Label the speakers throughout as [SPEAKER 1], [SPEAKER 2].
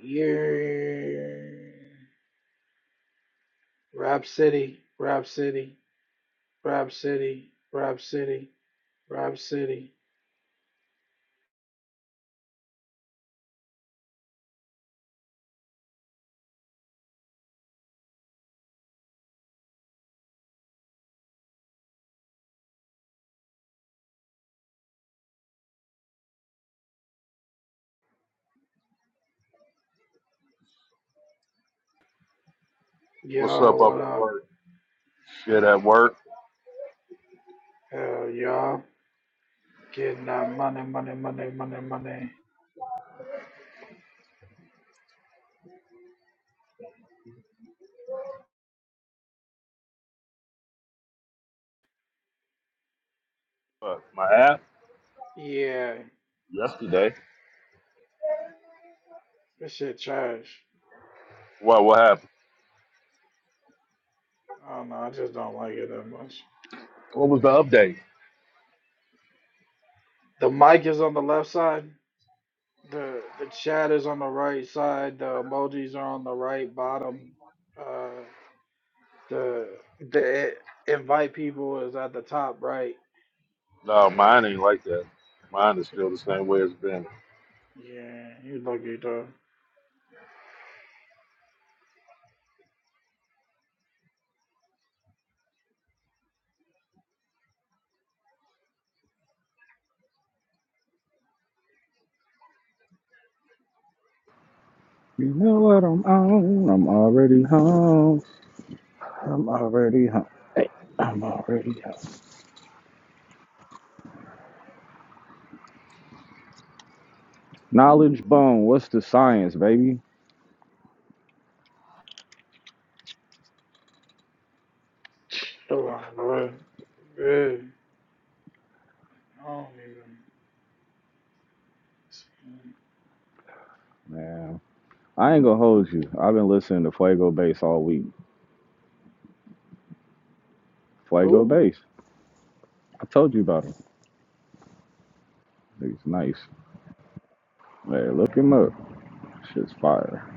[SPEAKER 1] Yeah. Rap City, Rap City, Rap City, Rap City, Rap City.
[SPEAKER 2] What's
[SPEAKER 1] Yo,
[SPEAKER 2] up up
[SPEAKER 1] what
[SPEAKER 2] at
[SPEAKER 1] up?
[SPEAKER 2] work? Shit at work.
[SPEAKER 1] Hell, y'all. Getting that money, money, money, money, money.
[SPEAKER 2] What, my app
[SPEAKER 1] Yeah,
[SPEAKER 2] yesterday.
[SPEAKER 1] this shit trash.
[SPEAKER 2] What? What happened?
[SPEAKER 1] I don't know, I just don't like it that much.
[SPEAKER 2] What was the update?
[SPEAKER 1] The mic is on the left side. The the chat is on the right side. The emojis are on the right bottom. Uh, the the invite people is at the top right.
[SPEAKER 2] No, mine ain't like that. Mine is still the same way it's been.
[SPEAKER 1] Yeah, you lucky dog.
[SPEAKER 3] You know what I'm on? I'm already home. I'm already home. Hey, I'm already home. Knowledge Bone, what's the science, baby?
[SPEAKER 1] Hold on, bro. Yeah, I don't even.
[SPEAKER 3] Man, I ain't gonna hold you. I've been listening to Fuego Bass all week. Fuego
[SPEAKER 1] Who?
[SPEAKER 3] Bass. I told you about him. He's nice. Hey, look him up. Shit's fire.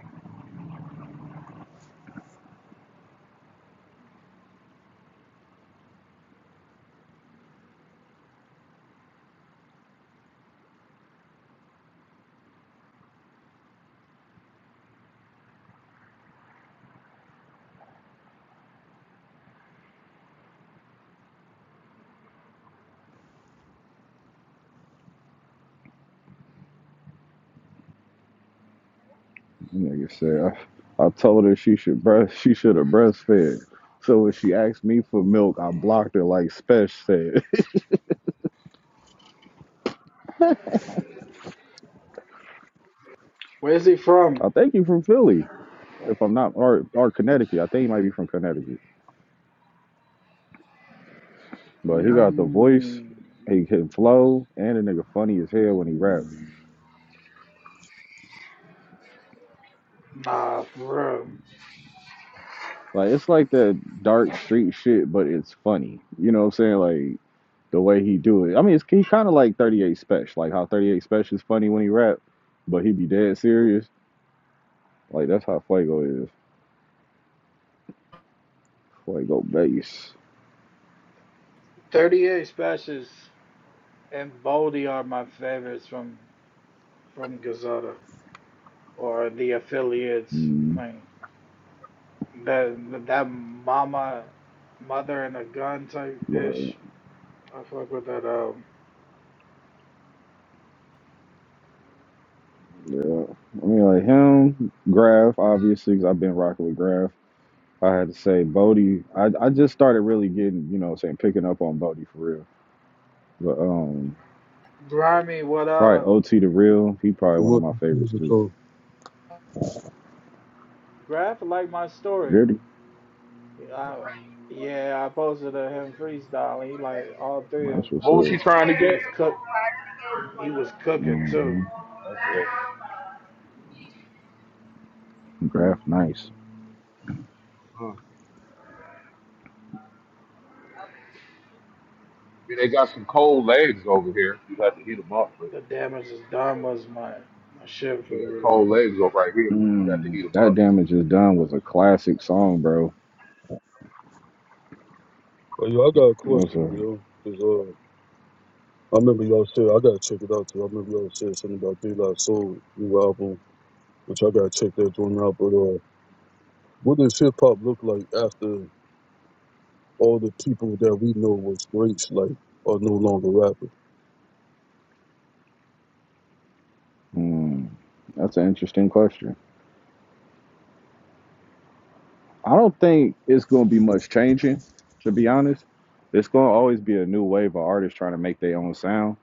[SPEAKER 3] Nigga said I, I told her she should breast she should have breastfed. So when she asked me for milk, I blocked her like Spesh said.
[SPEAKER 1] Where's he from?
[SPEAKER 3] I think you from Philly. If I'm not or or Connecticut. I think he might be from Connecticut. But he
[SPEAKER 2] Yeah.
[SPEAKER 3] got the voice,
[SPEAKER 1] Mm,
[SPEAKER 3] he can flow, and the nigga funny as hell when he raps.
[SPEAKER 1] nah, for real.
[SPEAKER 3] Like it's like that dark street shit, but it's funny. You know what I'm saying? Like the way he do it. I mean, it's he kind of like 38 Special, like how 38 Special is funny when he rap, but he be dead serious. Like that's how Fuego is. Fuego bass.
[SPEAKER 1] 38 Specials and Baldy are my favorites from from Gazeta or the affiliates.
[SPEAKER 3] Mm,
[SPEAKER 1] Like that that mama, mother and a gun type
[SPEAKER 3] right.
[SPEAKER 1] ish. I fuck with that. Um,
[SPEAKER 3] Yeah. I mean, like him, Graf, obviously, 'cause I've been rocking with Graf. I had to say Bodie. I, I just started really getting, you know, what I'm saying picking up on Bodie for real. But um,
[SPEAKER 1] grimy. What
[SPEAKER 3] probably
[SPEAKER 1] up?
[SPEAKER 3] OT the real. He probably
[SPEAKER 4] I'm
[SPEAKER 3] one of
[SPEAKER 4] more
[SPEAKER 3] my favorites
[SPEAKER 4] confused,
[SPEAKER 3] too.
[SPEAKER 4] so,
[SPEAKER 1] Graph like my story.
[SPEAKER 3] Gritty,
[SPEAKER 1] Yeah, I, yeah, I posted a him freestyling. He like all three of them.
[SPEAKER 3] that's what's
[SPEAKER 2] What was she
[SPEAKER 3] up.
[SPEAKER 2] trying to
[SPEAKER 1] He
[SPEAKER 2] get?
[SPEAKER 1] was cook. He was cooking too.
[SPEAKER 3] hmm
[SPEAKER 2] That's it.
[SPEAKER 3] Graph, nice.
[SPEAKER 2] Huh. Yeah, they got some cold legs over here. You got to heat them up, but
[SPEAKER 1] The damage is done was my my shit for
[SPEAKER 2] we got
[SPEAKER 1] real.
[SPEAKER 2] cold legs over right here, but you got to
[SPEAKER 3] Mm,
[SPEAKER 2] heat them
[SPEAKER 3] that
[SPEAKER 2] up.
[SPEAKER 3] damage is done was a classic song, bro.
[SPEAKER 4] uh, yo, I got a
[SPEAKER 3] What's
[SPEAKER 4] question,
[SPEAKER 3] a
[SPEAKER 4] yo, because uh, I remember y'all said I gotta check it out too. I remember y'all said something about Daylight Soul new album, which I gotta check that joint out. But uh, what does hip hop look like after all the people that we know was greats like are no longer rapping?
[SPEAKER 3] mm, that's an interesting question. I don't think it's gonna be much changing, to be honest. It's gonna always be a new wave of artists trying to make their own sound.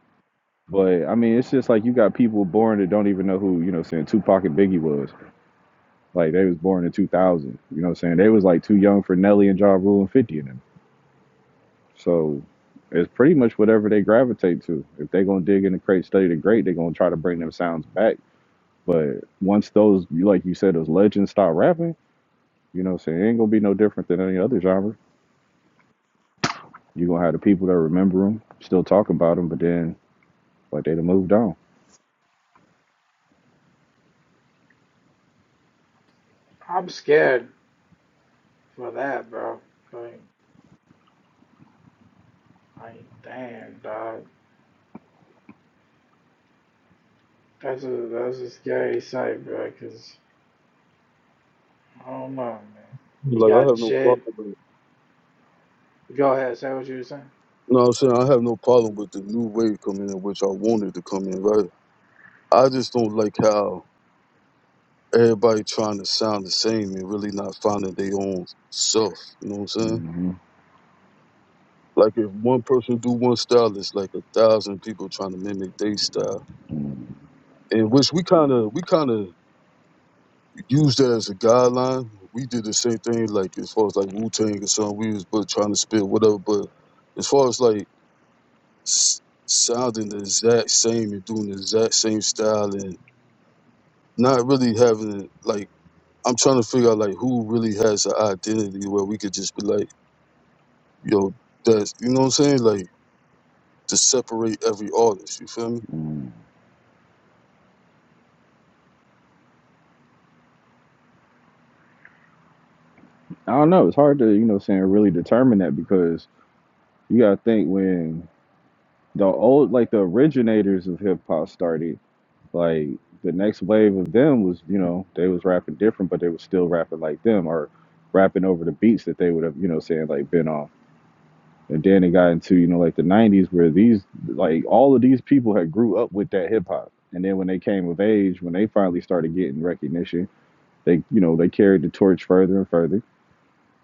[SPEAKER 3] But I mean, it's just like you got people born that don't even know who you know saying Tupac and Biggie was. Like they was born in 2000. You know what I'm saying? They was like too young for Nelly and Ja Rule and 50 and them. So it's pretty much whatever they gravitate to. If they gonna dig in the crate, study the great, they gonna try to bring them sounds back. But once those, like you said, those legends start rapping, you know what I'm saying? It ain't gonna be no different than any other genre. you gonna have the people that remember them, still talk about them, but then like they done moved on.
[SPEAKER 1] I'm scared for that, bro. Like, like damn, dog. That's a that's a scary sight, bro. Cause I don't know, man. You
[SPEAKER 4] Like I
[SPEAKER 1] got
[SPEAKER 4] have no
[SPEAKER 1] Jed.
[SPEAKER 4] problem with.
[SPEAKER 1] Go ahead, say what you were saying.
[SPEAKER 4] You know what I'm saying? I have no problem with the new wave coming in, which I wanted to come in, right? I just don't like how everybody trying to sound the same and really not finding their own self. You know what I'm saying?
[SPEAKER 3] hmm
[SPEAKER 4] Like if one person do one style, it's like a thousand people trying to mimic their style. And which we kind of we kind of used that as a guideline. We did the same thing, like as far as like Wu Tang or something. We was but trying to spit whatever. But as far as like s- sounding the exact same and doing the exact same style and not really having like I'm trying to figure out like who really has an identity where we could just be like, yo, that's you know what I'm saying, like to separate every artist. You feel me?
[SPEAKER 3] I don't know. It's hard to, you know what I'm saying, really determine that because you gotta think when the old like the originators of hip hop started like the next wave of them was you know they was rapping different but they was still rapping like them or rapping over the beats that they would have you know saying like been on and then it got into you know like the 90s where these like all of these people had grew up with that hip hop and then when they came of age when they finally started getting recognition they you know they carried the torch further and further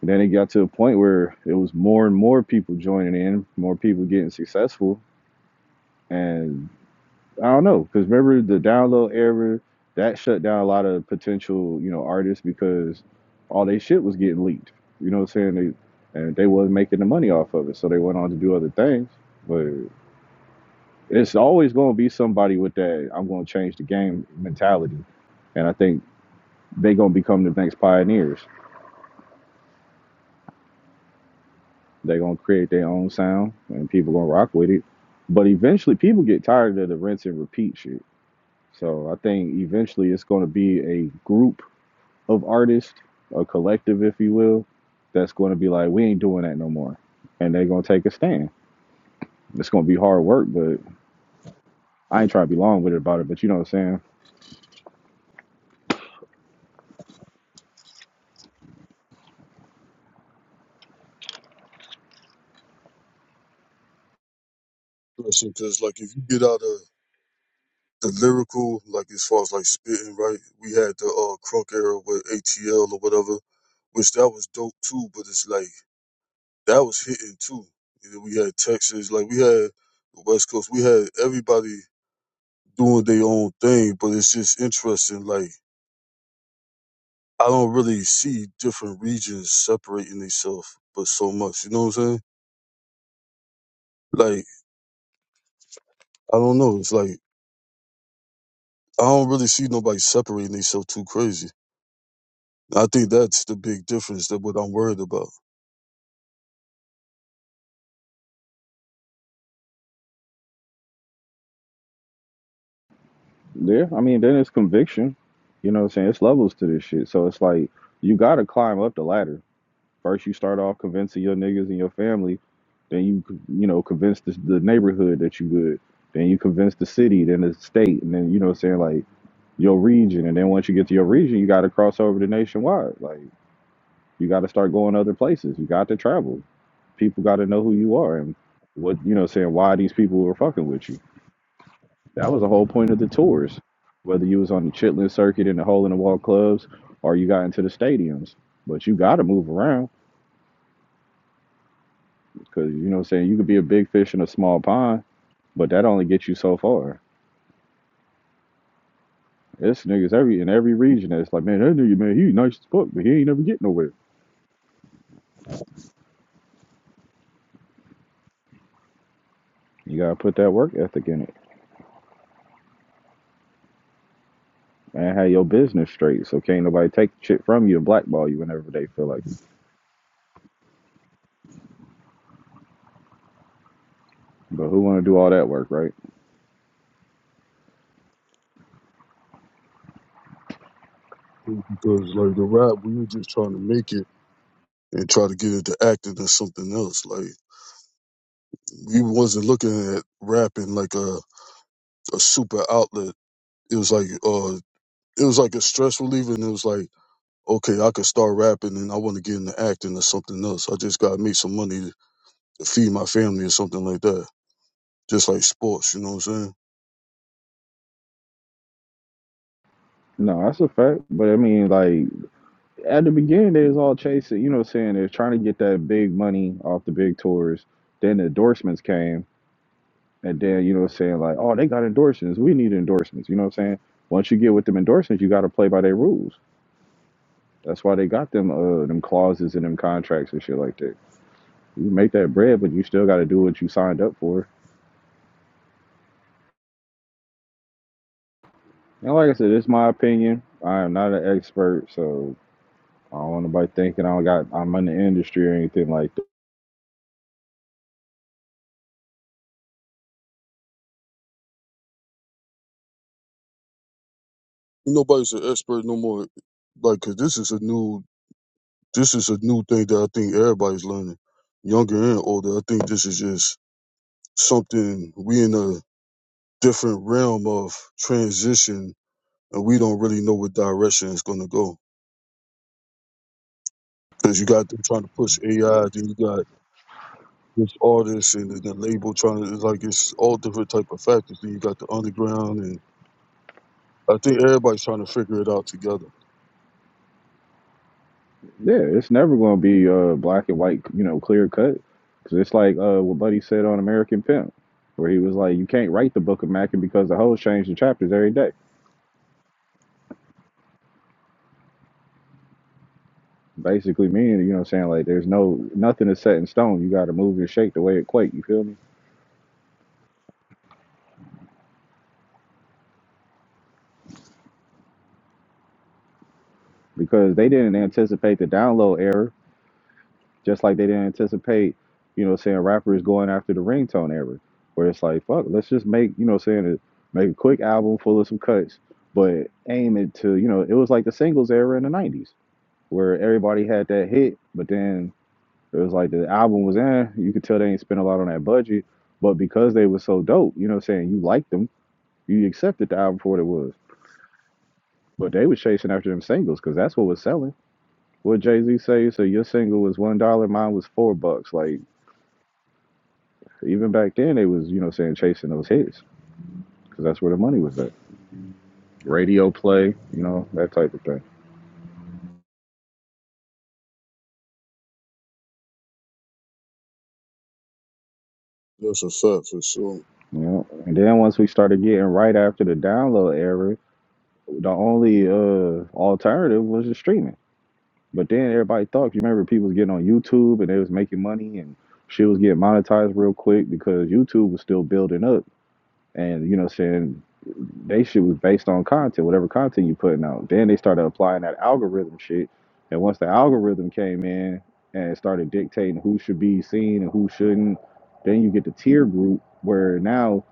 [SPEAKER 3] and then it got to a point where it was more and more people joining in more people getting successful and. I don't know because remember the download error that shut down a lot of potential you know artists because all they shit was getting leaked. You know what I'm saying? They and they wasn't making the money off of it, so they went on to do other things. But it's always going to be somebody with that I'm going to change the game mentality, and I think they going to become the next pioneers. They're going to create their own sound, and people going to rock with it. But eventually, people get tired of the rinse and repeat shit. So I think eventually it's going to be a group of artists, a collective, if you will, that's going to be like, we ain't doing that no more. And they're going to take a stand. It's going to be hard work, but I ain't trying to be long with it about it, but you know what I'm saying?
[SPEAKER 4] Because like if you get out of the lyrical, like as far as like spitting, right? We had the uh crunk era with ATL or whatever, which that was dope too. But it's like that was hitting too. You know, we had Texas, like we had the West Coast, we had everybody doing their own thing. But it's just interesting. Like I don't really see different regions separating themselves, but so much. You know what I'm saying? Like I don't know. It's like I don't really see nobody separating themselves too crazy. I think that's the big difference that what I'm worried about.
[SPEAKER 3] Yeah, I mean, then it's conviction. You know what I'm saying? It's levels to this shit. So it's like, you got to climb up the ladder. First, you start off convincing your niggas and your family. Then you, you know, convince the, the neighborhood that you good. Then you convince the city, then the state, and then, you know what I'm saying? Like, your region. And then once you get to your region, you got to cross over to nationwide. Like, you got to start going other places. You got to travel. People got to know who you are and what you know. Saying why these people were fucking with you. That was the whole point of the tours. Whether you was on the Chitlin circuit and the hole in the wall clubs, or you got into the stadiums, but you got to move around because you know. what I'm Saying you could be a big fish in a small pond, but that only gets you so far. It's niggas every in every region that's like, man, that nigga, man, he nice as fuck, but he ain't never get nowhere. You gotta put that work ethic in it. Man, have your business straight so can't nobody take shit from you and blackball you whenever they feel like it. But who want to do all that work, right?
[SPEAKER 4] Because like the rap, we were just trying to make it and try to get into acting or something else. Like we wasn't looking at rapping like a, a super outlet. It was like uh it was like a stress reliever and it was like, okay, I could start rapping and I wanna get into acting or something else. I just gotta make some money to, to feed my family or something like that. Just like sports, you know what I'm saying?
[SPEAKER 3] No, that's a fact. But I mean, like, at the beginning, they was all chasing, you know what I'm saying? They're trying to get that big money off the big tours. Then the endorsements came. And then, you know what I'm saying? Like, oh, they got endorsements. We need endorsements. You know what I'm saying? Once you get with them endorsements, you got to play by their rules. That's why they got them, uh, them clauses and them contracts and shit like that. You make that bread, but you still got to do what you signed up for And like I said, it's my opinion. I am not an expert, so I don't want nobody thinking I got I'm in the industry or anything like that.
[SPEAKER 4] Nobody's an expert no more like 'cause this is a new This is a new thing that I think everybody's learning, younger and older. I think this is just something we in a different realm of transition, and we don't really know what direction it's going to go. Because you got them trying to push AI, then you got this artist and the the label trying to it's like it's all different type of factors. Then you got the underground, and I think everybody's trying to figure it out together.
[SPEAKER 3] Yeah, it's never going to be uh black and white, you know, clear cut. Because it's like uh what Buddy said on American Pimp, where he was like, you can't write the Book of Mackin because the whole change the chapters every day. Basically, meaning you know, what I'm saying like there's no nothing is set in stone. You got to move and shake the way it quake. You feel me? Because they didn't anticipate the download error Just like they didn't anticipate, you know, what I'm saying rappers going after the ringtone era, where it's like, fuck, let's just make, you know, saying make a quick album full of some cuts, but aim it to, you know, it was like the singles era in the '90s, where everybody had that hit, but then it was like the album was in, you could tell they ain't spent a lot on that budget, but because they were so dope, you know, what I'm saying you liked them, you accepted the album for what it was, but they was chasing after them singles because that's what was selling. What Jay Z say? So your single was one dollar, mine was four bucks, like. Even back then, they was you know saying chasing those hits because that's where the money was at. Radio play, you know that type of thing.
[SPEAKER 4] That's a fact for sure.
[SPEAKER 3] You know, and then once we started getting right after the download era, the only uh alternative was the streaming. But then everybody thought, you remember, people was getting on YouTube and they was making money and shit was getting monetized real quick because YouTube was still building up. And you know, saying They shit was based on content, whatever content you putting out. Then they started applying that algorithm shit. And once the algorithm came in and started dictating who should be seen and who shouldn't, then you get the tier group where now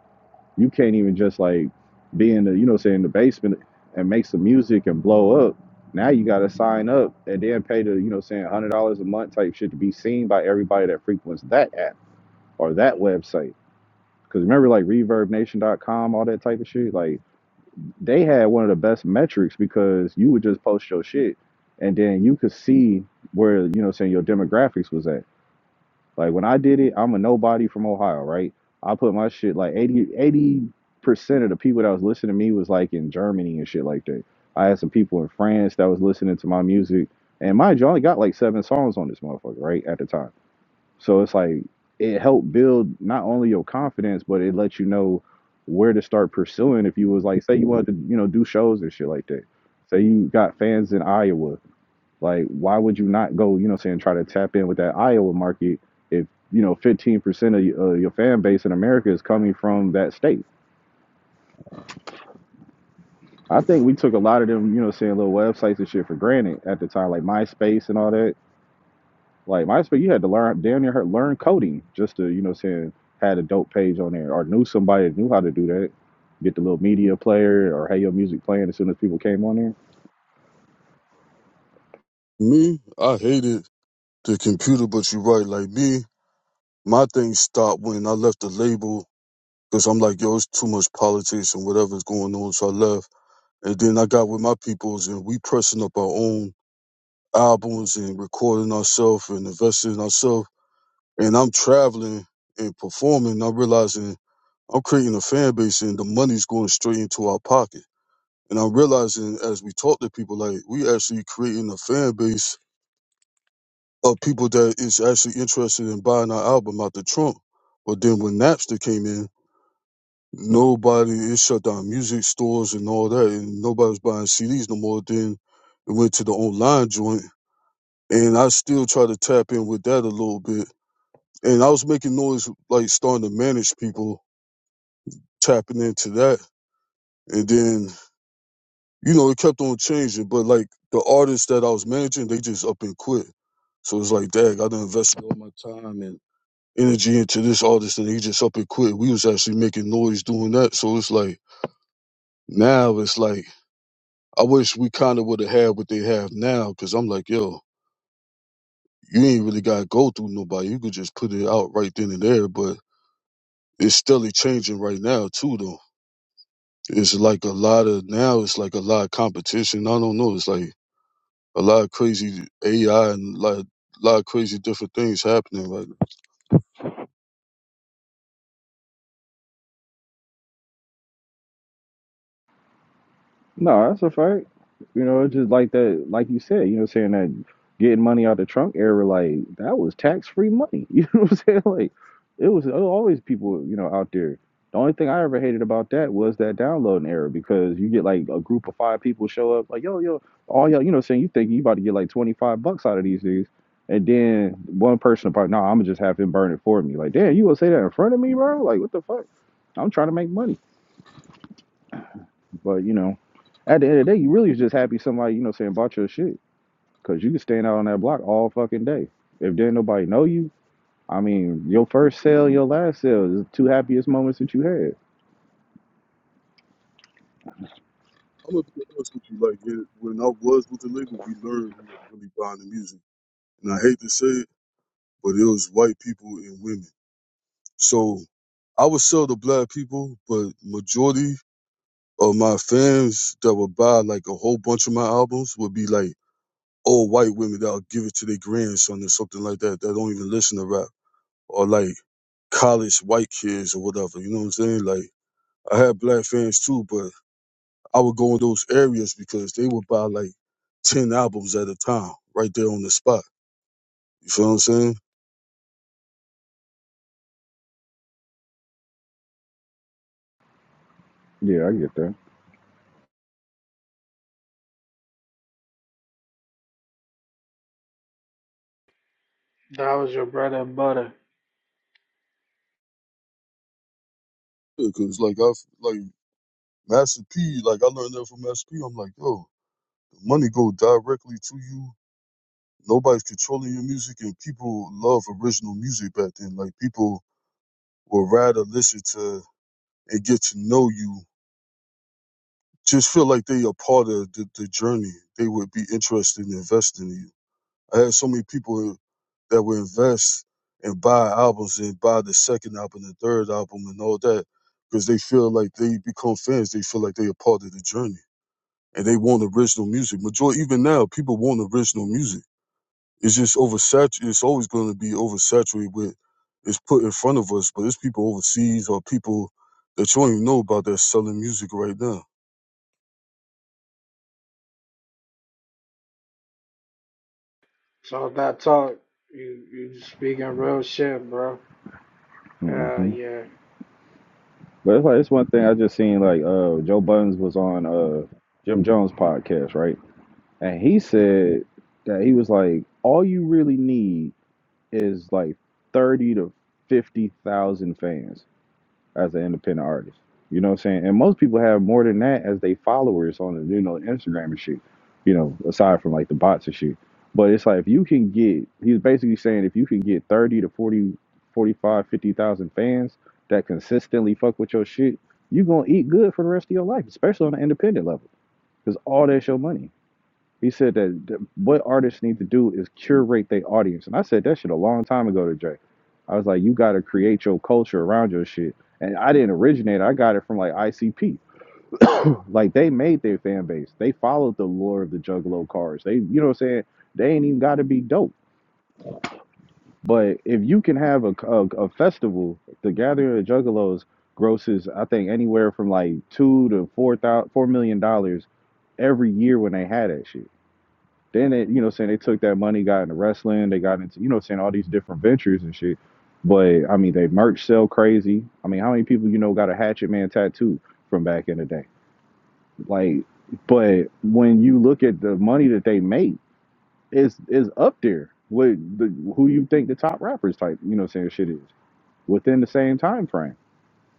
[SPEAKER 3] you can't even just like be in the, you know, say in the basement and make some music and blow up. Now you gotta sign up and then pay the, you know, saying one hundred dollars a month type shit to be seen by everybody that frequents that app or that website. Cause remember like reverb nation dot com, all that type of shit, like they had one of the best metrics because you would just post your shit and then you could see where you know what I'm saying your demographics was at like when i did it i'm a nobody from ohio right i put my shit like 80 percent of the people that was listening to me was like in germany and shit like that i had some people in france that was listening to my music and mind you i only got like seven songs on this motherfucker right at the time so it's like it helped build not only your confidence, but it lets you know where to start pursuing. If you was like, say you wanted to, you know, do shows and shit like that. Say you got fans in Iowa, like why would you not go, you know, what I'm saying try to tap in with that Iowa market if you know 15 percent of your, uh, your fan base in America is coming from that state. I think we took a lot of them, you know, what I'm saying little websites and shit for granted at the time, like MySpace and all that Like MySpace, you had to learn damn near learn coding just to, you know, saying had a dope page on there or knew somebody that knew how to do that. Get the little media player or have your music playing as soon as people came on there.
[SPEAKER 4] Me, I hated the computer, but you're right. Like me, my thing stopped when I left the label Cause I'm like, yo, it's too much politics and whatever's going on. So I left. And then I got with my peoples and we pressing up our own albums and recording ourselves and investing in ourselves. And I'm traveling and performing. And I'm realizing I'm creating a fan base and the money's going straight into our pocket. And I'm realizing as we talk to people, like we actually creating a fan base of people that is actually interested in buying our album out the trunk. But then when Napster came in, Nobody it shut down music stores and all that, and nobody's buying CDs no more. Then it went to the online joint, and I still try to tap in with that a little bit. And I was making noise, like starting to manage people tapping into that, and then you know it kept on changing. But like the artists that I was managing, they just up and quit. So it's like, dang, I done invested all my time and energy into this artist, and he just up and quit. We was actually making noise doing that, so it's like now it's like I wish we kind of would have had what they have now because I'm like, yo, you ain't really got to go through nobody. You could just put it out right then and there. But it's steadily changing right now, too, though. It's like a lot of now, it's like a lot of competition. I don't know. It's like a lot of crazy AI and like a lot of crazy different things happening right now. I'm
[SPEAKER 3] No, that's a fact. You know, it's just like that, like you said, you know, saying that getting money out the Trump era, like that was tax free money. You know what I'm saying? Like it was always people, you know, out there. The only thing I ever hated about that was that downloading error because you get like a group of five people show up, like, yo, yo, all y'all, you know, what I'm saying you think you about to get like 25 bucks out of these dudes. And then one person about, no, nah, I'm gonna just have him burn it for me. Like, damn, you gonna say that in front of me, bro? Like, what the fuck? I'm trying to make money. But you know, at the end of the day, you really was just happy somebody you know saying bought your shit because you can stand out on that block all fucking day. If didn't nobody know you, I mean, your first sale, your last sale is the two happiest moments that you had.
[SPEAKER 4] gonna be honest with you. Like it, when I was with the label, we learned who was really buying the music, and I hate to say it, but it was white people and women. So I would sell to black people, but majority or my fans that would buy like a whole bunch of my albums would be like old white women that'll give it to their grandson or something like that that don't even listen to rap or like college white kids or whatever. You know what I'm saying? Like I had black fans too, but I would go in those areas because they would buy like ten albums at a time right there on the spot. You feel what I'm saying?
[SPEAKER 3] Yeah, I get that.
[SPEAKER 1] That was your bread and butter.
[SPEAKER 4] Because like I like Master P, like I learned that from Master P. I'm like, yo, the money go directly to you nobody's controlling your music and people love original music back then. Like people would rather listen to and get to know you, just feel like they are part of the, the journey. They would be interested in investing in you. I had so many people that would invest and buy albums and buy the second album, the third album and all that because they feel like they become fans. They feel like they are part of the journey and they want original music. Majority, even now, people want original music It's just oversaturated. It's always going to be oversaturated with it's put in front of us. But it's people overseas or people that you don't even know about that's selling music right now.
[SPEAKER 1] So that talk, you you speaking real shit, bro. Uh,
[SPEAKER 3] hmm
[SPEAKER 1] yeah.
[SPEAKER 3] But it's like it's one thing I just seen like uh Joe Buttons was on uh Jim Jones podcast right, and he said that he was like all you really need is like thirty to fifty thousand fans as an independent artist. You know what I'm saying? And most people have more than that as they followers on the you know Instagram and shit. You know, aside from like the bots and shit. But it's like if you can get he's basically saying if you can get 30 to 40, 45, 50,000 fans that consistently fuck with your shit, you're going to eat good for the rest of your life, especially on an independent level cuz all that's your money. He said that th- what artists need to do is curate their audience. And I said that shit a long time ago to Jay. I was like, you got to create your culture around your shit. And I didn't originate. it. I got it from like ICP. like they made their fan base. They followed the lore of the Juggalo cards. They, you know what I'm saying? They ain't even got to be dope. But if you can have a, a, a festival, the Gathering of the Juggalos grosses, I think, anywhere from like two to four thousand, four million dollars every year when they had that shit. Then they, you know, saying they took that money, got into wrestling, they got into, you know, saying all these different ventures and shit. But I mean, they merch sell crazy. I mean, how many people you know got a Hatchet Man tattoo from back in the day? Like, but when you look at the money that they make, it's is up there with the who you think the top rappers type, you know, saying shit is within the same time frame.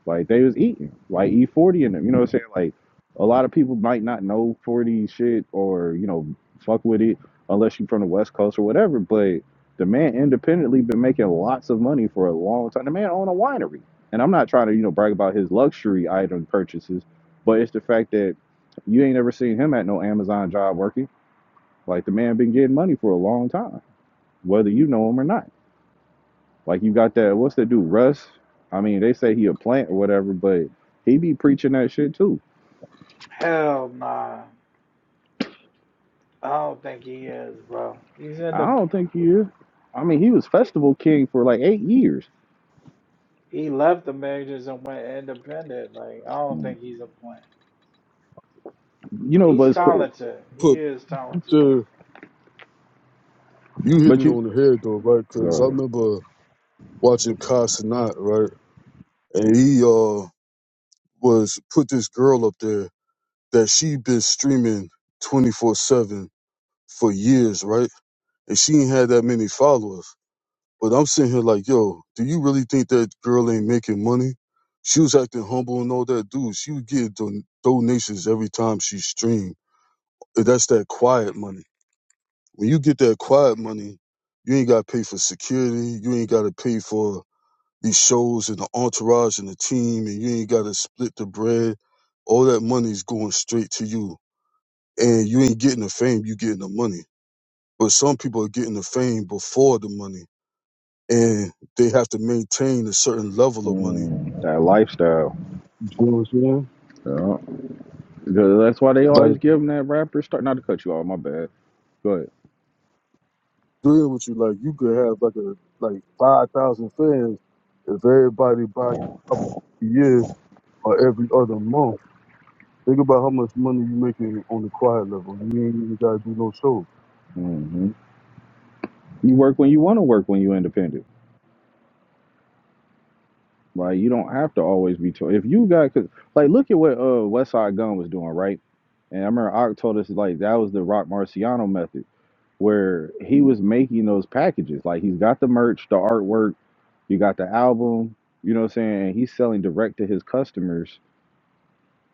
[SPEAKER 3] Like they was eating, like E forty and them. You know what I'm saying? Like a lot of people might not know forty shit or you know fuck with it unless you're from the West Coast or whatever. But the man independently been making lots of money for a long time. The man own a winery, and I'm not trying to you know brag about his luxury item purchases, but it's the fact that you ain't ever seen him at no Amazon job working. Like the man been getting money for a long time, whether you know him or not. Like you got that, what's that dude, Russ? I mean, they say he a plant or whatever, but he be preaching that shit too.
[SPEAKER 1] Hell nah. I don't think he is, bro. He's in
[SPEAKER 3] I
[SPEAKER 1] the.
[SPEAKER 3] don't think he is. I mean, he was festival king for like eight years.
[SPEAKER 1] He left the majors and went independent. Like I don't
[SPEAKER 3] You
[SPEAKER 1] think he's a plan.
[SPEAKER 3] know,
[SPEAKER 1] He's
[SPEAKER 3] but it's, cr-
[SPEAKER 1] talented. He
[SPEAKER 4] But
[SPEAKER 1] is talented.
[SPEAKER 4] Peter, you hit
[SPEAKER 3] but
[SPEAKER 4] it
[SPEAKER 3] you
[SPEAKER 4] on the head though, right?
[SPEAKER 3] go
[SPEAKER 4] Because I
[SPEAKER 3] ahead.
[SPEAKER 4] remember watching Kai Sinat, right, and he uh was put this girl up there that she been streaming twenty four seven for years, right, and she ain't had that many followers. But I'm sitting here like, yo, do you really think that girl ain't making money? She was acting humble and all that, dude. She would get don- donations every time she streamed. And That's that quiet money. When you get that quiet money, you ain't got to pay for security. You ain't got to pay for these shows and the entourage and the team, and you ain't got to split the bread. All that money's going straight to you, and you ain't getting the fame. You getting the money. But some people are getting the fame before the money and they have to maintain a certain level of money.
[SPEAKER 3] Mm, that lifestyle.
[SPEAKER 4] You know what I'm saying?
[SPEAKER 3] Yeah. Because That's why they
[SPEAKER 4] Like
[SPEAKER 3] always give them that rapper start. Not to cut you off, my bad. Go ahead.
[SPEAKER 4] doing what you like, you could have like a like five thousand fans if everybody buy you a couple a year or every other month. Think about how much money you making on the quiet level. You ain't even gotta do no show.
[SPEAKER 3] hmm You work when you want to work when you independent. Like you don't have to always be told. If you got, cause, like, look at what uh West Side Gun was doing, right? And I remember Ock told us like that was the Rock Marciano method, where he was making those packages. Like he's got the merch, the artwork, you got the album. You know what I'm saying? And he's selling direct to his customers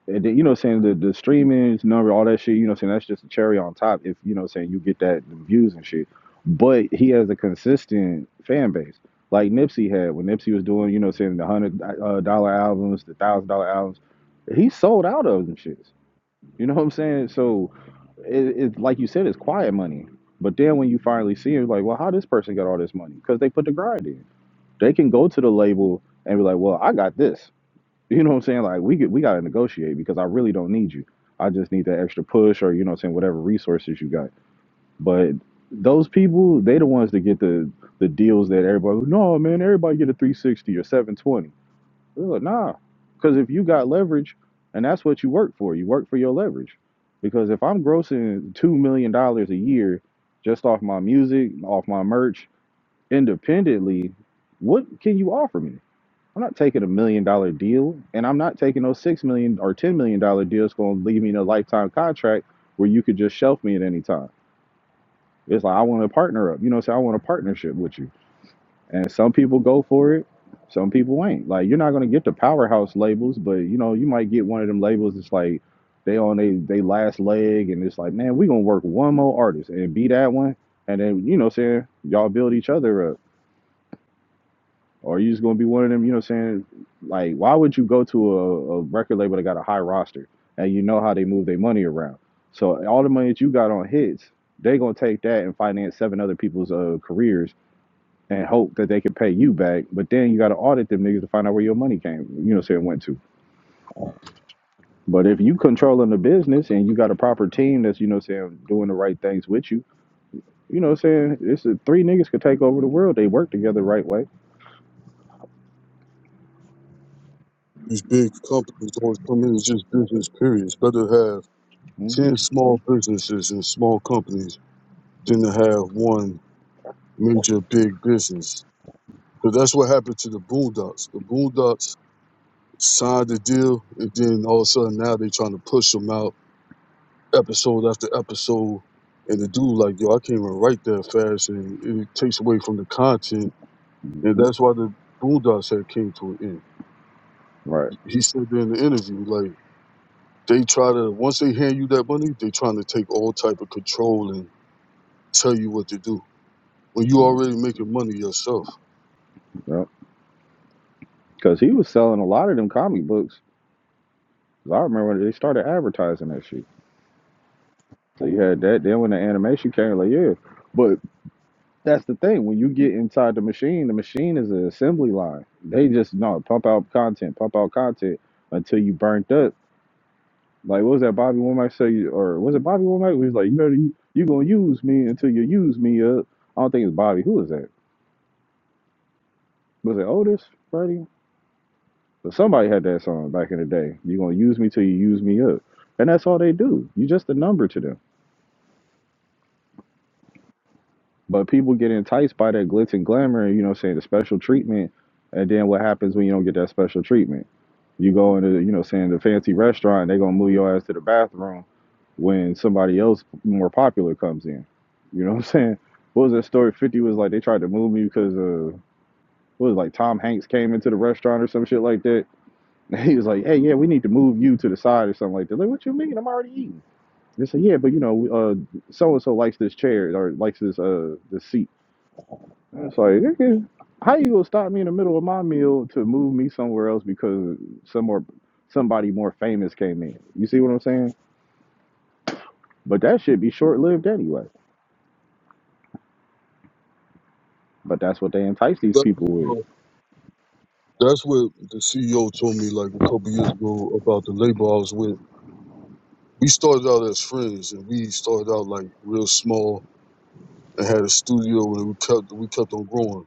[SPEAKER 3] and then, you know what I'm saying, the, the streaming number, all that shit, you know what I'm saying, that's just a cherry on top if, you know what I'm saying, you get that views and shit. But he has a consistent fan base. Like Nipsey had when Nipsey was doing, you know what I'm saying, the one hundred uh, dollar albums, the one thousand dollar albums, he sold out of them shits. You know what I'm saying? So it, it like you said, it's quiet money. But then when you finally see it, like, well, how this person got all this money? Because they put the grind in. They can go to the label and be like, well, I got this. You know what I'm saying? Like we could, we gotta negotiate because I really don't need you. I just need that extra push or you know what I'm saying, whatever resources you got. But those people, they the ones that get the the deals that everybody no man, everybody get a three sixty or seven twenty. Like, nah. Cause if you got leverage and that's what you work for, you work for your leverage. Because if I'm grossing two million dollars a year just off my music, off my merch, independently, what can you offer me? I'm not taking a million dollar deal, and I'm not taking those six million or ten million dollar deals going to leave me in a lifetime contract where you could just shelf me at any time. It's like I want to partner up, you know. So I want a partnership with you, and some people go for it, some people ain't. Like you're not going to get the powerhouse labels, but you know you might get one of them labels. that's like they on they they last leg, and it's like man, we gonna work one more artist and be that one, and then you know what I'm saying y'all build each other up Or are you just gonna be one of them, you know what I'm saying? Like, why would you go to a, a record label that got a high roster and you know how they move their money around? So all the money that you got on hits, they gonna take that and finance seven other people's uh, careers and hope that they can pay you back. But then you gotta audit them niggas to find out where your money came, you know what I'm saying, went to. But if you controlling the business and you got a proper team that's, you know what I'm saying, doing the right things with you, you know what I'm saying? It's a, three niggas could take over the world. They work together the right way.
[SPEAKER 4] These big companies always come in, it's just business period. It's better to have
[SPEAKER 3] hmm
[SPEAKER 4] ten small businesses and small companies than to have one major big business. Because that's what happened to the boondocks. The boondocks signed the deal, and then all of a sudden now they trying to push him out episode after episode. And the dude like, yo, I can't even write that fast, and it takes away from the content. And
[SPEAKER 3] hmm
[SPEAKER 4] that's why the Boondocks had came to an end.
[SPEAKER 3] Right.
[SPEAKER 4] He said that in the interview, like they try to once they hand you that money, they trying to take all type of control and tell you what to do when you
[SPEAKER 3] Mhm.
[SPEAKER 4] already making money yourself.
[SPEAKER 3] Yep. Because he was selling a lot of them comic books. 'Cause I remember when they started advertising that shit. So you had that. Then when the animation came, like, yeah. But that's the thing. When you get inside the machine, the machine is an assembly line. They just, no, pump out content, pump out content until you burnt up. Like, what was that Bobby Womack say? Or was it Bobby Womack? He was like, you better, you, you going to use me until you use me up. I don't think it's Bobby. Who is that? Was it Otis, Freddie? But somebody had that song back in the day. You're gonna use me till you use me up. And that's all they do. you just a number to them. But people get enticed by that glitz and glamour, you know what I'm saying, the special treatment. And then what happens when you don't get that special treatment? You go into, you know, saying the fancy restaurant, they're gonna move your ass to the bathroom when somebody else more popular comes in. You know what I'm saying? What was that story? 50 was like they tried to move me because uh what was it, like Tom Hanks came into the restaurant or some shit like that And he was like, "Hey, yeah, we need to move you to the side or something like that." Like, what you mean? I'm already eating. They said, "Yeah, but you know, uh, so and so likes this chair or likes this uh this seat." I was like, "Nigga, "How you gonna stop me in the middle of my meal to move me somewhere else because some more somebody more famous came in?" You see what I'm saying? But that should be short lived anyway. But that's what they entice these
[SPEAKER 4] That,
[SPEAKER 3] people with.
[SPEAKER 4] that's what the CEO told me like a couple years ago about the label I was with we started out as friends and we started out like real small and had a studio and we kept we kept on growing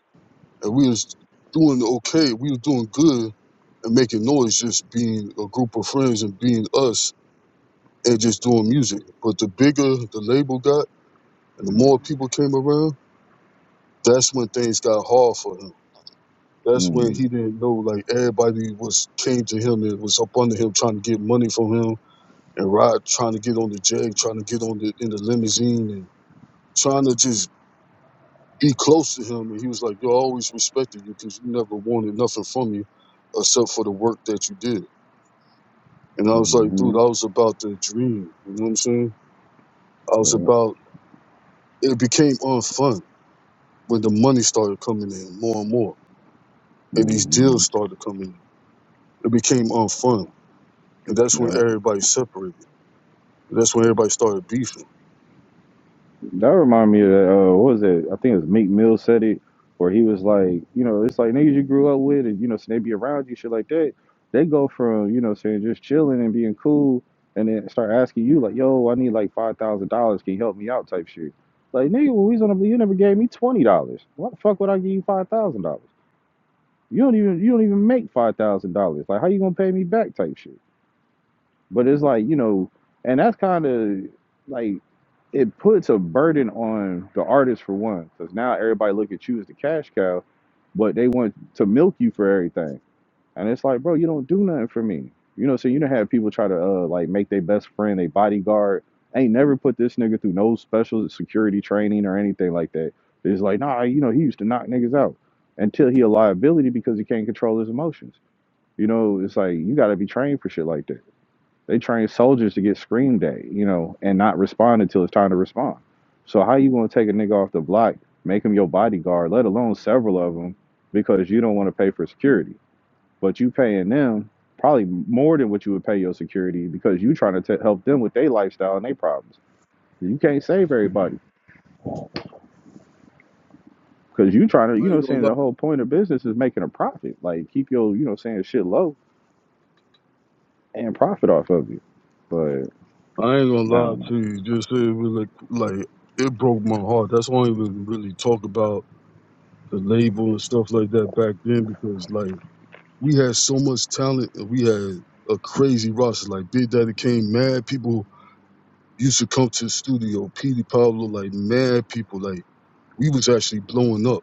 [SPEAKER 4] and we was doing okay we was doing good and making noise just being a group of friends and being us and just doing music but the bigger the label got and the
[SPEAKER 3] Mm.
[SPEAKER 4] more people came around that's when things got hard for him that's when
[SPEAKER 3] Mm.
[SPEAKER 4] he didn't know like everybody was came to him and was up under him trying to get money from him and Rod trying to get on the jag trying to get on the in the limousine and trying to just be close to him. And he was like, Yo, I always respected you because you never wanted nothing from me except for the work that you did. And I was like, Dude,
[SPEAKER 3] Mm-hmm.
[SPEAKER 4] I was about the dream. You know what I'm saying? I was
[SPEAKER 3] Yeah.
[SPEAKER 4] about, it became unfun when the money started coming in more and more and these
[SPEAKER 3] Mm-hmm.
[SPEAKER 4] deals started coming in. It became unfun. And that's
[SPEAKER 3] Yeah.
[SPEAKER 4] when everybody separated. That's when everybody started beefing.
[SPEAKER 3] That remind me of that, uh, what was it? I think it was Meek Mill said it, where he was like, you know, it's like niggas you grew up with, and you know, so they be around you, shit like that. They go from you know saying just chilling and being cool, and then start asking you like, yo, I need like five thousand dollars, can you help me out, type shit. Like nigga, when we was on the, you never gave me twenty dollars. Why the fuck would I give you five thousand dollars? You don't even you don't even make five thousand dollars. Like how you gonna pay me back, type shit. But it's like you know, and that's kind of like it puts a burden on the artist for one, because now everybody look at you as the cash cow, but they want to milk you for everything, and it's like, bro, you don't do nothing for me. You know, so you don't have people try to uh, like make their best friend their bodyguard. ain't never put this nigga through no special security training or anything like that. It's like, nah, you know, he used to knock niggas out until he a liability because he can't control his emotions. You know, it's like you got to be trained for shit like that. They train soldiers to get screamed at, you know, and not respond until it's time to respond. So how you gonna take a nigga off the block, make him your bodyguard, let alone several of them, because you don't want to pay for security, but you paying them probably more than what you would pay your security because you trying to t- help them with their lifestyle and their problems. You can't save everybody because you trying to,
[SPEAKER 4] I
[SPEAKER 3] you know, what
[SPEAKER 4] ain't
[SPEAKER 3] I'm
[SPEAKER 4] gonna
[SPEAKER 3] saying
[SPEAKER 4] lie.
[SPEAKER 3] the whole point of business is making a profit. Like keep your, you know, what I'm saying shit low and profit off of you. But
[SPEAKER 4] I ain't gonna
[SPEAKER 3] I
[SPEAKER 4] lie
[SPEAKER 3] don't
[SPEAKER 4] to you. Just it was like, like it broke my heart. That's why I didn't really talk about the label and stuff like that back then because like we had so much talent and we had a crazy roster. Like Big Daddy came, mad people used to come to the studio. Petey Pablo, like mad people. Like we was actually blowing up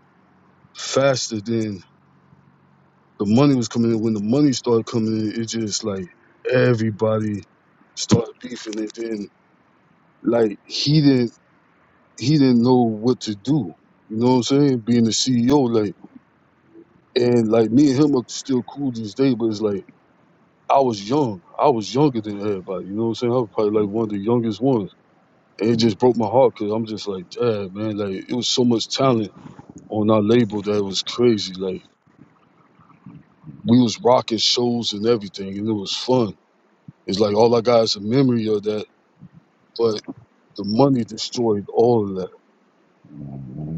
[SPEAKER 4] faster than the money was coming in. When the money started coming in, it just like everybody started beefing and then like he didn't he didn't know what to do. You know what I'm saying? Being the CEO, like and like me and him are still cool to this day, but it's like I was young. I was younger than everybody. You know what I'm saying? I was probably like one of the youngest ones. And it just broke my heart because I'm just like, dad, man, like it was so much talent on our label that it was crazy. Like we was rocking shows and everything, and it was fun. It's like all I got is a memory of that, but the money destroyed all of that.
[SPEAKER 3] know.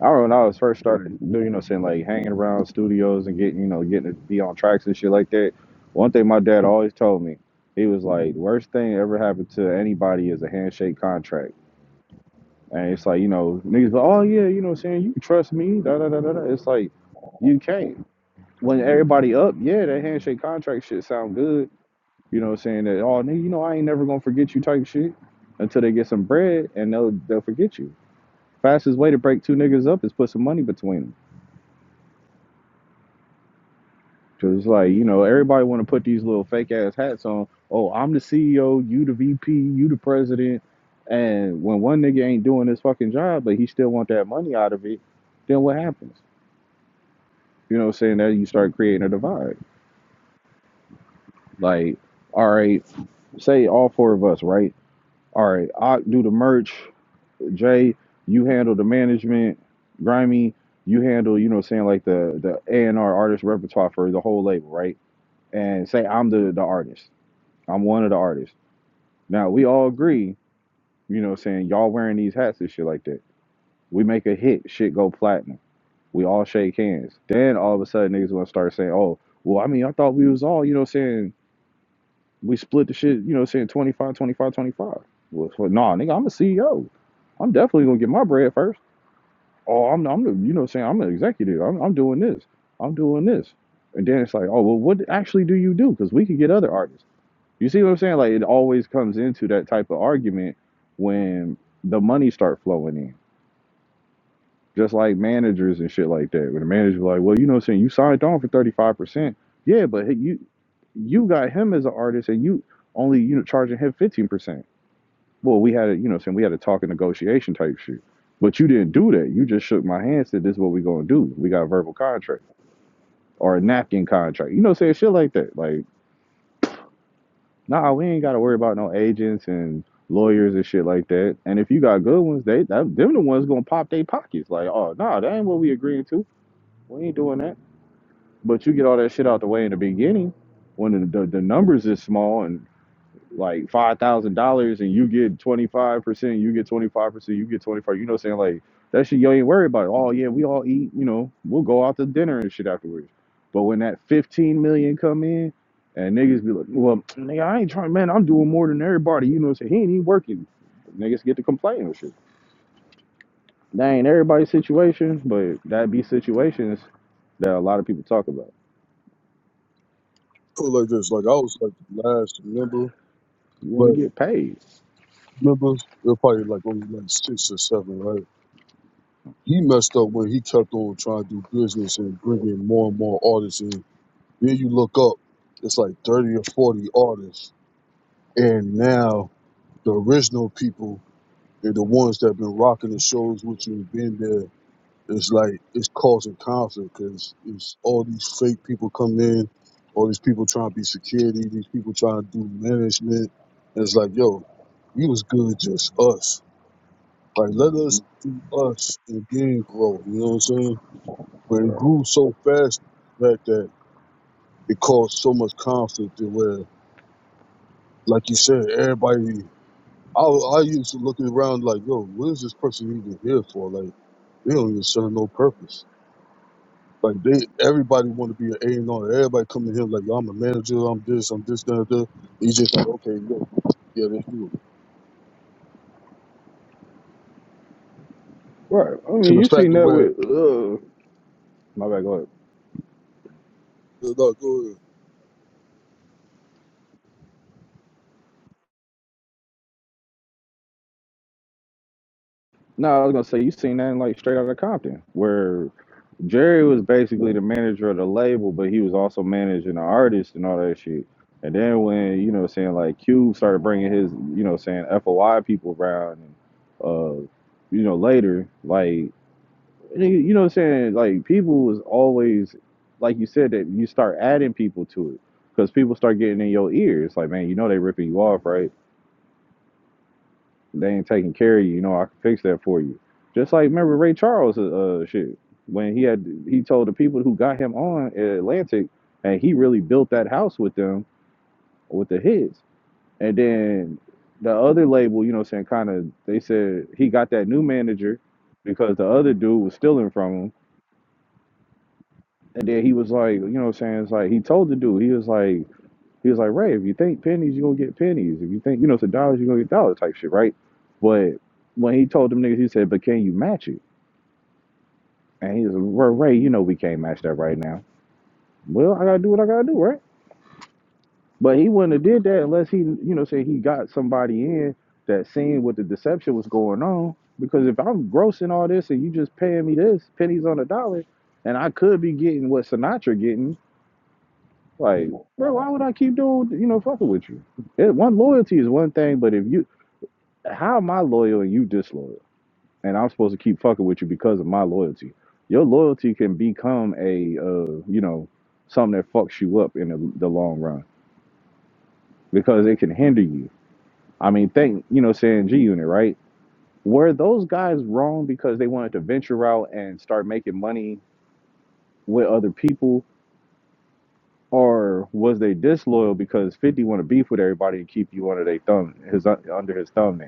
[SPEAKER 3] I remember when I was first started, doing, you know, saying like hanging around studios and getting, you know, getting to be on tracks and shit like that. One thing my dad always told me, he was like, worst thing that ever happened to anybody is a handshake contract. And it's like, you know, niggas, like, oh yeah, you know, what I'm saying you can trust me, da da da da da. It's like you can't. When everybody up, yeah, that handshake contract shit sound good. You know, what I'm saying that, oh, nigga, you know, I ain't never gonna forget you type shit until they get some bread and they'll they'll forget you. Fastest way to break two niggas up is put some money between 'em. Cause it's like you know everybody want to put these little fake ass hats on. Oh, I'm the CEO, you the VP, you the president, and when one nigga ain't doing his fucking job, but he still want that money out of it, then what happens? You know, what I'm saying that you start creating a divide. Like, all right, say all four of us, right? All right, I do the merch. Jay, you handle the management. Grimy, you handle you know, what I'm saying like the the A and R artist repertoire for the whole label, right? And say I'm the the artist. I'm one of the artists Now we all agree, you know, what I'm saying y'all wearing these hats and shit like that. We make a hit, shit go platinum. We all shake hands. Then all of a sudden niggas want to start saying, "Oh, well, I mean, I thought we was all, you know, what I'm saying we split the shit, you know, what I'm saying 25, 25, 25. Well, well, nah, nigga, I'm a CEO. I'm definitely gonna get my bread first. Oh, I'm, I'm the, you know, what I'm saying I'm the executive. I'm, I'm doing this. I'm doing this. And then it's like, oh, well, what actually do you do? Because we could get other artists. You see what I'm saying? Like it always comes into that type of argument when the money start flowing in. Just like managers and shit like that. When the manager like, well, you know what I'm saying, you signed on for thirty five percent. Yeah, but hey, you you got him as an artist and you only, you know, charging him fifteen percent. Well, we had a you know what I'm saying, we had a talk and negotiation type shit. But you didn't do that. You just shook my hand, said this is what we are gonna do. We got a verbal contract or a napkin contract. You know what I'm saying? Shit like that. Like Nah, we ain't gotta worry about no agents and lawyers and shit like that. And if you got good ones, they that, them the ones gonna pop their pockets. Like, oh nah, that ain't what we agreeing to. We ain't doing that. But you get all that shit out the way in the beginning when the the, the numbers is small and like five thousand dollars and you get twenty five percent, you get twenty five percent, you get twenty five. You know, what I'm saying like that shit, you ain't worried about it. Oh yeah, we all eat. You know, we'll go out to dinner and shit afterwards. But when that fifteen million come in, and niggas be like, well, nigga, I ain't trying, man. I'm doing more than everybody. You know, what I'm saying he ain't even working. Niggas get to complain and shit. That ain't everybody's situation, but that be situations that a lot of people talk about.
[SPEAKER 4] Put it like this, like I was like the last member,
[SPEAKER 3] You want
[SPEAKER 4] but
[SPEAKER 3] to get paid,
[SPEAKER 4] members they're probably like only like six or seven, right? He messed up when he kept on trying to do business and bringing more and more artists in Then you look up, it's like 30 or 40 artists. And now the original people and the ones that been rocking the shows with you and been there, it's like it's causing conflict because it's all these fake people coming in, all these people trying to be security, these people trying to do management. And it's like, yo, we was good just us. Like, let us
[SPEAKER 3] Mhm.
[SPEAKER 4] do us and then grow. You know what I'm saying? But it
[SPEAKER 3] bro.
[SPEAKER 4] grew so fast back that it caused so much conflict to where like you said, everybody. I I used to look around like, yo, what is this person even here for? Like, they don't even serve no purpose. Like they, everybody want to be an A and R. Everybody come to him like, yo, I'm a manager. I'm this. I'm this. That. that. And you just like, okay, yo, yeah, let's do it.
[SPEAKER 3] right? I
[SPEAKER 4] To
[SPEAKER 3] mean,
[SPEAKER 4] the
[SPEAKER 3] you
[SPEAKER 4] fact
[SPEAKER 3] seen
[SPEAKER 4] of
[SPEAKER 3] that
[SPEAKER 4] where,
[SPEAKER 3] with uh, my bad. Go ahead.
[SPEAKER 4] Yeah, no, go ahead.
[SPEAKER 3] No, I was gonna say you seen that in like Straight Outta Compton, where Jerry was basically the manager of the label, but he was also managing the artist and all that shit. And then when you know, what I'm saying like Cube started bringing his you know, what I'm saying FOI people around, and uh, you know later, like you you know, what I'm saying like people was always like you said that you start adding people to it because people start getting in your ears, like man, you know they ripping you off, right? they ain't taking care of you. You know, I can fix that for you. Just like remember Ray Charles, uh, uh, shit, when he had he told the people who got him on at Atlantic, and he really built that house with them with the hits. And then the other label, you know, what I'm saying kind of they said he got that new manager because the other dude was stealing from him. And then he was like, you know, what I'm saying it's like he told the dude he was like He was like, Ray, if you think pennies, you're gonna get pennies. If you think, you know, it's a dollar, you're gonna get dollar type shit, right? But when he told them niggas, he said, But can you match it? And he was like, "Well, Ray, you know we can't match that right now. Well, I gotta do what I gotta do, right? But he wouldn't have did that unless he, you know, said he got somebody in that seen what the deception was going on. Because if I'm grossing all this and you just paying me this, pennies on a dollar, and I could be getting what Sinatra getting, like, bro, why would I keep doing, you know, fucking with you? It, one loyalty is one thing, but if you how am I loyal and you disloyal? And I'm supposed to keep fucking with you because of my loyalty. Your loyalty can become a, uh, you know, something that fucks you up in the, the long run because it can hinder you. I mean, think, you know, saying G Unit, right? Were those guys wrong because they wanted to venture out and start making money with other people? Or was they disloyal because 50 want to beef with everybody and keep you under their thumb, his, under his thumbnail?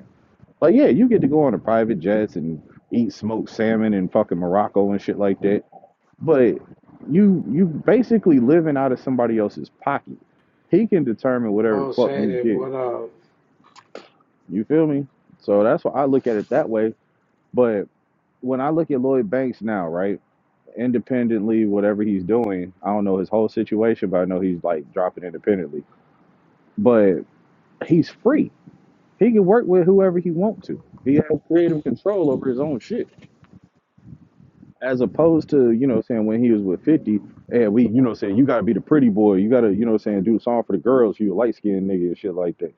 [SPEAKER 3] Like, yeah, you get to go on a private jets and eat smoked salmon in fucking Morocco and shit like that. But you you basically living out of somebody else's pocket. He can determine whatever the
[SPEAKER 1] Bo
[SPEAKER 3] fuck you
[SPEAKER 1] Shaded,
[SPEAKER 3] get.
[SPEAKER 1] what up?
[SPEAKER 3] You feel me? So that's why I look at it that way. But when I look at Lloyd Banks now, right? Independently, whatever he's doing, I don't know his whole situation, but I know he's like dropping independently. But he's free. He can work with whoever he wants to. He has creative control over his own shit. as opposed to you know saying when he was with 50 and we you know saying you gotta be the pretty boy you gotta you know saying do the song for the girls you a light-skinned nigga and shit like that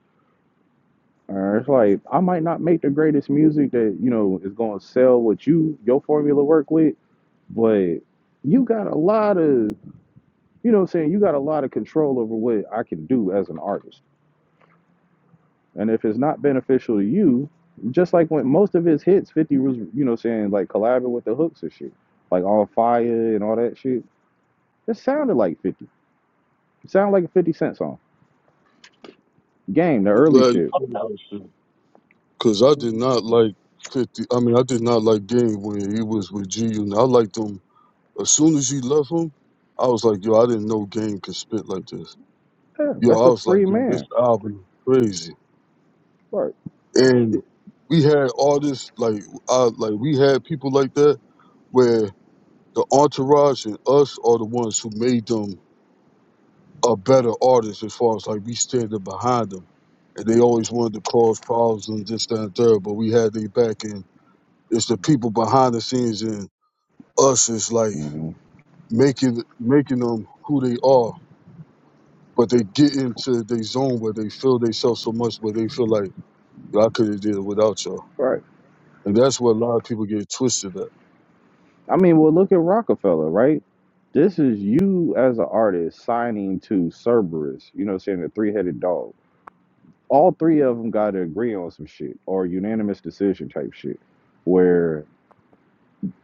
[SPEAKER 3] Uh, it's like i might not make the greatest music that you know is gonna sell what you your formula work with but you got a lot of you know saying you got a lot of control over what i can do as an artist and if it's not beneficial to you just like when most of his hits 50 was you know saying like collabing with the hooks and shit like on fire and all that shit it sounded like 50 Sound like a 50 Cent song. Game, the
[SPEAKER 4] I'm
[SPEAKER 3] early
[SPEAKER 4] glad
[SPEAKER 3] shit.
[SPEAKER 4] you said that because I did not like fifty. I mean, I did not like Game when he was with G Unit. I liked him as soon as he left him. I was like, yo, I didn't know Game could spit like this.
[SPEAKER 3] Yeah,
[SPEAKER 4] Yo,
[SPEAKER 3] that's
[SPEAKER 4] I
[SPEAKER 3] a
[SPEAKER 4] was
[SPEAKER 3] free
[SPEAKER 4] like, yo, this
[SPEAKER 3] man.
[SPEAKER 4] album is crazy.
[SPEAKER 3] Right.
[SPEAKER 4] And we had artists like uh like we had people like that where the entourage and us are the ones who made them a better artist as far as like we standing behind them. And they always wanted to cause problems and this, that, and third, but we had their back and it's the people behind the scenes and us is like
[SPEAKER 3] hmm
[SPEAKER 4] making making them who they are. But they get into their zone where they feel themselves so much where they feel like, yo, I could have did it without y'all.
[SPEAKER 3] Right.
[SPEAKER 4] And that's where a lot of people get twisted at.
[SPEAKER 3] I mean, well, look at Rockefeller, right? This is you as an artist signing to Cerberus, you know, saying the three headed dog. All three of them got to agree on some shit or unanimous decision type shit where,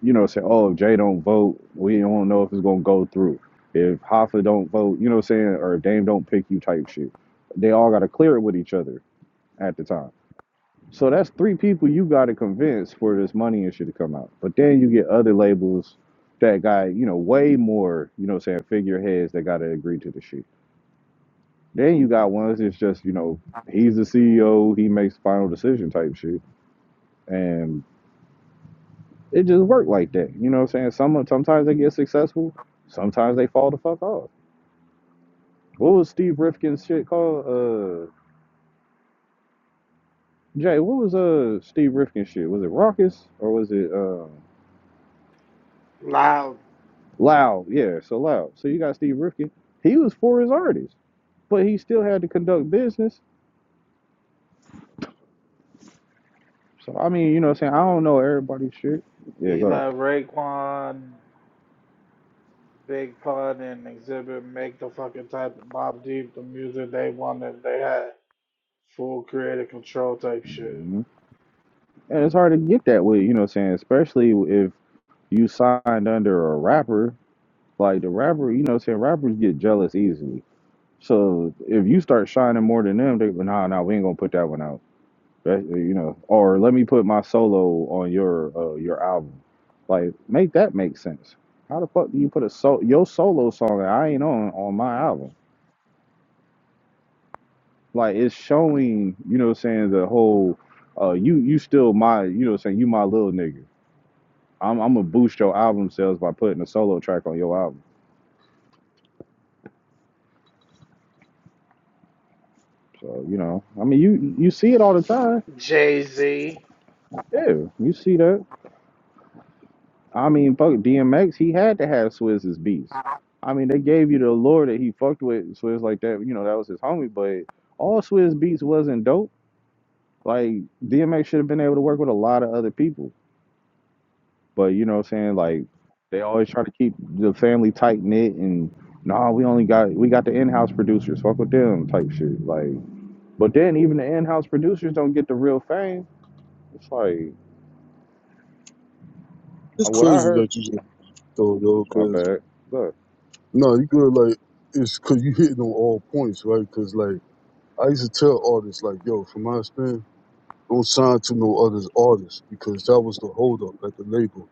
[SPEAKER 3] you know, say, oh, if Jay don't vote, we don't know if it's going to go through. If Hoffa don't vote, you know what I'm saying, or if Dame don't pick you type shit. They all got to clear it with each other at the time. So that's three people you got to convince for this money and shit to come out. But then you get other labels that got, you know, way more, you know, what I'm saying figureheads that got to agree to the shit. Then you got ones that's just, you know, he's the CEO, he makes final decision type shit. And it just worked like that. You know what I'm saying? Some sometimes they get successful, sometimes they fall the fuck off. What was Steve Rifkin's shit called? Uh Jay, what was uh Steve Rifkin's shit? Was it Raucous or was it Uh,
[SPEAKER 1] Loud.
[SPEAKER 3] Loud, yeah, so loud. So you got Steve Rifkin. He was for his artists, but he still had to conduct business. So I mean, you know what I'm saying? I don't know everybody's shit. Yeah,
[SPEAKER 1] He
[SPEAKER 3] go ahead.
[SPEAKER 1] left Raekwon, Big Pun, and Exhibit make the fucking type of Bob Deep the music they wanted. They had full creative control type shit.
[SPEAKER 3] hmm And it's hard to get that way, you know what I'm saying? Especially if you signed under a rapper, like the rapper, you know what I'm saying? Rappers get jealous easily. So if you start shining more than them, they go, nah, nah, we ain't gonna put that one out. That- you know, or let me put my solo on your uh, your album. Like, make that make sense. How the fuck do you put a so your solo song that I ain't on on my album? Like, it's showing. You know, what I'm saying the whole. Uh, you you still my you know what I'm saying you my little nigga. I'm I'm gonna boost your album sales by putting a solo track on your album. So you know, I mean you you see it all the time.
[SPEAKER 1] Jay Z.
[SPEAKER 3] Yeah, you see that. I mean, fuck DMX. He had to have Swizz's beats. I mean, they gave you the lore that he fucked with Swizz like that. You know, that was his homie. But all Swizz beats wasn't dope. Like DMX should have been able to work with a lot of other people. But you know what I'm saying? Like they always try to keep the family tight knit and nah, we only got we got the in house producers. Fuck with them type shit. Like, but then even the in house producers don't get the real fame. It's like
[SPEAKER 4] It's
[SPEAKER 3] uh, what I
[SPEAKER 4] crazy that
[SPEAKER 3] heard.
[SPEAKER 4] you just though, yo,
[SPEAKER 3] My
[SPEAKER 4] because,
[SPEAKER 3] bad. Look.
[SPEAKER 4] no, you good, like, it's because you hitting on all points, right? Because, like, I used to tell artists, like, yo, from my experience, don't sign to no other artists because that was the holdup at the label.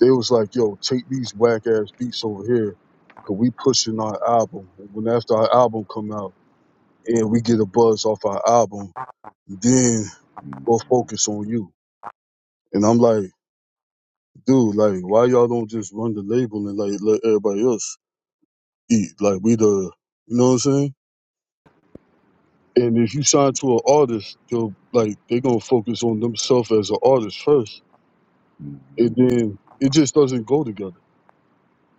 [SPEAKER 4] They was like, yo, take these whack ass beats over here because we pushing our album. And when after our album come out and we get a buzz off our album, then we'll focus on you. And I'm like, dude, like, why y'all don't just run the label and like let everybody else eat? Like, we the, you know what I'm saying? And if you sign to an artist, they'll like they gonna focus on themselves as an artist first, and then it just doesn't go together.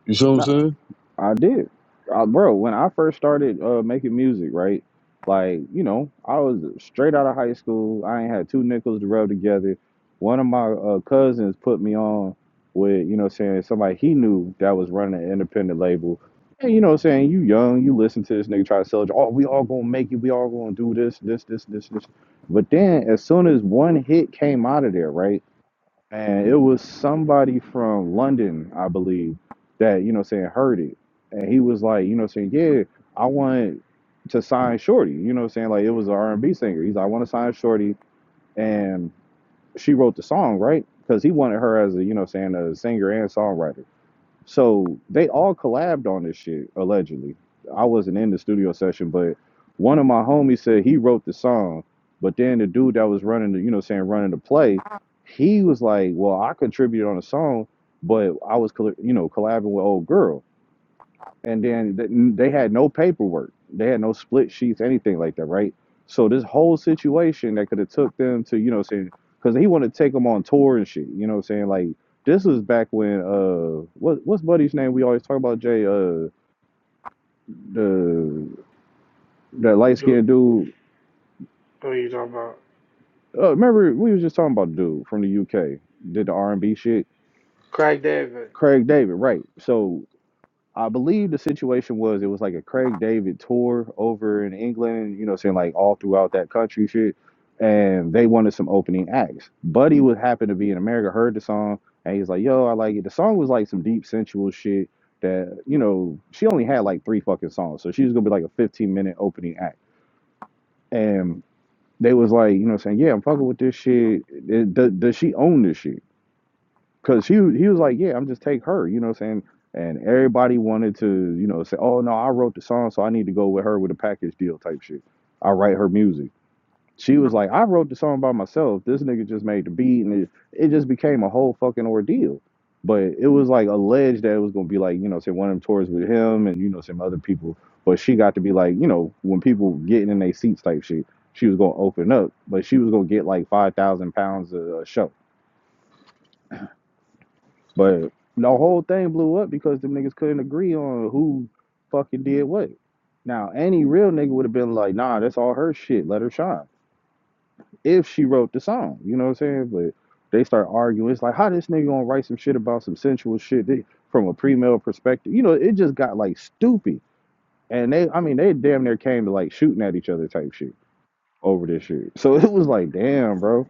[SPEAKER 4] You see what I'm
[SPEAKER 3] No,
[SPEAKER 4] saying?
[SPEAKER 3] I did, I, bro. When I first started uh, making music, right? Like, you know, I was straight out of high school. I ain't had two nickels to rub together. One of my uh, cousins put me on with, you know, what I'm saying somebody he knew that was running an independent label. And you know, what I'm saying you young, you listen to this nigga try to sell. you, Oh, we all gonna make it. We all gonna do this, this, this, this, this. But then, as soon as one hit came out of there, right? and it was somebody from London, I believe, that you know saying heard it, and he was like, you know saying, yeah, I want to sign Shorty, you know saying like it was an R and B singer. He's like, I want to sign Shorty, and she wrote the song right because he wanted her as a you know saying a singer and songwriter. So they all collabed on this shit allegedly. I wasn't in the studio session, but one of my homies said he wrote the song, but then the dude that was running the, you know, saying running the play, he was like, "Well, I contributed on a song, but I was, you know, collabing with old girl." and then th- they had no paperwork they had no split sheets anything like that right so this whole situation that could have took them to you know what I'm saying because he wanted to take them on tour and shit you know what i'm saying like this was back when uh what what's buddy's name we always talk about jay uh the that
[SPEAKER 1] Who,
[SPEAKER 3] light-skinned dude
[SPEAKER 1] who you talking about?
[SPEAKER 3] uh, remember we was just talking about the dude from the uk did the r&b shit
[SPEAKER 1] Craig David.
[SPEAKER 3] craig david right so I believe the situation was it was like a Craig David tour over in England, you know, saying like all throughout that country shit. And they wanted some opening acts. Buddy would happen to be in America, heard the song, and he's like, yo, I like it. The song was like some deep sensual shit that, you know, she only had like three fucking songs. So she was gonna be like a 15 minute opening act. And they was like, you know, saying, yeah, I'm fucking with this shit. It- does, does she own this shit? Cause she he was like, Yeah, I'm just take her, you know what I'm saying? And everybody wanted to, you know, say, Oh no, I wrote the song, so I need to go with her with a package deal type shit. I write her music. She was like, I wrote the song by myself. This nigga just made the beat and it, it just became a whole fucking ordeal. But it was like alleged that it was gonna be like, you know, say one of them tours with him and you know, some other people. But she got to be like, you know, when people getting in their seats type shit, she was gonna open up, but she was gonna get like five thousand pounds a a show but the whole thing blew up because the niggas couldn't agree on who fucking did what. Now, any real nigga would have been like, nah, that's all her shit. Let her shine. If she wrote the song, you know what I'm saying? But they start arguing. It's like, how this nigga gonna write some shit about some sensual shit that- from a pre-male perspective? You know, it just got like stupid. And they, I mean, they damn near came to like shooting at each other type shit over this shit. So it was like, damn, bro.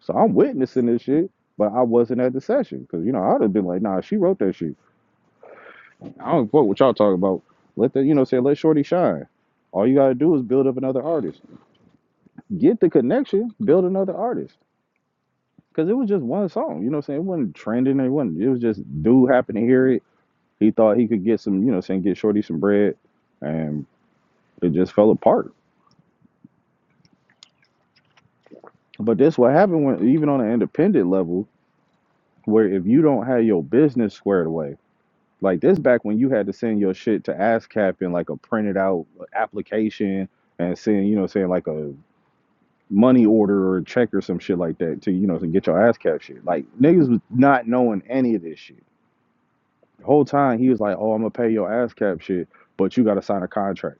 [SPEAKER 3] So I'm witnessing this shit, but I wasn't at the session because, you know, I would have been like, nah, she wrote that shit. I don't fuck what y'all talking about. Let the you know say let Shorty shine. All you gotta do is build up another artist. Get the connection, build another artist. Cause it was just one song, you know what I'm saying? It wasn't trending, it wasn't it was just dude happened to hear it. He thought he could get some, you know, what I'm saying get Shorty some bread and it just fell apart. But this what happened when even on an independent level, where if you don't have your business squared away, like this back when you had to send your shit to ASCAP in like a printed out application and send, you know, saying like a money order or a check or some shit like that to you know to get your ass cap shit. Like niggas was not knowing any of this shit. The whole time he was like, "Oh, I'm gonna pay your ass cap shit, but you gotta sign a contract."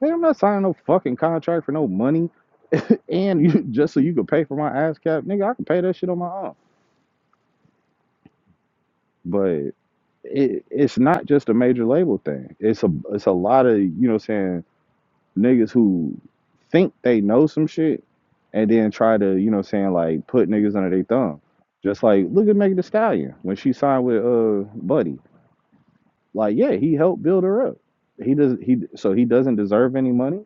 [SPEAKER 3] Man, I'm not signing no fucking contract for no money, and you just so you could pay for my ass cap, nigga. I can pay that shit on my own. But it, it's not just a major label thing. It's a it's a lot of you know what I'm saying niggas who think they know some shit and then try to, you know, what I'm saying like put niggas under their thumb. Just like look at Megan Thee Stallion when she signed with uh Buddy. Like yeah, he helped build her up. He does he so he doesn't deserve any money.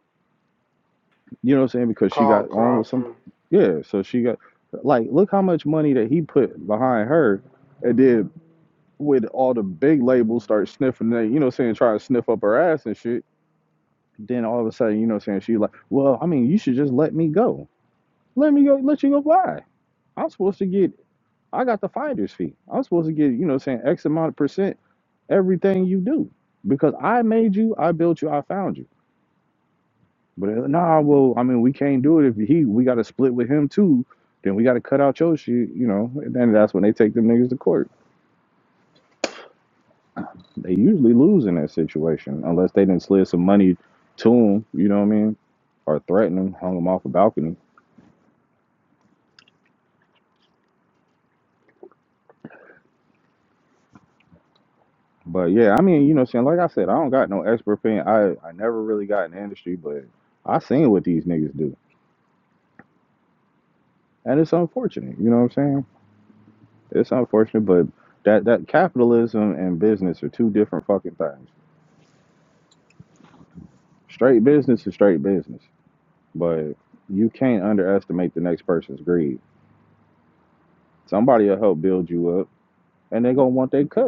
[SPEAKER 3] You know what I'm saying? Because she
[SPEAKER 1] Carl
[SPEAKER 3] got on with some
[SPEAKER 1] Crawford.
[SPEAKER 3] yeah. So she got like look how much money that he put behind her, and then with all the big labels start sniffing they you know what I'm saying trying to sniff up her ass and shit. Then all of a sudden you know what I'm saying she like well I mean you should just let me go let me go let you go buy. I'm supposed to get I got the finder's fee. I'm supposed to get, you know, what I'm saying X amount of percent everything you do. Because I made you, I built you, I found you. But uh, nah, well, I mean, we can't do it if he we gotta split with him too. Then we gotta cut out your shit, you know. And then that's when they take them niggas to court. They usually lose in that situation unless they didn't slid some money to them, you know what I mean? Or threaten them, hung them off a balcony But yeah, I mean, you know, saying like I said, I don't got no expert opinion. I I never really got in the industry, but I seen what these niggas do, and it's unfortunate. You know what I'm saying? It's unfortunate, but that that capitalism and business are two different fucking things. Straight business is straight business, but you can't underestimate the next person's greed. Somebody will help build you up, and they gonna want their cut.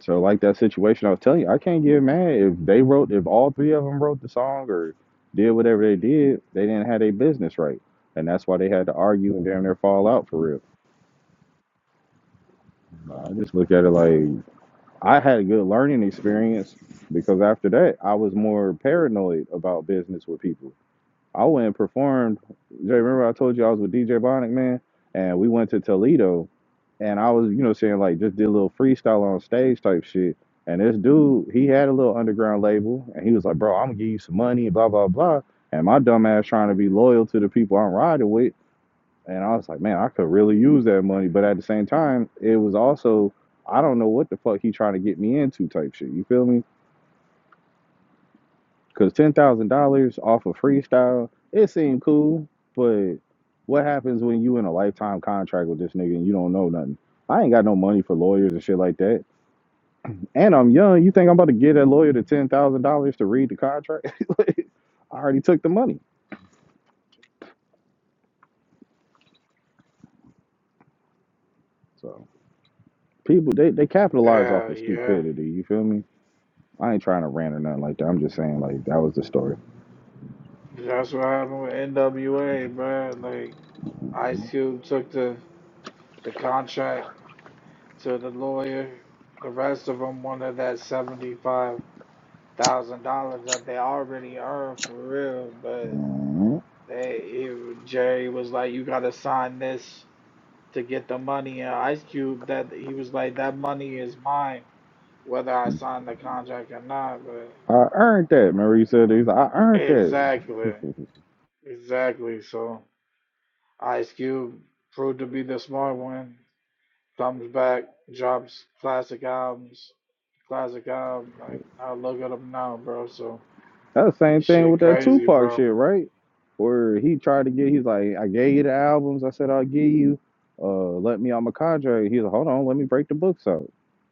[SPEAKER 3] So like that situation I was telling you, I can't get mad if they wrote if all three of them wrote the song or did whatever they did, they didn't have their business right. And that's why they had to argue and damn near fall out for real. Nah, I just look at it like I had a good learning experience because after that I was more paranoid about business with people. I went and performed Jay, remember I told you I was with DJ Bonic, man, and we went to Toledo and I was, you know, saying like just did a little freestyle on stage type shit. And this dude, he had a little underground label, and he was like, "Bro, I'm gonna give you some money, blah blah blah." And my dumb ass trying to be loyal to the people I'm riding with, and I was like, "Man, I could really use that money," but at the same time, it was also I don't know what the fuck he trying to get me into type shit. You feel me? Because ten thousand dollars off of freestyle, it seemed cool, but what happens when you in a lifetime contract with this nigga and you don't know nothing? I ain't got no money for lawyers and shit like that. And I'm young. You think I'm about to give that lawyer the ten thousand dollars to read the contract? Like, I already took the money. So people they, they capitalize off
[SPEAKER 1] Hell
[SPEAKER 3] of
[SPEAKER 1] yeah.
[SPEAKER 3] stupidity, you feel me? I ain't trying to rant or nothing like that. I'm just saying like that was the story.
[SPEAKER 1] That's what happened with NWA, bruh. Like Ice Cube took the the contract to the lawyer. The rest of them wanted that seventy five thousand dollars that they already earned for real, but
[SPEAKER 3] Mm-hmm.
[SPEAKER 1] they he, Jerry was like, "You gotta sign this to get the money." And Ice Cube that he was like, "That money is mine, whether I sign the contract or not." But
[SPEAKER 3] I earned that. Remember you said he's like I earned that.
[SPEAKER 1] exactly, exactly. So. Ice Cube proved to be the smart one. Comes back, drops classic albums, classic album. Like now, look at him now, bro. So
[SPEAKER 3] That's the same thing
[SPEAKER 1] shit,
[SPEAKER 3] with that
[SPEAKER 1] crazy,
[SPEAKER 3] Tupac
[SPEAKER 1] bro.
[SPEAKER 3] shit, right? Where he tried to get he's like, I gave you the albums, I said I'll give you uh let me on my cadre. He's like, Hold on, let me break the books out.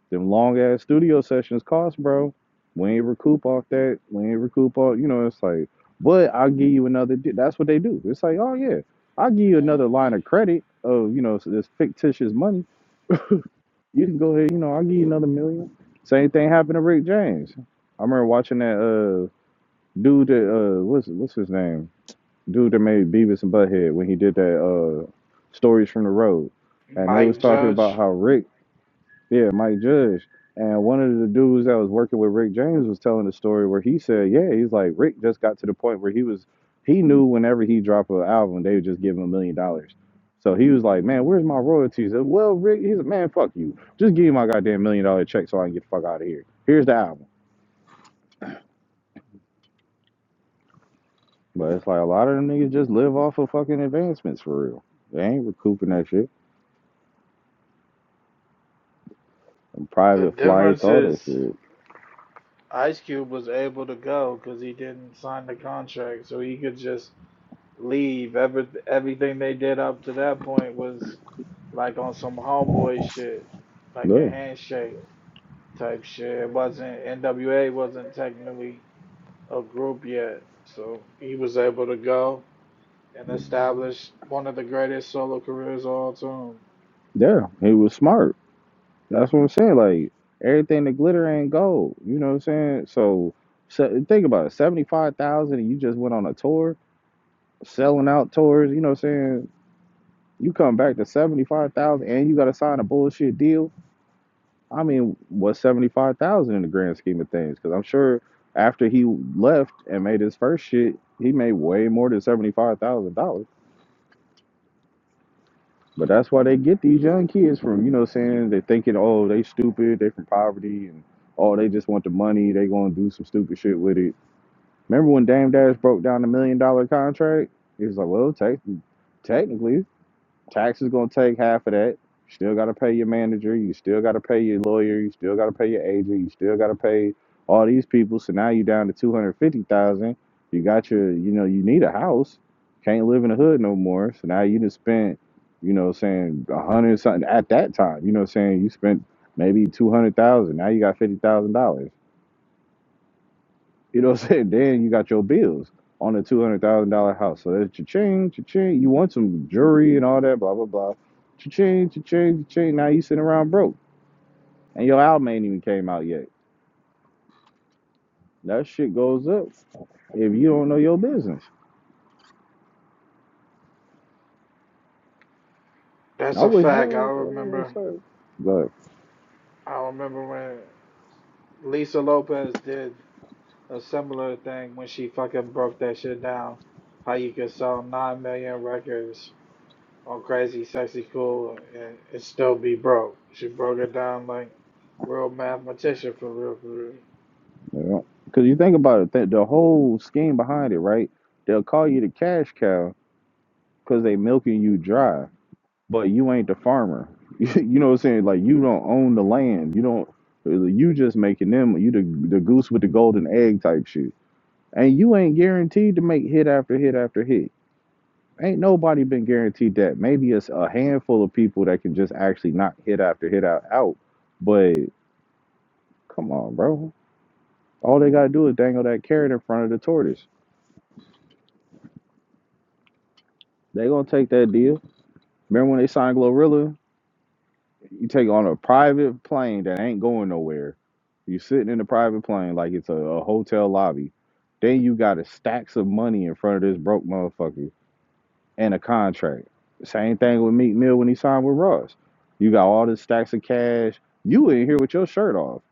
[SPEAKER 3] Them long ass studio sessions cost, bro. We ain't recoup off that. We ain't recoup off. You know, it's like, but I'll give you another. di-" That's what they do. It's like, oh yeah, I'll give you another line
[SPEAKER 1] Mhm.
[SPEAKER 3] of credit of you know this fictitious money. You can go ahead. You know, I'll give you another million. Same thing happened to Rick James. I remember watching that uh dude that uh what's what's his name? Dude that made Beavis and Butthead when he did that uh stories from the road, and they was
[SPEAKER 1] Mike
[SPEAKER 3] talking about
[SPEAKER 1] Judge.
[SPEAKER 3] how Rick yeah, Mike Judge. And one of the dudes that was working with Rick James was telling the story where he said, Yeah, he's like, Rick just got to the point where he was, he knew whenever he dropped an album, they would just give him a million dollars. So he was like, Man, where's my royalties? And, well, Rick, he's like, Man, fuck you. Just give me my goddamn million dollar check so I can get the fuck out of here. Here's the album. But it's like a lot of them niggas just live off of fucking advancements for real. They ain't recouping that shit. And
[SPEAKER 1] The
[SPEAKER 3] private flights,
[SPEAKER 1] difference
[SPEAKER 3] all that
[SPEAKER 1] is
[SPEAKER 3] shit.
[SPEAKER 1] Ice Cube was able to go because he didn't sign the contract, so he could just leave. Every everything they did up to that point was like on some homeboy shit, like a
[SPEAKER 3] Yeah.
[SPEAKER 1] handshake. type shit. It wasn't NWA wasn't technically a group yet, so he was able to go and establish one of the greatest solo careers of all time.
[SPEAKER 3] Yeah. He was smart. That's what I'm saying. Like everything that glitter ain't gold. You know what I'm saying? So, se- think about it. Seventy five thousand, and you just went on a tour, selling out tours. You know what I'm saying? You come back to seventy five thousand, and you got to sign a bullshit deal. I mean, what's seventy five thousand in the grand scheme of things? Because I'm sure after he left and made his first shit, he made way more than seventy five thousand dollars. But that's why they get these young kids from, you know, what I'm saying they thinking, oh, they stupid, they from poverty, and oh, they just want the money, they gonna do some stupid shit with it. Remember when Dame Dash broke down the million dollar contract? He was like, well, te- technically, Tax is gonna take half of that. You Still gotta pay your manager. You still gotta pay your lawyer. You still gotta pay your agent. You still gotta pay all these people. So now you down to two hundred fifty thousand. dollars. You got your, you know, you need a house. Can't live in the hood no more. So now you just spent, you know, saying a hundred something at that time. You know, saying you spent maybe two hundred thousand. Now you got fifty thousand dollars. You know what I'm saying? Then you got your bills on a two hundred thousand dollar house. So that's cha-ching, cha-ching. You want some jewelry and all that, blah blah blah. Cha-ching, cha-ching, cha-ching. Now you sitting around broke, and your album ain't even came out yet. That shit goes up if you don't know your business.
[SPEAKER 1] That's
[SPEAKER 3] I
[SPEAKER 1] a
[SPEAKER 3] wish
[SPEAKER 1] fact. I
[SPEAKER 3] y'all, you
[SPEAKER 1] remember.
[SPEAKER 3] know but
[SPEAKER 1] I remember when Lisa Lopez did a similar thing when she fucking broke that shit down. How you could sell nine million records on Crazy Sexy Cool and, and still be broke. She broke it down like real mathematician for real, for real.
[SPEAKER 3] you know, because you think about it, th- the whole scheme behind it, right? They'll call you the cash cow because they milking you dry but you ain't the farmer. you know what I'm saying? Like you don't own the land. You don't. You just making them. You the the goose with the golden egg type shit. And you ain't guaranteed to make hit after hit after hit. Ain't nobody been guaranteed that. Maybe it's a handful of people that can just actually knock hit after hit out out. But come on, bro. All they gotta do is dangle that carrot in front of the tortoise. They gonna take that deal. Remember when they signed Glorilla? You take on a private plane that ain't going nowhere. You're sitting in a private plane like it's a, a hotel lobby. Then you got a stacks of money in front of this broke motherfucker and a contract. Same thing with Meek Mill when he signed with Ross. You got all this stacks of cash. You in here with your shirt off.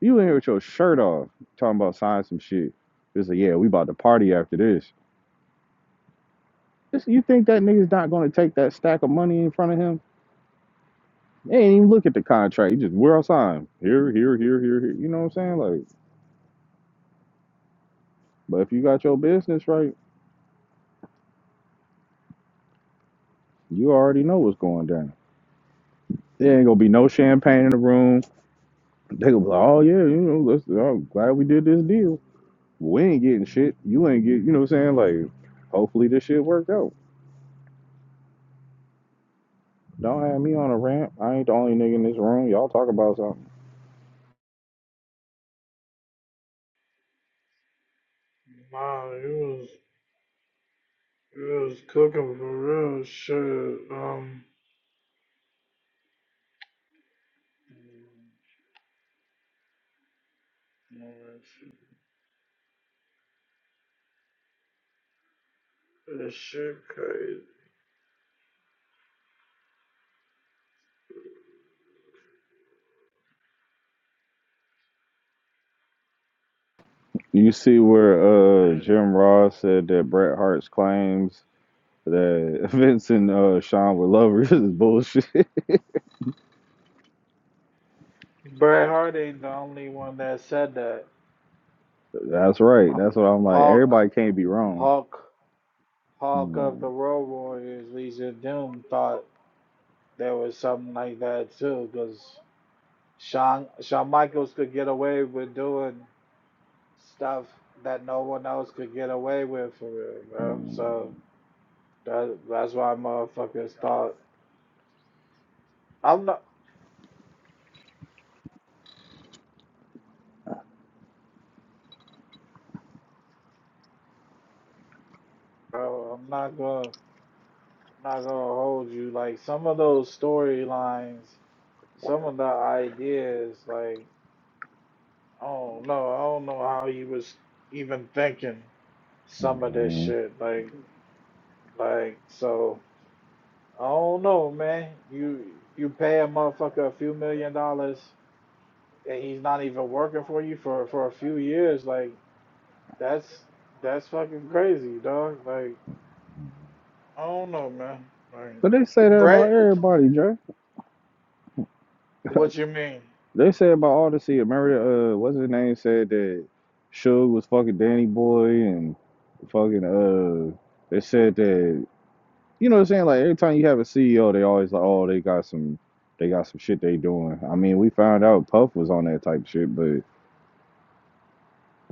[SPEAKER 3] You in here with your shirt off talking about signing some shit. It's like, yeah, we about to party after this. This- You think that nigga's not gonna take that stack of money in front of him? They ain't even look at the contract. You just we're outside. Here, here, here, here, here. You know what I'm saying? Like, but if you got your business right, you already know what's going down. There ain't gonna be no champagne in the room. They gonna be like, oh yeah, you know, let's, I'm glad we did this deal. We ain't getting shit. You ain't get. You know what I'm saying? Like, hopefully this shit worked out. Don't have me on a ramp. I ain't the only nigga in this room. Y'all talk about something.
[SPEAKER 1] Wow, it was It was cooking for real shit. Um, this shit crazy.
[SPEAKER 3] You see where uh Jim Ross said that Bret Hart's claims that Vince and uh, Sean were lovers is bullshit.
[SPEAKER 1] Bret Hart ain't the only one that said that.
[SPEAKER 3] That's right. That's what I'm like.
[SPEAKER 1] Hulk,
[SPEAKER 3] Everybody can't be wrong.
[SPEAKER 1] Hulk, Hulk of
[SPEAKER 3] Mm,
[SPEAKER 1] the Road Warriors, Legion of Doom thought there was something like that too, because Shawn, Shawn Michaels could get away with doing stuff that no one else could get away with for real, bro.
[SPEAKER 3] mm,
[SPEAKER 1] So that, that's why motherfuckers thought. I'm not. Bro, I'm not gonna I'm not gonna hold you. Like some of those storylines, some of the ideas, like I don't know, I don't know how you was even thinking some of this
[SPEAKER 3] mm.
[SPEAKER 1] shit. Like like so I don't know, man. You you pay a motherfucker a few million dollars and he's not even working for you for for a few years, like that's that's fucking crazy, dog. Like I don't know, man. Like
[SPEAKER 3] But they say that about
[SPEAKER 1] Brett,
[SPEAKER 3] everybody, Dre.
[SPEAKER 1] what you mean?
[SPEAKER 3] They say about Odyssey. Remember, uh, what's his name said that Suge was fucking Danny Boy and fucking, uh, they said that, you know what I'm saying? Like, every time you have a CEO, they always like, oh, they got some, they got some shit they doing. I mean, we found out Puff was on that type of shit, but.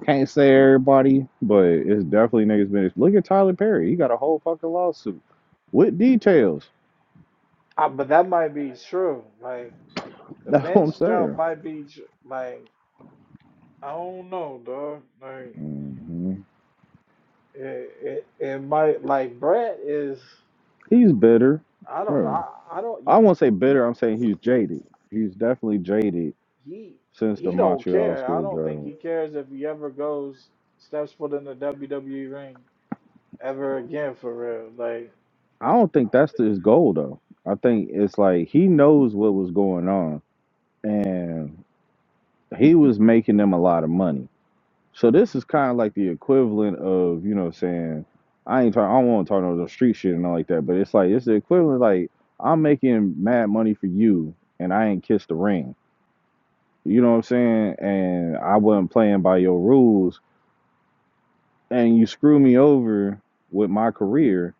[SPEAKER 3] Can't say everybody, but it's definitely niggas been. Look at Tyler Perry. He got a whole fucking lawsuit with details.
[SPEAKER 1] Uh, but that might be true. Like the
[SPEAKER 3] That's what I'm
[SPEAKER 1] Vince jump
[SPEAKER 3] saying.
[SPEAKER 1] might be tr- like I don't know, dog. Like
[SPEAKER 3] hmm
[SPEAKER 1] it, it, it might like Brett is.
[SPEAKER 3] He's bitter.
[SPEAKER 1] I don't.
[SPEAKER 3] Bro.
[SPEAKER 1] I, I don't.
[SPEAKER 3] I won't say bitter. I'm saying he's jaded. He's definitely jaded
[SPEAKER 1] He
[SPEAKER 3] since the
[SPEAKER 1] he don't
[SPEAKER 3] Montreal
[SPEAKER 1] care. I don't think
[SPEAKER 3] Screwdriver.
[SPEAKER 1] he cares if he ever goes steps foot in the WWE ring ever again for real. Like
[SPEAKER 3] I don't think that's his goal though. I think it's like he knows what was going on, and he was making them a lot of money. So this is kind of like the equivalent of, you know, what I'm saying I ain't talking. I don't want to talk about no street shit and all like that. But it's like it's the equivalent. Like I'm making mad money for you, and I ain't kissed the ring. You know what I'm saying? And I wasn't playing by your rules, and you screw me over with my career,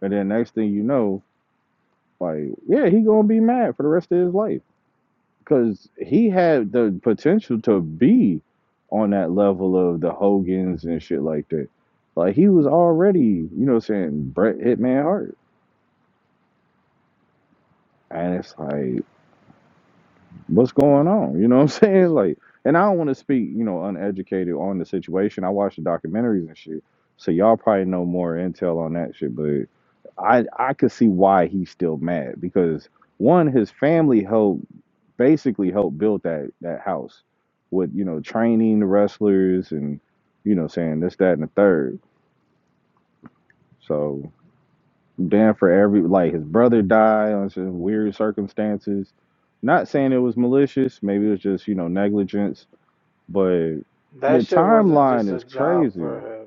[SPEAKER 3] and then next thing you know, like yeah, he gonna be mad for the rest of his life. because he had the potential to be on that level of the Hogans and shit like that. Like he was already, you know, what I'm saying Bret Hitman Hart, and it's like, what's going on? You know what I'm saying? Like, and I don't want to speak, you know, uneducated on the situation. I watch the documentaries and shit, so y'all probably know more intel on that shit. But I, I could see why he's still mad because one, his family helped basically helped build that that house with you know training the wrestlers and you know saying this that and the third so dan for every like his brother died on some weird circumstances not saying it was malicious maybe it was just you know negligence but the
[SPEAKER 1] that shit wasn't just
[SPEAKER 3] timeline
[SPEAKER 1] a
[SPEAKER 3] is
[SPEAKER 1] job for
[SPEAKER 3] crazy
[SPEAKER 1] him.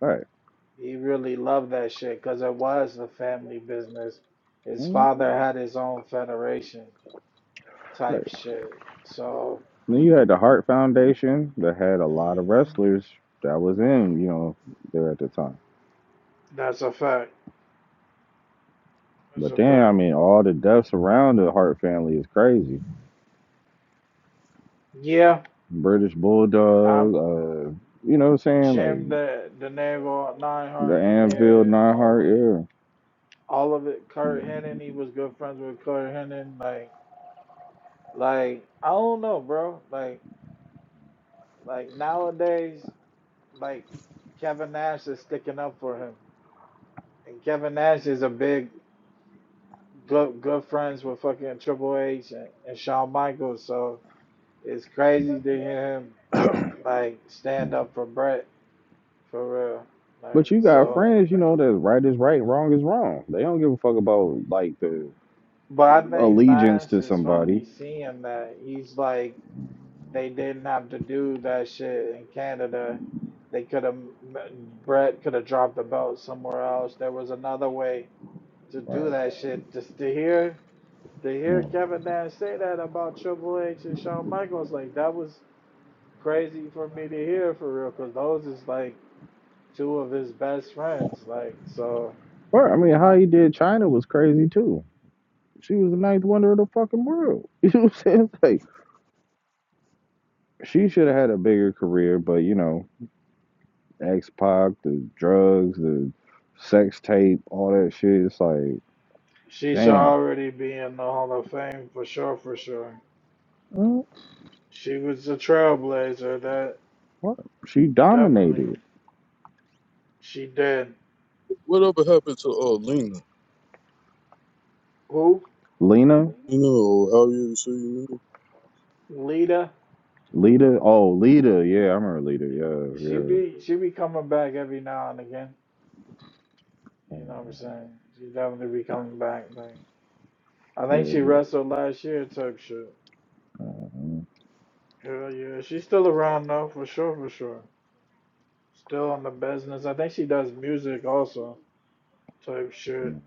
[SPEAKER 3] right
[SPEAKER 1] He really loved that shit because it was a family business. His
[SPEAKER 3] Mhm.
[SPEAKER 1] father had his own federation.
[SPEAKER 3] right
[SPEAKER 1] type shit. So
[SPEAKER 3] then you had the Hart foundation that had a lot of
[SPEAKER 1] mhm.
[SPEAKER 3] wrestlers that was in you know there at the time
[SPEAKER 1] that's a fact. That's
[SPEAKER 3] but
[SPEAKER 1] a
[SPEAKER 3] then i
[SPEAKER 1] fact.
[SPEAKER 3] mean all the deaths around the hart family is crazy
[SPEAKER 1] Yeah,
[SPEAKER 3] British Bulldog,
[SPEAKER 1] I'm
[SPEAKER 3] uh, you know what I'm saying? Like
[SPEAKER 1] Jim the the Nagel nine
[SPEAKER 3] the
[SPEAKER 1] hundred. Yeah,
[SPEAKER 3] Anfield
[SPEAKER 1] Owen.
[SPEAKER 3] Neinhardt, yeah.
[SPEAKER 1] All of it. Kurt Hennig. He was good friends with Kurt Hennig. Like, like I don't know, bro. Like, like nowadays, like Kevin Nash is sticking up for him, and Kevin Nash is a big good good friends with fucking Triple H and, and Shawn Michaels. So it's crazy to hear him Like stand up for Brett for real.
[SPEAKER 3] But
[SPEAKER 1] Like
[SPEAKER 3] you got
[SPEAKER 1] so.
[SPEAKER 3] friends, you know, that right is right, wrong is wrong. They don't give a fuck about like the
[SPEAKER 1] But I think
[SPEAKER 3] allegiance
[SPEAKER 1] Nash
[SPEAKER 3] to
[SPEAKER 1] is
[SPEAKER 3] somebody.
[SPEAKER 1] finally seeing that he's like they didn't have to do that shit in Canada. They could have Brett could have dropped the belt somewhere else. There was another way to do
[SPEAKER 3] Right.
[SPEAKER 1] that shit. Just to hear to hear
[SPEAKER 3] Mm.
[SPEAKER 1] Kevin Nash say that about Triple H and Shawn Michaels, like that was crazy for me to hear for real. Cause those is like two of his best friends. Like so.
[SPEAKER 3] But I mean, how he did China was crazy too. She was the ninth wonder of the fucking world. You know what I'm saying? Like she should have had a bigger career, but you know, X Pac, the drugs, the sex tape, all that shit. It's like,
[SPEAKER 1] She should
[SPEAKER 3] damn.
[SPEAKER 1] already be in the Hall of Fame for sure, for sure.
[SPEAKER 3] Mm.
[SPEAKER 1] She was a trailblazer. That
[SPEAKER 3] What? She
[SPEAKER 1] definitely
[SPEAKER 3] dominated.
[SPEAKER 1] she did.
[SPEAKER 4] Whatever happened to uh Lena?
[SPEAKER 1] Who?
[SPEAKER 3] Lena,
[SPEAKER 4] You know, or how you say you know?
[SPEAKER 1] Lita.
[SPEAKER 3] Lita. Oh, Lita. Yeah, I remember Lita. Yeah,
[SPEAKER 1] She be she be coming back every now and again.
[SPEAKER 3] yeah,
[SPEAKER 1] You know what I'm
[SPEAKER 3] uh,
[SPEAKER 1] saying? She definitely be coming back. Like I think
[SPEAKER 3] yeah.
[SPEAKER 1] she
[SPEAKER 3] But,
[SPEAKER 1] wrestled last year type shit.
[SPEAKER 3] uh,
[SPEAKER 1] Hell yeah, she's still around though, for sure, for sure. Still in the business. I think she does music also type shit.
[SPEAKER 3] uh,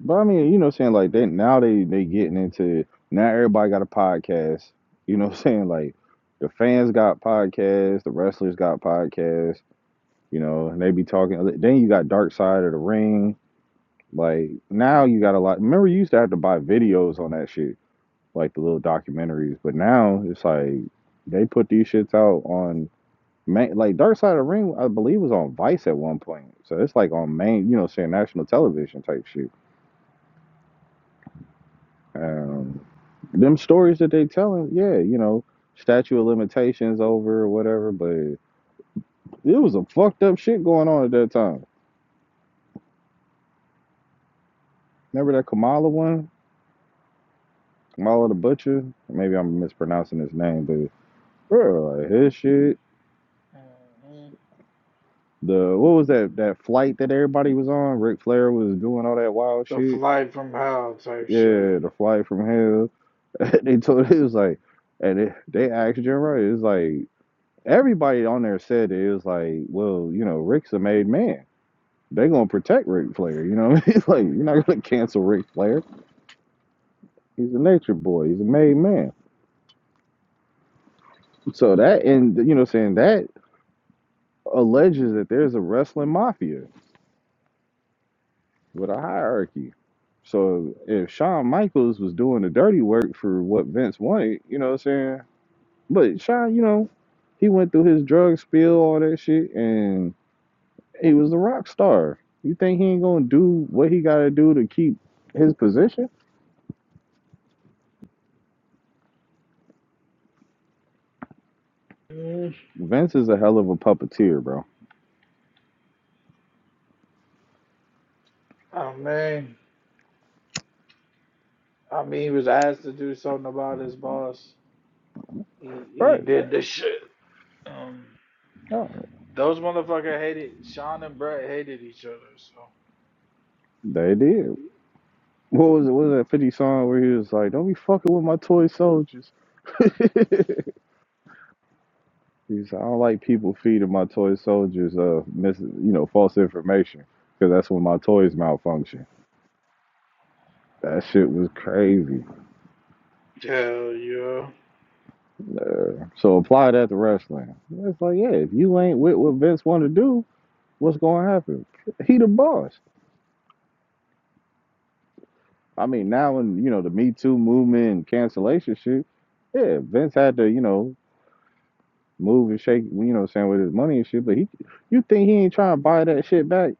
[SPEAKER 3] but I mean, you know, what I'm saying like they now they they getting into now everybody got a podcast. You know, what I'm saying like the fans got podcasts, the wrestlers got podcasts. You know, and they be talking. Then you got Dark Side of the Ring. Like now you got a lot. Remember, you used to have to buy videos on that shit. like the little documentaries. But now it's like they put these shits out on main, like Dark Side of the Ring, I believe was on Vice at one point. So it's like on main, you know, saying national television type shit. Um, them stories that they telling, yeah, you know, statute of limitations over or whatever. But it was a fucked up shit going on at that time. Remember that Kamala one, Kamala the Butcher? Maybe I'm mispronouncing his name, but bro, like his shit
[SPEAKER 1] hmm
[SPEAKER 3] The what was that that flight that everybody was on? Ric Flair was doing all that wild
[SPEAKER 1] The
[SPEAKER 3] shit.
[SPEAKER 1] flight from hell type
[SPEAKER 3] Yeah,
[SPEAKER 1] shit.
[SPEAKER 3] the flight from hell. they told it was like, and it, they asked Jim Ross. It was like everybody on there said it, it was like, well, you know, Ric's a made man. They gonna protect Ric Flair. You know, what I mean? like you're not gonna cancel Ric Flair. He's a nature boy. He's a made man. So that and you know, saying that alleges that there's a wrestling mafia with a hierarchy. So if Shawn Michaels was doing the dirty work for what Vince wanted, you know what I'm saying? But Shawn, you know, he went through his drug spill, all that shit, and he was a rock star. You think he ain't gonna do what he gotta do to keep his position? Vince is a hell of a puppeteer, bro.
[SPEAKER 1] Oh man, I mean, he was asked to do something about his boss. He he
[SPEAKER 3] Right.
[SPEAKER 1] did the shit. Um,
[SPEAKER 3] Yeah.
[SPEAKER 1] those motherfucker hated Sean and Brett hated each other. So
[SPEAKER 3] They did. What was it? What was that 50 song where he was like, Don't be fucking with my toy soldiers? He said, I don't like people feeding my toy soldiers uh mis you know false information because that's when my toys malfunction. That shit was crazy.
[SPEAKER 1] hell yeah,
[SPEAKER 3] Uh, so apply that to wrestling. It's like, yeah, if you ain't with what Vince want to do, what's gonna happen? He the boss. I mean, now in you know the Me Too movement and cancellation shit, yeah, Vince had to you know move and shake, you know, saying with his money and shit. But he, you think he ain't trying to buy that shit back?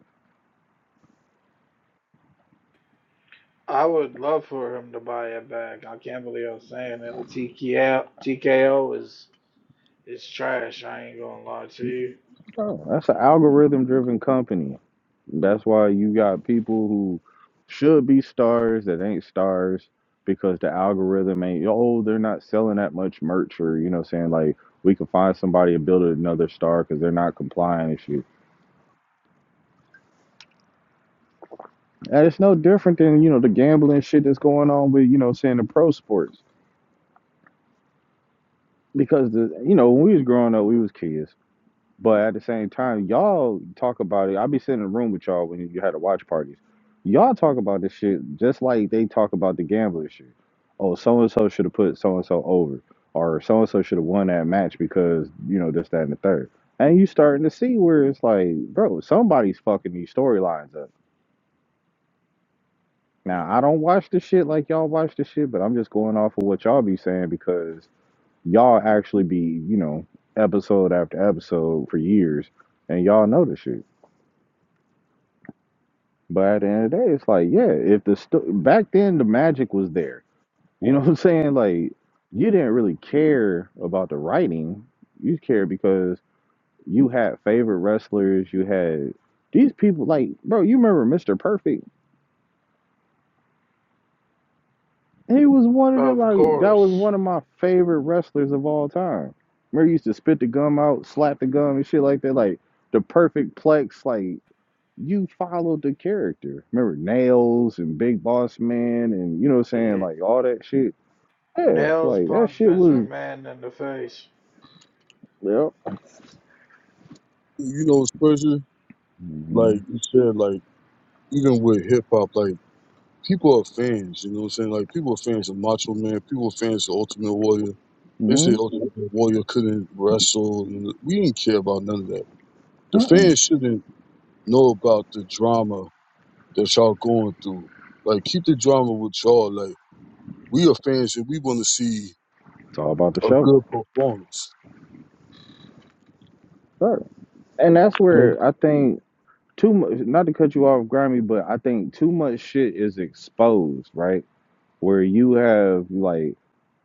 [SPEAKER 1] I would love for him to buy it back. I can't believe I'm saying that. But TKO TKO is is trash. I ain't gonna lie to you.
[SPEAKER 3] No, that's an algorithm driven company. That's why you got people who should be stars that ain't stars because the algorithm ain't, oh, they're not selling that much merch or, you know, what I'm saying like we can find somebody and build another star because they're not complying and shit. And it's no different than, you know, the gambling shit that's going on with, you know, what I'm saying the pro sports. Because the, you know, when we was growing up, we was kids But at the same time, y'all talk about it. I be sitting in a room with y'all when you had the watch parties. Y'all talk about this shit just like they talk about the gambling shit. Oh, so and so should have put so and so over, or so and so should have won that match because you know this, that, and the third. And you starting to see where it's like, bro, somebody's fucking these storylines up. Now I don't watch the shit like y'all watch the shit, but I'm just going off of what y'all be saying because y'all actually be, you know, episode after episode for years, and y'all know the shit. But at the end of the day, it's like, yeah, if the sto- back then the magic was there. You know what I'm saying? Like you didn't really care about the writing. You cared because you had favorite wrestlers. You had these people like, bro, you remember Mr. Perfect? He was one of them
[SPEAKER 1] Of
[SPEAKER 3] like that
[SPEAKER 1] course,
[SPEAKER 3] was one of my favorite wrestlers of all time. Remember he used to spit the gum out, slap the gum and shit like that, like the perfect plex, like you followed the character. Remember Nails and Big Boss Man and you know what I'm saying,
[SPEAKER 1] yeah.
[SPEAKER 3] like all that shit. Yeah,
[SPEAKER 1] nails
[SPEAKER 3] like that
[SPEAKER 1] punch
[SPEAKER 3] shit
[SPEAKER 1] Vince
[SPEAKER 3] was
[SPEAKER 1] McMahon in the face.
[SPEAKER 3] yep.
[SPEAKER 4] You know, Spencer, like
[SPEAKER 3] hmm
[SPEAKER 4] you said, like even with hip hop, like people are fans. You know what I'm saying? Like people are fans of Macho Man, people are fans of Ultimate Warrior They say,
[SPEAKER 3] hmm
[SPEAKER 4] oh, the the Warrior couldn't wrestle. and We didn't care about none of that. The
[SPEAKER 3] Mm-mm.
[SPEAKER 4] fans shouldn't know about the drama that y'all going through. Like, keep the drama with y'all. Like, we are fans and we want to see
[SPEAKER 3] It's all about the
[SPEAKER 4] a
[SPEAKER 3] show.
[SPEAKER 4] good performance.
[SPEAKER 3] Sure. And that's
[SPEAKER 4] Like,
[SPEAKER 3] where I think too much not to cut you off, Grimy, but I think too much shit is exposed, right? Where you have like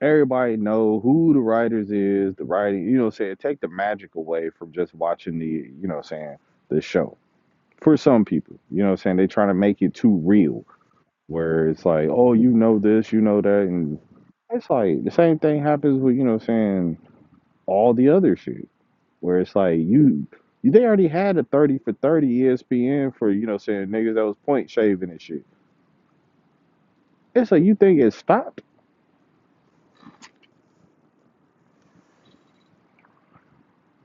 [SPEAKER 3] everybody know who the writers is, the writing, you know what I'm saying? Take the magic away from just watching the you know what I'm saying, the show for some people. You know what I'm saying? They try to make it too real where it's like, oh, you know this, you know that. And it's like the same thing happens with, you know what I'm saying, all the other shit where it's like you, you they already had a 30 for 30 ESPN for, you know what I'm saying, niggas that was point shaving and shit. It's like you think it stopped?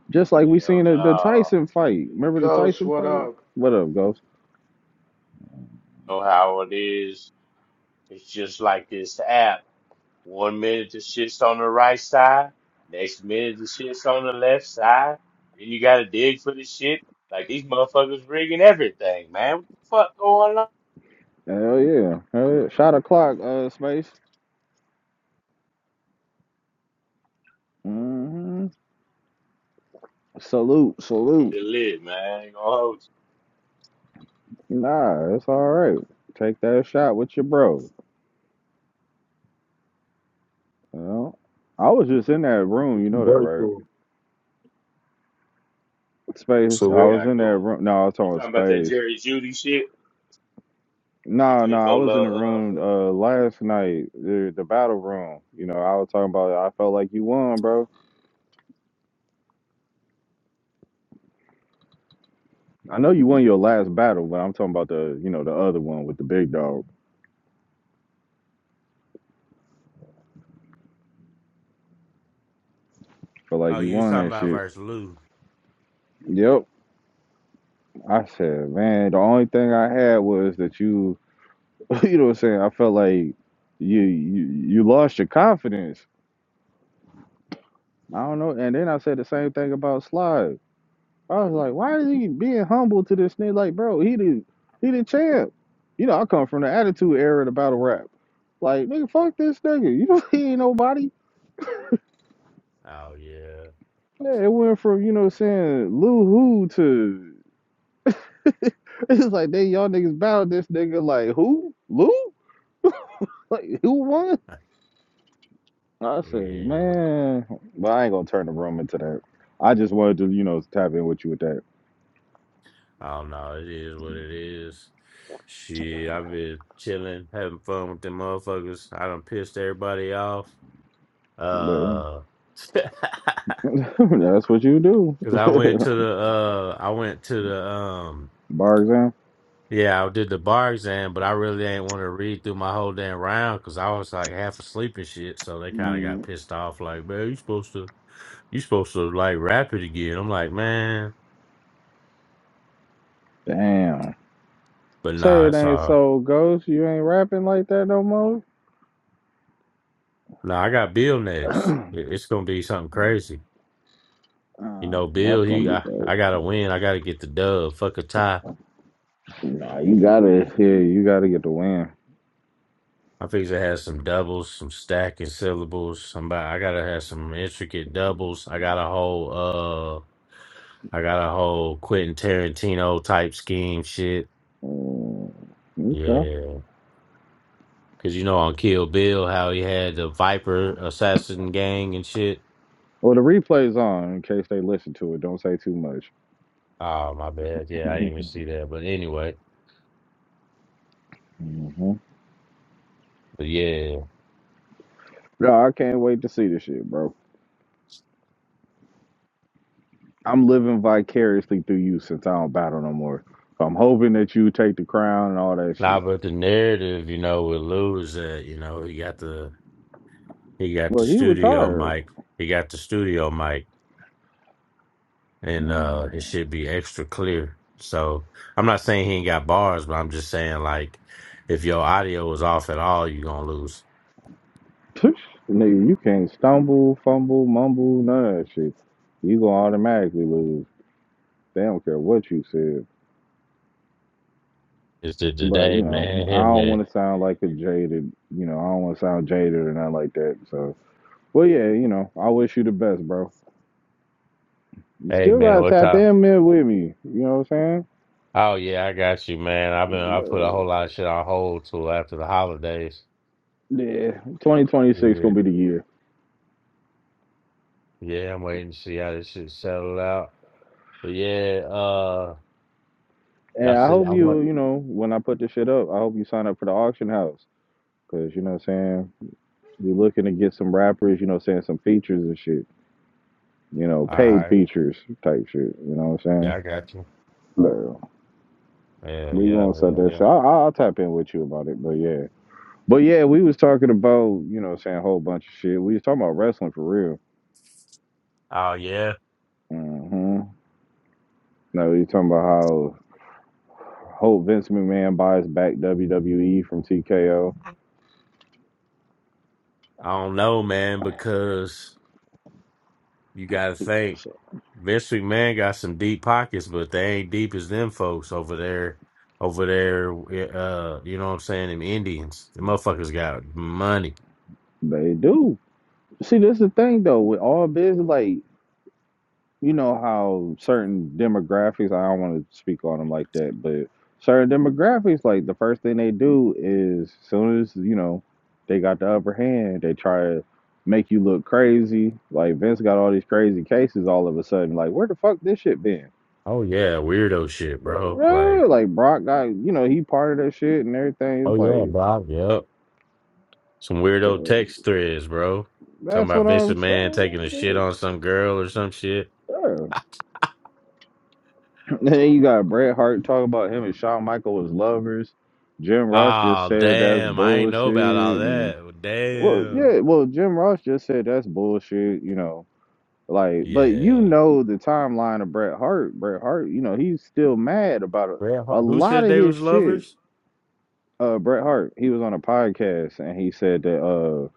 [SPEAKER 3] Just like we
[SPEAKER 5] Hell
[SPEAKER 3] seen the, the
[SPEAKER 5] no.
[SPEAKER 3] Tyson fight. Remember the
[SPEAKER 1] Ghost,
[SPEAKER 3] Tyson
[SPEAKER 1] what
[SPEAKER 3] fight?
[SPEAKER 1] up?
[SPEAKER 3] What up, Ghost?
[SPEAKER 5] Know how it is. It's just like this app. One minute the shit's on the right side. Next minute the shit's on the left side. Then you gotta dig for the shit. Like these motherfuckers rigging everything, man. What the fuck going on?
[SPEAKER 3] Hell yeah. Hell yeah. Shot o'clock, uh, Space. mm hmm Salute, salute.
[SPEAKER 5] It lit, man. I ain't gonna hold
[SPEAKER 3] Nah, it's all right. Take that shot with your bro. You know? I was just in that room, you
[SPEAKER 4] you
[SPEAKER 3] know that,
[SPEAKER 4] right,
[SPEAKER 3] right?
[SPEAKER 4] though.
[SPEAKER 3] Space.
[SPEAKER 5] you.
[SPEAKER 4] So,
[SPEAKER 5] What
[SPEAKER 3] I
[SPEAKER 5] y'all
[SPEAKER 4] what?
[SPEAKER 3] was in
[SPEAKER 5] got
[SPEAKER 3] that
[SPEAKER 5] going?
[SPEAKER 3] room. No, I was
[SPEAKER 5] You
[SPEAKER 3] talking about
[SPEAKER 5] talking about that
[SPEAKER 3] space.
[SPEAKER 5] Jerry Judy shit? You
[SPEAKER 3] No, no,
[SPEAKER 5] think
[SPEAKER 3] I was in
[SPEAKER 5] Ola,
[SPEAKER 3] the room
[SPEAKER 5] uh,
[SPEAKER 3] uh last night, the, the battle room. You know, I was talking about I felt like you won, bro. I know you won your last battle, but I'm talking about the, you know, the other one with the big dog. Feel like
[SPEAKER 5] Oh,
[SPEAKER 3] you
[SPEAKER 5] you was
[SPEAKER 3] won
[SPEAKER 5] talking
[SPEAKER 3] that
[SPEAKER 5] about
[SPEAKER 3] shit.
[SPEAKER 5] versus Lou?
[SPEAKER 3] Yep. I said, man, the only thing I had was that you you know what I'm saying? I felt like you you you lost your confidence. I don't know. And then I said the same thing about Slide. I was like, why is he being humble to this nigga? Like, bro, he the he the champ. You know, I come from the attitude era of the battle rap. Like, nigga, fuck this nigga. You know, he ain't nobody.
[SPEAKER 5] Oh yeah,
[SPEAKER 3] Yeah, it went from, you know what I'm saying, Lou Who to it's like they y'all niggas battled this nigga like who? Lou? Like who won? I said,
[SPEAKER 5] yeah.
[SPEAKER 3] man, but I ain't gonna turn the room into that. I just wanted to, you know, tap in with you with that.
[SPEAKER 5] Oh no, it is what it is. Shit, I've been chilling, having fun with them motherfuckers. I done pissed everybody off.
[SPEAKER 3] There.
[SPEAKER 5] Uh,
[SPEAKER 3] That's what you do.
[SPEAKER 5] cause I went to the uh, I went to the um,
[SPEAKER 3] Bar exam.
[SPEAKER 5] yeah, I did the bar exam, but I really ain't want to read through my whole damn round because I was like half asleep and shit. So they kind of got
[SPEAKER 3] Mm,
[SPEAKER 5] pissed off, like, man, you supposed to, you supposed to like rap it again. I'm like, man,
[SPEAKER 3] Damn.
[SPEAKER 5] but
[SPEAKER 3] Say
[SPEAKER 5] nah,
[SPEAKER 3] it
[SPEAKER 5] it's
[SPEAKER 3] ain't
[SPEAKER 5] all.
[SPEAKER 3] so ghost. You ain't rapping like that no more.
[SPEAKER 5] Nah, I got Bill next.
[SPEAKER 3] uh,
[SPEAKER 5] It- It's gonna be something crazy. You know, Bill,
[SPEAKER 3] that's gonna
[SPEAKER 5] he
[SPEAKER 3] be
[SPEAKER 5] I, I
[SPEAKER 3] dope.
[SPEAKER 5] gotta win. I gotta get the dub. Fuck a tie.
[SPEAKER 3] Nah, you gotta Yeah, You gotta get the win.
[SPEAKER 5] I figure to have some doubles, some stacking syllables. I'm about, I gotta have some intricate doubles. I got a whole uh I got a whole Quentin Tarantino type scheme shit.
[SPEAKER 3] Mm, okay.
[SPEAKER 5] Yeah. Cause you know on Kill Bill how he had the Viper assassin gang and shit.
[SPEAKER 3] Well, the replay's on in case they listen to it. Don't say too much.
[SPEAKER 5] Oh my bad. Yeah, I didn't
[SPEAKER 3] hmm
[SPEAKER 5] even see that. But anyway. But yeah.
[SPEAKER 3] No, I can't wait to see this shit, bro. I'm living vicariously through you since I don't battle no more. So I'm hoping that you take the crown and all that
[SPEAKER 5] Nah,
[SPEAKER 3] shit.
[SPEAKER 5] but the narrative, you know, with Lou is that, you know, he got the He got
[SPEAKER 3] Well,
[SPEAKER 5] the
[SPEAKER 3] he
[SPEAKER 5] studio
[SPEAKER 3] retired.
[SPEAKER 5] mic. He got the studio mic, and uh, it
[SPEAKER 3] Mm.
[SPEAKER 5] should be extra clear. So I'm not saying he ain't got bars, but I'm just saying like, if your audio is off at all, you're gonna lose.
[SPEAKER 3] Psh, Nigga, you can't stumble, fumble, mumble, none of that shit. You gonna automatically lose. They don't care what you said.
[SPEAKER 5] It's the
[SPEAKER 3] But
[SPEAKER 5] today,
[SPEAKER 3] you
[SPEAKER 5] man.
[SPEAKER 3] know,
[SPEAKER 5] Hey
[SPEAKER 3] I don't
[SPEAKER 5] man,
[SPEAKER 3] want to sound like a jaded. You know, I don't want to sound jaded or nothing like that. So, well, yeah, you know, I wish you the best, bro. You
[SPEAKER 5] hey
[SPEAKER 3] still
[SPEAKER 5] man,
[SPEAKER 3] gotta
[SPEAKER 5] what's
[SPEAKER 3] tap
[SPEAKER 5] up?
[SPEAKER 3] in man with me. You know what I'm
[SPEAKER 5] Oh yeah, I got you, man. I've been
[SPEAKER 3] saying?
[SPEAKER 5] I put a
[SPEAKER 3] Uh,
[SPEAKER 5] whole lot of shit on hold till after the holidays.
[SPEAKER 3] Yeah, 2026
[SPEAKER 5] Yeah,
[SPEAKER 3] gonna be the year.
[SPEAKER 5] yeah, I'm waiting to see how this shit settle out. But yeah, uh, y'all
[SPEAKER 3] Yeah, I
[SPEAKER 5] see,
[SPEAKER 3] hope
[SPEAKER 5] I'm
[SPEAKER 3] you,
[SPEAKER 5] what?
[SPEAKER 3] you know, when I put this shit up, I hope you sign up for the auction house. Cause you know what I'm saying? We're looking to get some rappers, you know what I'm saying, some features and shit. You know,
[SPEAKER 5] All
[SPEAKER 3] paid
[SPEAKER 5] right,
[SPEAKER 3] features type shit. You know what I'm saying?
[SPEAKER 5] yeah, I got you.
[SPEAKER 3] So
[SPEAKER 5] Yeah,
[SPEAKER 3] we
[SPEAKER 5] yeah,
[SPEAKER 3] gonna set
[SPEAKER 5] yeah,
[SPEAKER 3] that shit.
[SPEAKER 5] yeah.
[SPEAKER 3] I'll, I'll tap in with you about it, but yeah. But yeah, we was talking about, you know what I'm saying, a whole bunch of shit. We was talking about wrestling for real.
[SPEAKER 5] Oh yeah,
[SPEAKER 3] hmm No, you talking about how whole Vince McMahon buys back WWE from TKO.
[SPEAKER 5] I don't know, man, because you got to think
[SPEAKER 3] So
[SPEAKER 5] Vince McMahon got some deep pockets, but they ain't deep as them folks over there. Over there, eh, uh, you know what I'm saying? Them Indians, the motherfuckers got money.
[SPEAKER 3] They do. See, that's the thing though with all business, like you know how certain demographics. I don't want to speak on them like that, but certain demographics, like the first thing they do is soon as you know they got the upper hand, they try to make you look crazy. Like Vince got all these crazy cases all of a sudden. Like where the fuck this shit been?
[SPEAKER 5] Oh yeah, weirdo shit, bro. Like,
[SPEAKER 3] Uh, Like Brock got you know he part of that shit and everything.
[SPEAKER 5] oh
[SPEAKER 3] It's
[SPEAKER 5] yeah,
[SPEAKER 3] like
[SPEAKER 5] bro. Yep, some weirdo
[SPEAKER 3] so
[SPEAKER 5] text threads, bro. Talking
[SPEAKER 3] that's
[SPEAKER 5] about
[SPEAKER 3] what
[SPEAKER 5] Vince
[SPEAKER 3] I'm
[SPEAKER 5] McMahon taking a shit
[SPEAKER 3] saying.
[SPEAKER 5] on some girl or some shit.
[SPEAKER 3] Yeah. Then you got Bret Hart talking about him and Shawn Michaels as lovers. Jim Ross just
[SPEAKER 5] Oh
[SPEAKER 3] said that's
[SPEAKER 5] damn, I ain't
[SPEAKER 3] bullshit.
[SPEAKER 5] know about all
[SPEAKER 3] And
[SPEAKER 5] that.
[SPEAKER 3] well,
[SPEAKER 5] Damn.
[SPEAKER 3] yeah, well, Jim Ross just said that's bullshit. You know, like, but you
[SPEAKER 5] Yeah.
[SPEAKER 3] know the timeline of Bret Hart. Bret Hart, you know, he's still mad about it.
[SPEAKER 5] Bret
[SPEAKER 3] a
[SPEAKER 5] Hart- Who
[SPEAKER 3] lot
[SPEAKER 5] said
[SPEAKER 3] of
[SPEAKER 5] they
[SPEAKER 3] his
[SPEAKER 5] was
[SPEAKER 3] shit.
[SPEAKER 5] lovers?
[SPEAKER 3] Uh, Bret Hart, he was on a podcast and he said that uh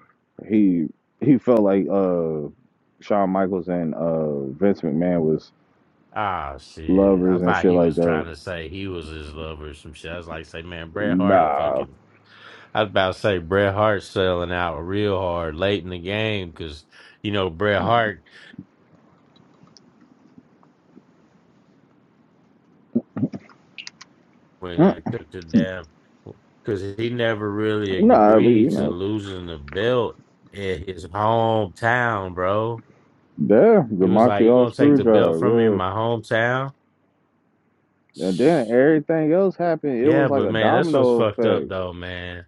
[SPEAKER 3] he he felt like uh Shawn Michaels and uh Vince McMahon was
[SPEAKER 5] Ah, shit. I
[SPEAKER 3] lovers and
[SPEAKER 5] thought
[SPEAKER 3] shit
[SPEAKER 5] he
[SPEAKER 3] like
[SPEAKER 5] was
[SPEAKER 3] that.
[SPEAKER 5] trying to say he was his lover or some shit. I was like, say, man, Bret Hart a
[SPEAKER 3] Nah.
[SPEAKER 5] fucking. I was about to say Bret Hart selling out real hard late in the game because, you know, Bret Hart, when they took the damn, because he never really
[SPEAKER 3] No, but you
[SPEAKER 5] agreed to
[SPEAKER 3] know,
[SPEAKER 5] losing the belt in his hometown, bro.
[SPEAKER 3] yeah, the
[SPEAKER 5] He was like, you
[SPEAKER 3] Montreal
[SPEAKER 5] going to take
[SPEAKER 3] screw
[SPEAKER 5] the belt from me in
[SPEAKER 3] job,
[SPEAKER 5] my hometown?
[SPEAKER 3] yeah. And then everything else happened. It
[SPEAKER 5] Yeah,
[SPEAKER 3] was like
[SPEAKER 5] but
[SPEAKER 3] a
[SPEAKER 5] man, that's what's
[SPEAKER 3] domino
[SPEAKER 5] fucked up,
[SPEAKER 3] effect.
[SPEAKER 5] though, man.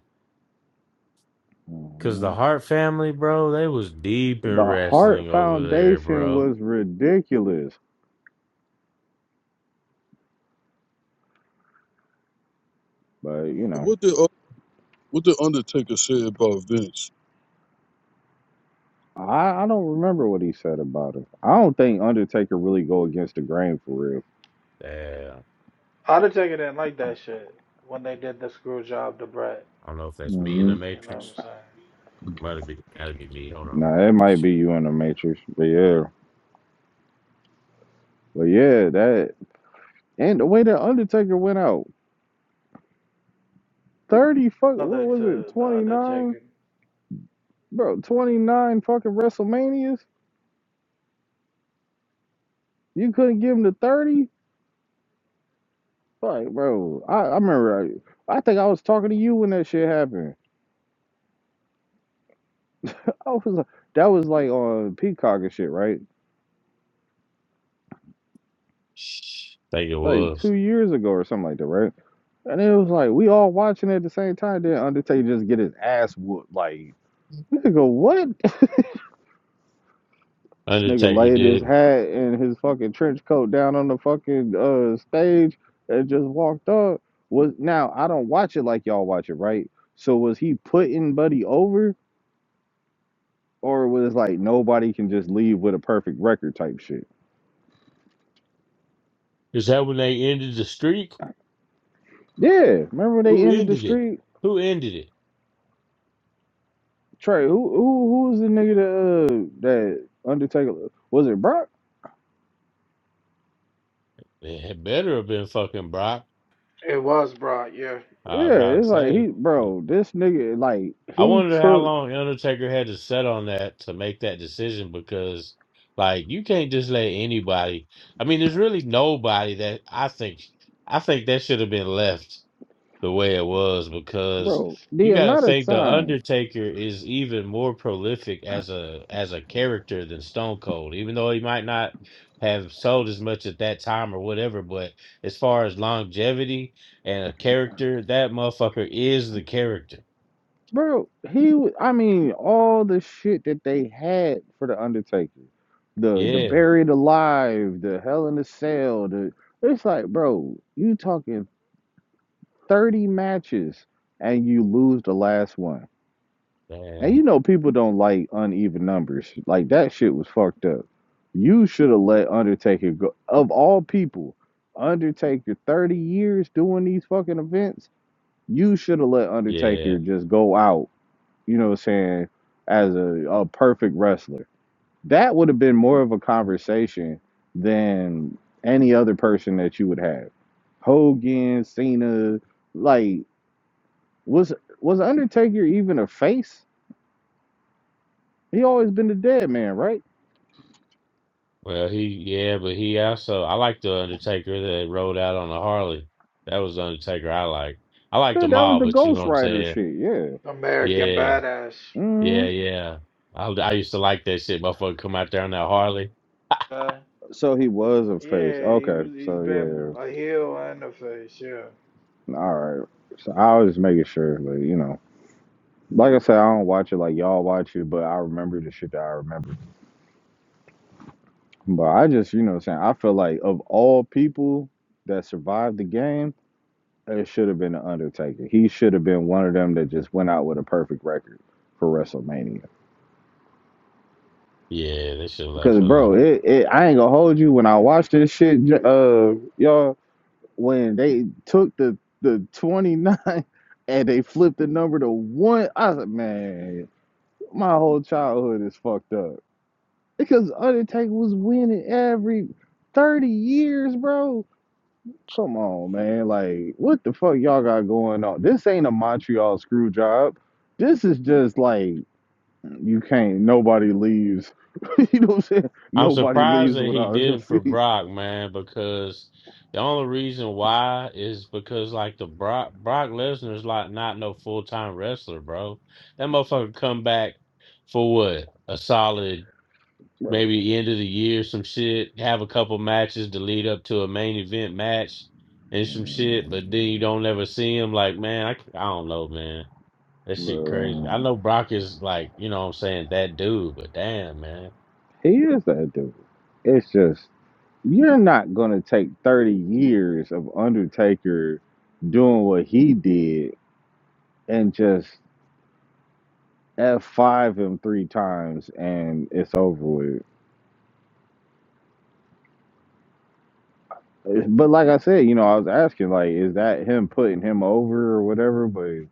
[SPEAKER 5] Cause the
[SPEAKER 3] Mhm.
[SPEAKER 5] Hart family, bro, they was deep in
[SPEAKER 3] The Hart
[SPEAKER 5] wrestling over there,
[SPEAKER 3] Foundation
[SPEAKER 5] bro.
[SPEAKER 3] was ridiculous, but you know,
[SPEAKER 4] What did, uh, what did Undertaker say about Vince?
[SPEAKER 3] I, I don't remember what he said about it. I don't think Undertaker really go against the grain for real.
[SPEAKER 5] Yeah,
[SPEAKER 1] I'd didn't like that shit when they did the screw job to Brett.
[SPEAKER 5] I don't know if that's me in the
[SPEAKER 3] hmm
[SPEAKER 1] You know what I'm
[SPEAKER 5] Matrix.
[SPEAKER 1] saying?
[SPEAKER 5] Might have been, gotta be me. Hold on.
[SPEAKER 3] Nah, it might be you in the Matrix, but yeah, but yeah, that and the way that Undertaker went out, thirty fuck,
[SPEAKER 1] Other
[SPEAKER 3] what was it,
[SPEAKER 1] to the
[SPEAKER 3] 29?
[SPEAKER 1] Undertaker.
[SPEAKER 3] bro, 29 fucking WrestleManias. You couldn't give him the 30? Like, bro, I, I remember, I, I think I was talking to you when that shit happened. I was like, that was like on Peacock and shit, right?
[SPEAKER 5] think it
[SPEAKER 3] Like
[SPEAKER 5] was
[SPEAKER 3] two years ago or something like that, right? And it was like, we all watching at the same time. Then Undertaker just get his ass whooped. Like, nigga, go, what? This nigga
[SPEAKER 5] Undertaker
[SPEAKER 3] laid his
[SPEAKER 5] did. it.
[SPEAKER 3] hat and his fucking trench coat down on the fucking uh stage and just walked up. Was now I don't watch it like y'all watch it, right? So was he putting Buddy over, or was it like nobody can just leave with a perfect record type shit?
[SPEAKER 5] Is that when they ended the streak?
[SPEAKER 3] Yeah, remember when they
[SPEAKER 5] Who
[SPEAKER 3] ended the
[SPEAKER 5] ended it?
[SPEAKER 3] street?
[SPEAKER 5] Who ended it?
[SPEAKER 3] Trey, who who who was the nigga that uh, that Undertaker was it Brock?
[SPEAKER 5] It had better have been fucking Brock.
[SPEAKER 1] It was brought, yeah.
[SPEAKER 5] I was
[SPEAKER 3] Yeah,
[SPEAKER 5] about
[SPEAKER 3] it's
[SPEAKER 5] to
[SPEAKER 3] like he
[SPEAKER 5] say.
[SPEAKER 3] bro, this nigga like
[SPEAKER 5] I
[SPEAKER 3] he
[SPEAKER 5] wonder how
[SPEAKER 3] took
[SPEAKER 5] long Undertaker had to set on that to make that decision because, like, you can't just let anybody. I mean, there's really nobody that I think. I think that should have been left the way it was because
[SPEAKER 3] bro
[SPEAKER 5] you
[SPEAKER 3] the
[SPEAKER 5] got to
[SPEAKER 3] amount of
[SPEAKER 5] think the
[SPEAKER 3] time
[SPEAKER 5] Undertaker is even more prolific as a as a character than Stone Cold, even though he might not have sold as much at that time or whatever. But as far as longevity and a character, that motherfucker is the character.
[SPEAKER 3] Bro, he wa- I mean, all the shit that they had for the Undertaker. The the
[SPEAKER 5] Yeah,
[SPEAKER 3] buried alive, the hell in the cell, the it's like, bro, you talking 30 matches and you lose the last one.
[SPEAKER 5] man.
[SPEAKER 3] And you know people don't like uneven numbers. Like that shit was fucked up. You should have let Undertaker go. Of all people, Undertaker 30 years doing these fucking events, you should have let Undertaker
[SPEAKER 5] Yeah.
[SPEAKER 3] just go out you know what I'm saying, as a, a perfect wrestler. That would have been more of a conversation than any other person that you would have. Hogan, Cena, like was was Undertaker even a face? He always been the dead man, right?
[SPEAKER 5] Well, he yeah, but he also I like the Undertaker that rode out on a Harley. That was the Undertaker I like. I like
[SPEAKER 3] Yeah,
[SPEAKER 5] them
[SPEAKER 3] that was
[SPEAKER 5] all,
[SPEAKER 3] the
[SPEAKER 5] but you know
[SPEAKER 3] Ghost
[SPEAKER 5] what I'm
[SPEAKER 3] Rider
[SPEAKER 5] saying?
[SPEAKER 3] shit. Yeah.
[SPEAKER 1] American
[SPEAKER 5] Yeah,
[SPEAKER 1] Badass.
[SPEAKER 3] hmm
[SPEAKER 5] yeah, yeah. I I used to like that shit. Motherfucker come out there on that Harley.
[SPEAKER 1] Uh,
[SPEAKER 3] So he was a face.
[SPEAKER 1] yeah, he
[SPEAKER 3] Okay.
[SPEAKER 1] was. He's
[SPEAKER 3] So
[SPEAKER 1] been
[SPEAKER 3] yeah.
[SPEAKER 1] A heel and a face, yeah.
[SPEAKER 3] All right. So I was just making sure, but you know, like I said, I don't watch it like y'all watch it, but I remember the shit that I remember. But I just, you know what I'm saying, I feel like of all people that survived the game, it should have been the Undertaker. He should have been one of them that just went out with a perfect record for WrestleMania.
[SPEAKER 5] Yeah, they should have left
[SPEAKER 3] Because
[SPEAKER 5] it
[SPEAKER 3] bro,
[SPEAKER 5] alone.
[SPEAKER 3] it, it I ain't gonna hold you when I watched this shit j- uh y'all when they took the the 29 and they flipped the number to 1, I was like, man, my whole childhood is fucked up. Because Undertaker was winning every 30 years, bro. Come on, man. Like, what the fuck y'all got going on? This ain't a Montreal screw job. This is just like you can't nobody leaves. you know what I'm saying?
[SPEAKER 5] I'm
[SPEAKER 3] Nobody
[SPEAKER 5] surprised
[SPEAKER 3] leaves
[SPEAKER 5] that he
[SPEAKER 3] without a
[SPEAKER 5] did it for
[SPEAKER 3] seat.
[SPEAKER 5] Brock, man, because the only reason why is because like the Brock Brock Lesnar's like not no full time wrestler, bro. That motherfucker come back for what? A solid
[SPEAKER 3] Right.
[SPEAKER 5] maybe end of the year, some shit, have a couple matches to lead up to a main event match and some shit, but then you don't ever see him. Like, man, I, c- I don't know, man. That shit crazy.
[SPEAKER 3] Well,
[SPEAKER 5] I know Brock is like, you know what I'm saying, that dude, but damn, man.
[SPEAKER 3] he is that dude. It's just you're not gonna take thirty years of Undertaker doing what he did and just F five him three times and it's over with. But like I said, you know, I was asking like, is that him putting him over or whatever? But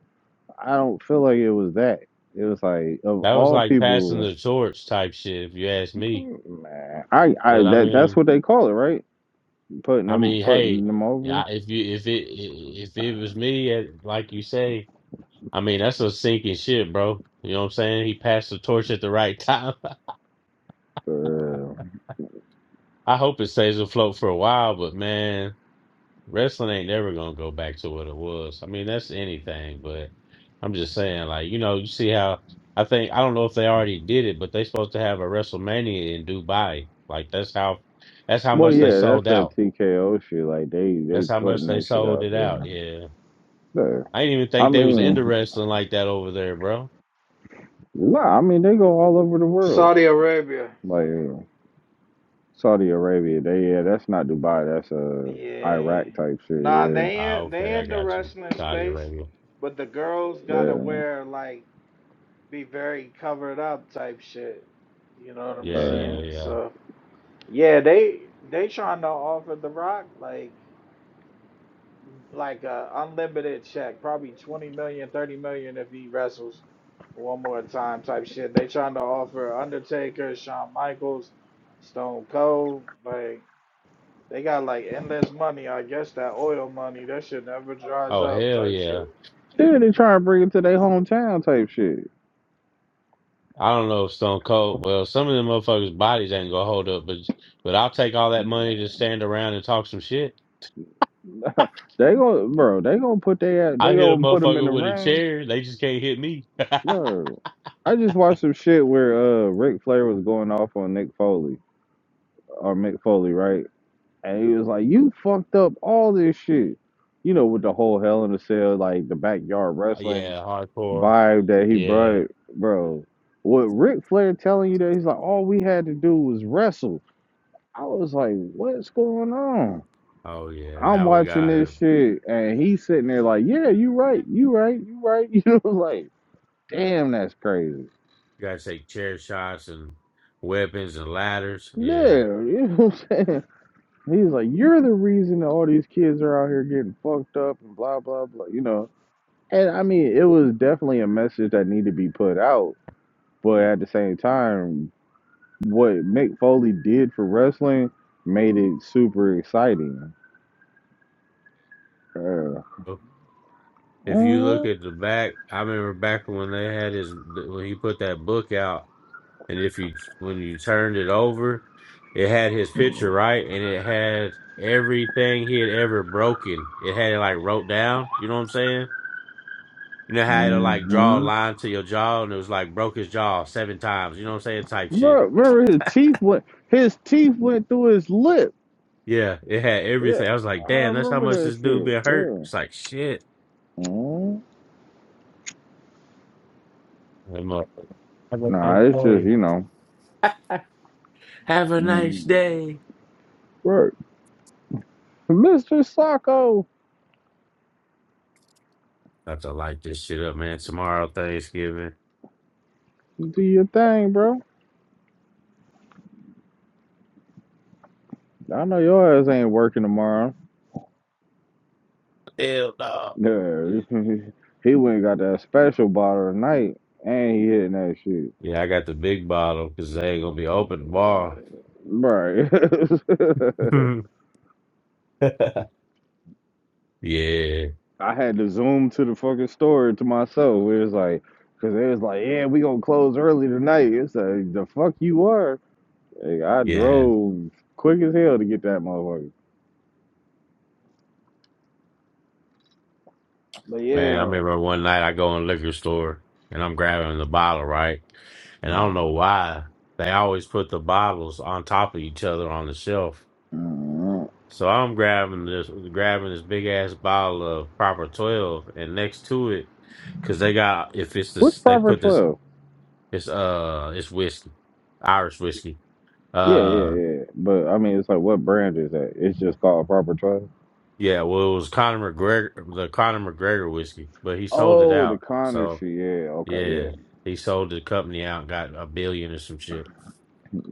[SPEAKER 3] I don't feel like it was that. It was like of
[SPEAKER 5] That was
[SPEAKER 3] all
[SPEAKER 5] like passing
[SPEAKER 3] people,
[SPEAKER 5] the torch type shit, if you ask me.
[SPEAKER 3] man, I, I
[SPEAKER 5] But I
[SPEAKER 3] that that's
[SPEAKER 5] mean,
[SPEAKER 3] what they call it, right? Putting
[SPEAKER 5] I
[SPEAKER 3] them
[SPEAKER 5] mean, hey,
[SPEAKER 3] putting them over.
[SPEAKER 5] yeah, if you if it if it was me, eh, like you say, I mean, that's a sinking shit, bro. You know what I'm saying? He passed the torch at the right time.
[SPEAKER 3] Uh,
[SPEAKER 5] I hope it stays afloat for a while, but man, wrestling ain't never gonna go back to what it was. I mean, that's anything, but I'm just saying, like, you know, you see how I think I don't know if they already did it, but they supposed to have a WrestleMania in Dubai. Like that's how that's how
[SPEAKER 3] well,
[SPEAKER 5] much they
[SPEAKER 3] yeah, that's
[SPEAKER 5] sold
[SPEAKER 3] that
[SPEAKER 5] out.
[SPEAKER 3] TKO shit. Like they they
[SPEAKER 5] That's how much
[SPEAKER 3] putting
[SPEAKER 5] they
[SPEAKER 3] their shit
[SPEAKER 5] sold
[SPEAKER 3] out
[SPEAKER 5] it out.
[SPEAKER 3] there.
[SPEAKER 5] Yeah.
[SPEAKER 3] So,
[SPEAKER 5] I didn't even
[SPEAKER 3] I
[SPEAKER 5] think they was into
[SPEAKER 3] mean,
[SPEAKER 5] wrestling like that over there, bro.
[SPEAKER 3] nah, I mean they go all over the world.
[SPEAKER 1] Saudi Arabia.
[SPEAKER 3] Like Saudi Arabia, they yeah, that's not Dubai. That's uh
[SPEAKER 1] Yeah.
[SPEAKER 3] Iraq type shit.
[SPEAKER 1] Nah,
[SPEAKER 3] Yeah,
[SPEAKER 1] they
[SPEAKER 5] Ah,
[SPEAKER 1] in
[SPEAKER 5] okay,
[SPEAKER 1] they
[SPEAKER 5] I
[SPEAKER 1] in the
[SPEAKER 5] got you.
[SPEAKER 1] wrestling
[SPEAKER 5] Saudi
[SPEAKER 1] space,
[SPEAKER 5] Arabia.
[SPEAKER 1] but the girls gotta wear like be very covered up type shit. You know what I'm
[SPEAKER 3] yeah.
[SPEAKER 5] Yeah,
[SPEAKER 3] uh,
[SPEAKER 5] yeah,
[SPEAKER 1] saying?
[SPEAKER 5] yeah.
[SPEAKER 1] So Yeah, they they trying to offer The Rock like like a unlimited check, probably twenty million, thirty million if he wrestles one more time type shit. They trying to offer Undertaker, Shawn Michaels, Stone Cold, like they got like endless money. I guess that oil money, that shit never dries
[SPEAKER 5] Oh,
[SPEAKER 1] up
[SPEAKER 5] hell
[SPEAKER 1] type shit.
[SPEAKER 5] yeah.
[SPEAKER 3] Yeah, they try to bring it to their hometown type shit.
[SPEAKER 5] I don't know if Stone Cold. Well, some of them motherfuckers' bodies ain't gonna hold up, but but I'll take all that money to stand around and talk some shit.
[SPEAKER 3] they go, bro. They gonna put their
[SPEAKER 5] I
[SPEAKER 3] they
[SPEAKER 5] hit a
[SPEAKER 3] gonna put them in
[SPEAKER 5] motherfucker
[SPEAKER 3] the
[SPEAKER 5] with a
[SPEAKER 3] ring,
[SPEAKER 5] chair. They just can't hit me.
[SPEAKER 3] bro. I just watched some shit where uh Ric Flair was going off on Nick Foley or Mick Foley, right? And he was like, "You fucked up all this shit," you know, with the whole Hell in a Cell, like the backyard
[SPEAKER 5] Oh,
[SPEAKER 3] wrestling
[SPEAKER 5] Yeah, hardcore.
[SPEAKER 3] vibe that he
[SPEAKER 5] Yeah.
[SPEAKER 3] brought, bro. What Ric Flair telling you that he's like, all we had to do was wrestle. I was like, what's going on?
[SPEAKER 5] Oh yeah.
[SPEAKER 3] I'm
[SPEAKER 5] Now we
[SPEAKER 3] watching
[SPEAKER 5] got
[SPEAKER 3] this shit and he's sitting there like, yeah, you right, you right, you right. You know, like, damn, that's crazy.
[SPEAKER 5] got to take chair shots and weapons and ladders.
[SPEAKER 3] No,
[SPEAKER 5] Yeah.
[SPEAKER 3] you know what I'm saying? He's like, you're the reason that all these kids are out here getting fucked up and blah, blah, blah, you know. And I mean, it was definitely a message that needed to be put out. But at the same time, what Mick Foley did for wrestling made it super exciting. Uh,
[SPEAKER 5] If you look
[SPEAKER 3] uh-huh.
[SPEAKER 5] at the back, I remember back when they had his when he put that book out. and if you when you turned it over, it had his picture right, and it had everything he had ever broken. It had it like wrote down. You know what I'm saying? You know how it'll like draw a
[SPEAKER 3] mm-hmm.
[SPEAKER 5] line to your jaw, and it was like broke his jaw seven times. You know what I'm saying? Type shit.
[SPEAKER 3] Bro, remember his teeth went his teeth went through his lip.
[SPEAKER 5] Yeah, it had
[SPEAKER 3] Yeah,
[SPEAKER 5] everything. I was like,
[SPEAKER 3] I
[SPEAKER 5] damn, that's how
[SPEAKER 3] remember
[SPEAKER 5] much
[SPEAKER 3] that
[SPEAKER 5] this dude
[SPEAKER 3] shit.
[SPEAKER 5] been hurt. It's
[SPEAKER 3] Yeah.
[SPEAKER 5] like shit.
[SPEAKER 3] mm
[SPEAKER 5] I'm like, Have a
[SPEAKER 3] Nah,
[SPEAKER 5] nice
[SPEAKER 3] it's just
[SPEAKER 5] day.
[SPEAKER 3] you know,
[SPEAKER 5] Have a nice
[SPEAKER 3] mm
[SPEAKER 5] day.
[SPEAKER 3] bro. Mister Sacco,
[SPEAKER 5] I have to light this shit up, man. Tomorrow, Thanksgiving.
[SPEAKER 3] do your thing, bro. I know your ass ain't working tomorrow.
[SPEAKER 5] Hell no.
[SPEAKER 3] Yeah, he went and got that special bottle tonight, and he hitting that shit,
[SPEAKER 5] Yeah, I got the big bottle because they ain't gonna be open tomorrow.
[SPEAKER 3] bro.
[SPEAKER 5] yeah,
[SPEAKER 3] I had to zoom to the fucking store to myself. It was like, cause they was like, yeah, we gonna close early tonight. It's like the fuck you are. Like, I
[SPEAKER 5] yeah,
[SPEAKER 3] drove quick as hell to get that motherfucker. But
[SPEAKER 5] man. I
[SPEAKER 3] yeah.
[SPEAKER 5] remember one night I go in the liquor store and I'm grabbing the bottle, right? And I don't
[SPEAKER 3] Oh.
[SPEAKER 5] know why they always put the bottles on top of each other on the shelf.
[SPEAKER 3] Mm.
[SPEAKER 5] So I'm grabbing this, grabbing this big ass bottle of proper twelve, and next to it, because they got if it's
[SPEAKER 3] What's
[SPEAKER 5] this, they
[SPEAKER 3] proper
[SPEAKER 5] put this,
[SPEAKER 3] twelve?
[SPEAKER 5] it's uh, it's whiskey, Irish whiskey.
[SPEAKER 3] Yeah, yeah,
[SPEAKER 5] uh.
[SPEAKER 3] yeah. But I mean, it's like, what brand is that? It's just called proper twelve.
[SPEAKER 5] Yeah, well, it was Conor McGregor, the Conor McGregor whiskey, but he sold it
[SPEAKER 3] Oh, the
[SPEAKER 5] out.
[SPEAKER 3] Connor
[SPEAKER 5] So
[SPEAKER 3] shit. Yeah, okay, yeah.
[SPEAKER 5] yeah, he sold the company out, and got a billion or some shit.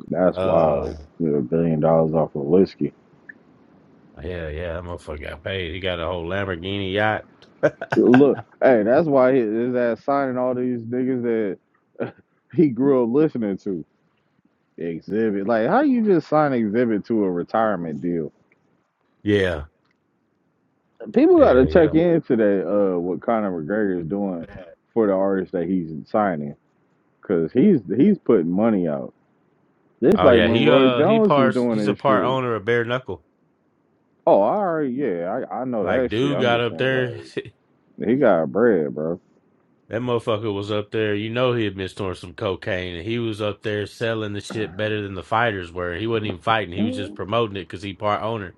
[SPEAKER 3] That's
[SPEAKER 5] Uh,
[SPEAKER 3] wild. Get a billion dollars off of whiskey.
[SPEAKER 5] yeah, yeah, that motherfucker got paid. He got a whole Lamborghini yacht.
[SPEAKER 3] Look, hey, that's why his his ass signing all these niggas that he grew up listening to Exhibit. Like, how you just sign Exhibit to a retirement deal?
[SPEAKER 5] Yeah,
[SPEAKER 3] People got to
[SPEAKER 5] yeah, yeah.
[SPEAKER 3] check into that. Uh, what Conor McGregor is doing for the artist that he's signing, cause he's he's putting money out. This
[SPEAKER 5] Oh
[SPEAKER 3] like
[SPEAKER 5] yeah,
[SPEAKER 3] when
[SPEAKER 5] he
[SPEAKER 3] Roy
[SPEAKER 5] uh he
[SPEAKER 3] Jones was
[SPEAKER 5] parts. He's
[SPEAKER 3] doing
[SPEAKER 5] a
[SPEAKER 3] this
[SPEAKER 5] part
[SPEAKER 3] shit.
[SPEAKER 5] owner of Bare Knuckle.
[SPEAKER 3] Oh, all right, yeah, I I know
[SPEAKER 5] Like
[SPEAKER 3] that shit.
[SPEAKER 5] dude
[SPEAKER 3] I'm
[SPEAKER 5] got
[SPEAKER 3] just
[SPEAKER 5] up
[SPEAKER 3] saying,
[SPEAKER 5] there.
[SPEAKER 3] like, he got bread, bro.
[SPEAKER 5] That motherfucker was up there. You know he had been storing some cocaine, and he was up there selling the shit better than the fighters were. He wasn't even fighting. He was just promoting it because he part owner.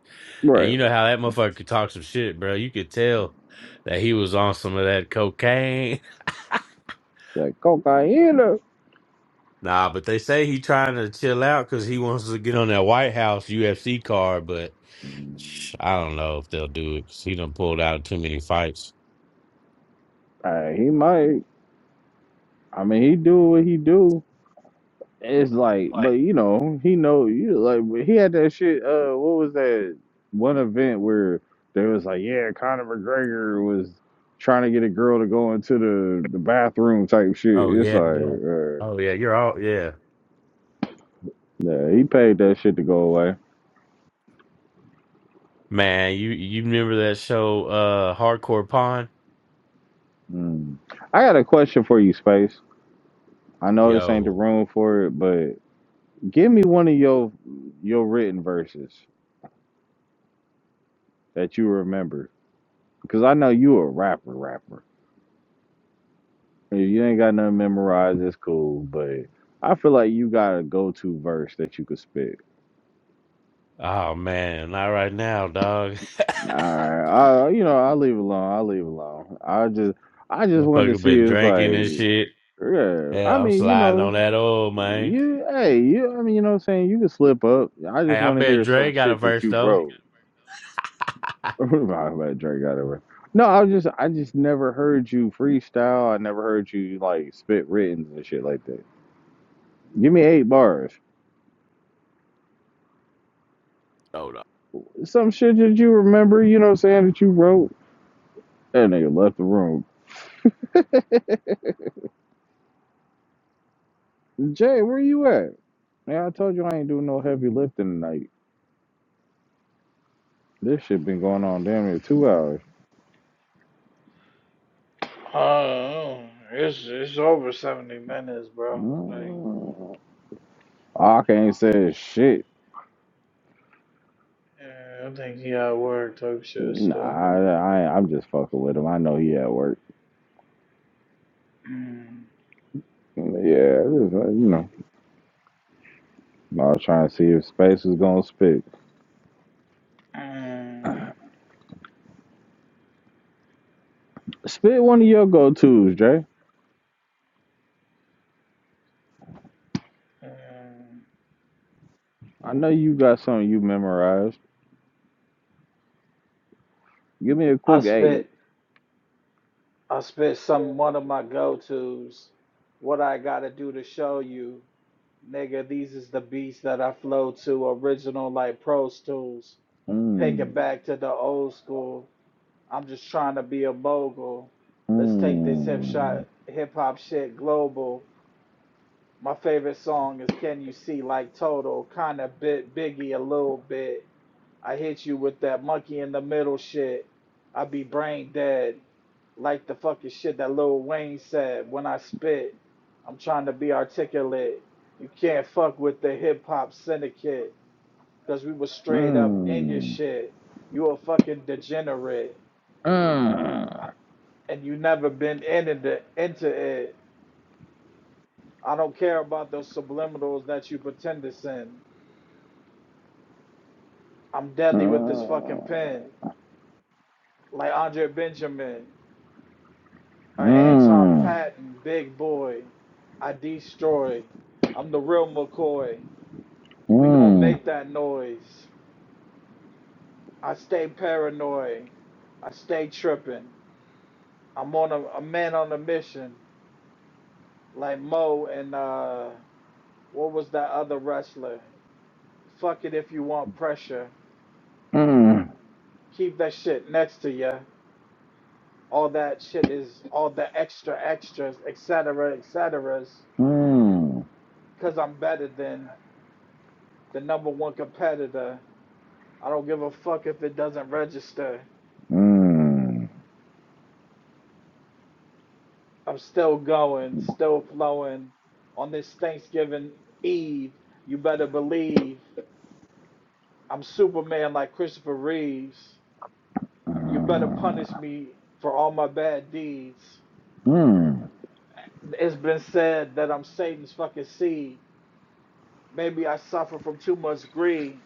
[SPEAKER 5] And
[SPEAKER 3] Right,
[SPEAKER 5] you know how that motherfucker could talk some shit, bro. You could tell that he was on some of that cocaine.
[SPEAKER 3] like cocaine.
[SPEAKER 5] Nah, but they say he trying to chill out because he wants to get on that White House UFC card, but I don't know if they'll do it 'cause he done pulled out too many fights.
[SPEAKER 3] Uh, he might. I mean, he do what he do. It's like, but you know, he know you like but he had that shit. Uh, what was that one event where they was like, yeah, Conor McGregor was trying to get a girl to go into the the bathroom type shit.
[SPEAKER 5] Oh
[SPEAKER 3] It's
[SPEAKER 5] yeah,
[SPEAKER 3] like,
[SPEAKER 5] yeah.
[SPEAKER 3] uh,
[SPEAKER 5] Oh yeah, you're all yeah.
[SPEAKER 3] yeah, he paid that shit to go away.
[SPEAKER 5] Man, you you remember that show uh Hardcore Pond?
[SPEAKER 3] Mm. I got a question for you, Space. I know this ain't the
[SPEAKER 5] Yo.
[SPEAKER 3] room for it, but give me one of your your written verses that you remember, because I know you a rapper, rapper. If you ain't got nothing memorized, it's cool. But I feel like you got a go-to verse that you could spit.
[SPEAKER 5] Oh man, not right now, dog.
[SPEAKER 3] All right, I you know I'll leave it alone. I'll leave it alone. I just I just wanted to
[SPEAKER 5] Fucker
[SPEAKER 3] see
[SPEAKER 5] been
[SPEAKER 3] it's
[SPEAKER 5] drinking and
[SPEAKER 3] like
[SPEAKER 5] shit.
[SPEAKER 3] yeah. I
[SPEAKER 5] Yeah, I'm
[SPEAKER 3] mean you
[SPEAKER 5] sliding
[SPEAKER 3] know
[SPEAKER 5] on that old man.
[SPEAKER 3] you hey you I mean you know what I'm saying you can slip up. I
[SPEAKER 5] Hey,
[SPEAKER 3] just
[SPEAKER 5] I
[SPEAKER 3] want to
[SPEAKER 5] bet
[SPEAKER 3] hear some
[SPEAKER 5] Dre got a
[SPEAKER 3] shit that
[SPEAKER 5] verse
[SPEAKER 3] you
[SPEAKER 5] though.
[SPEAKER 3] wrote. About about Drake got over. No, I was just I just never heard you freestyle. I never heard you like spit written and shit like that. Give me eight bars.
[SPEAKER 5] Hold on.
[SPEAKER 3] Some shit that you remember, you know what I'm saying, that you wrote. That nigga left the room. Jay, where you at? Yeah, I told you I ain't doing no heavy lifting tonight. This shit been going on damn near two hours.
[SPEAKER 1] Oh, it's it's over 70 minutes, bro. Like
[SPEAKER 3] Mm. I can't say shit.
[SPEAKER 1] yeah, I think he at work type shit
[SPEAKER 3] Nah,
[SPEAKER 1] stuff.
[SPEAKER 3] I, I, I'm just fucking with him. I know he at work.
[SPEAKER 1] Mm,
[SPEAKER 3] Yeah, this is, uh, you know, I was trying to see if Space was gonna spit.
[SPEAKER 1] mm.
[SPEAKER 3] Spit one of your go-tos, Jay.
[SPEAKER 1] Mm.
[SPEAKER 3] I know you got something you memorized. Give me a
[SPEAKER 1] I
[SPEAKER 3] quick aid.
[SPEAKER 1] spit I spit some one of my go tos. What I gotta do to show you, nigga, these is the beats that I flow to, original like Pro Tools. Take
[SPEAKER 3] Mm,
[SPEAKER 1] it back to the old school. I'm just trying to be a mogul. Let's take this hip
[SPEAKER 3] mm.
[SPEAKER 1] shot hip hop shit global. My favorite song is Can You See Like Total, kinda bit biggie a little bit. I hit you with that monkey in the middle shit. I be brain dead. Like the fucking shit that Lil Wayne said when I spit. I'm trying to be articulate. You can't fuck with the hip hop syndicate. Cause we was straight up in your
[SPEAKER 3] Mm.
[SPEAKER 1] shit. You a fucking degenerate.
[SPEAKER 3] Mm.
[SPEAKER 1] And you never been in into, into it. I don't care about those subliminals that you pretend to send. I'm deadly with this
[SPEAKER 3] Mm.
[SPEAKER 1] fucking pen. Like Andre Benjamin. or Anton
[SPEAKER 3] Mm.
[SPEAKER 1] Patton, big boy. I destroy. I'm the real McCoy. We gonna
[SPEAKER 3] Mm.
[SPEAKER 1] make that noise. I stay paranoid. I stay tripping. I'm on a, a man on a mission, like Mo and uh, what was that other wrestler? Fuck it if you want pressure.
[SPEAKER 3] Mm. Mm.
[SPEAKER 1] Keep that shit next to ya. All that shit is all the extra extras, etc., cetera, etc. Cause I'm better than the number one competitor. I don't give a fuck if it doesn't register.
[SPEAKER 3] Mm.
[SPEAKER 1] I'm still going, still flowing on this Thanksgiving Eve. You better believe I'm Superman like Christopher Reeves. You better punish me for all my bad deeds.
[SPEAKER 3] Mm.
[SPEAKER 1] It's been said that I'm Satan's fucking seed. Maybe I suffer from too much greed.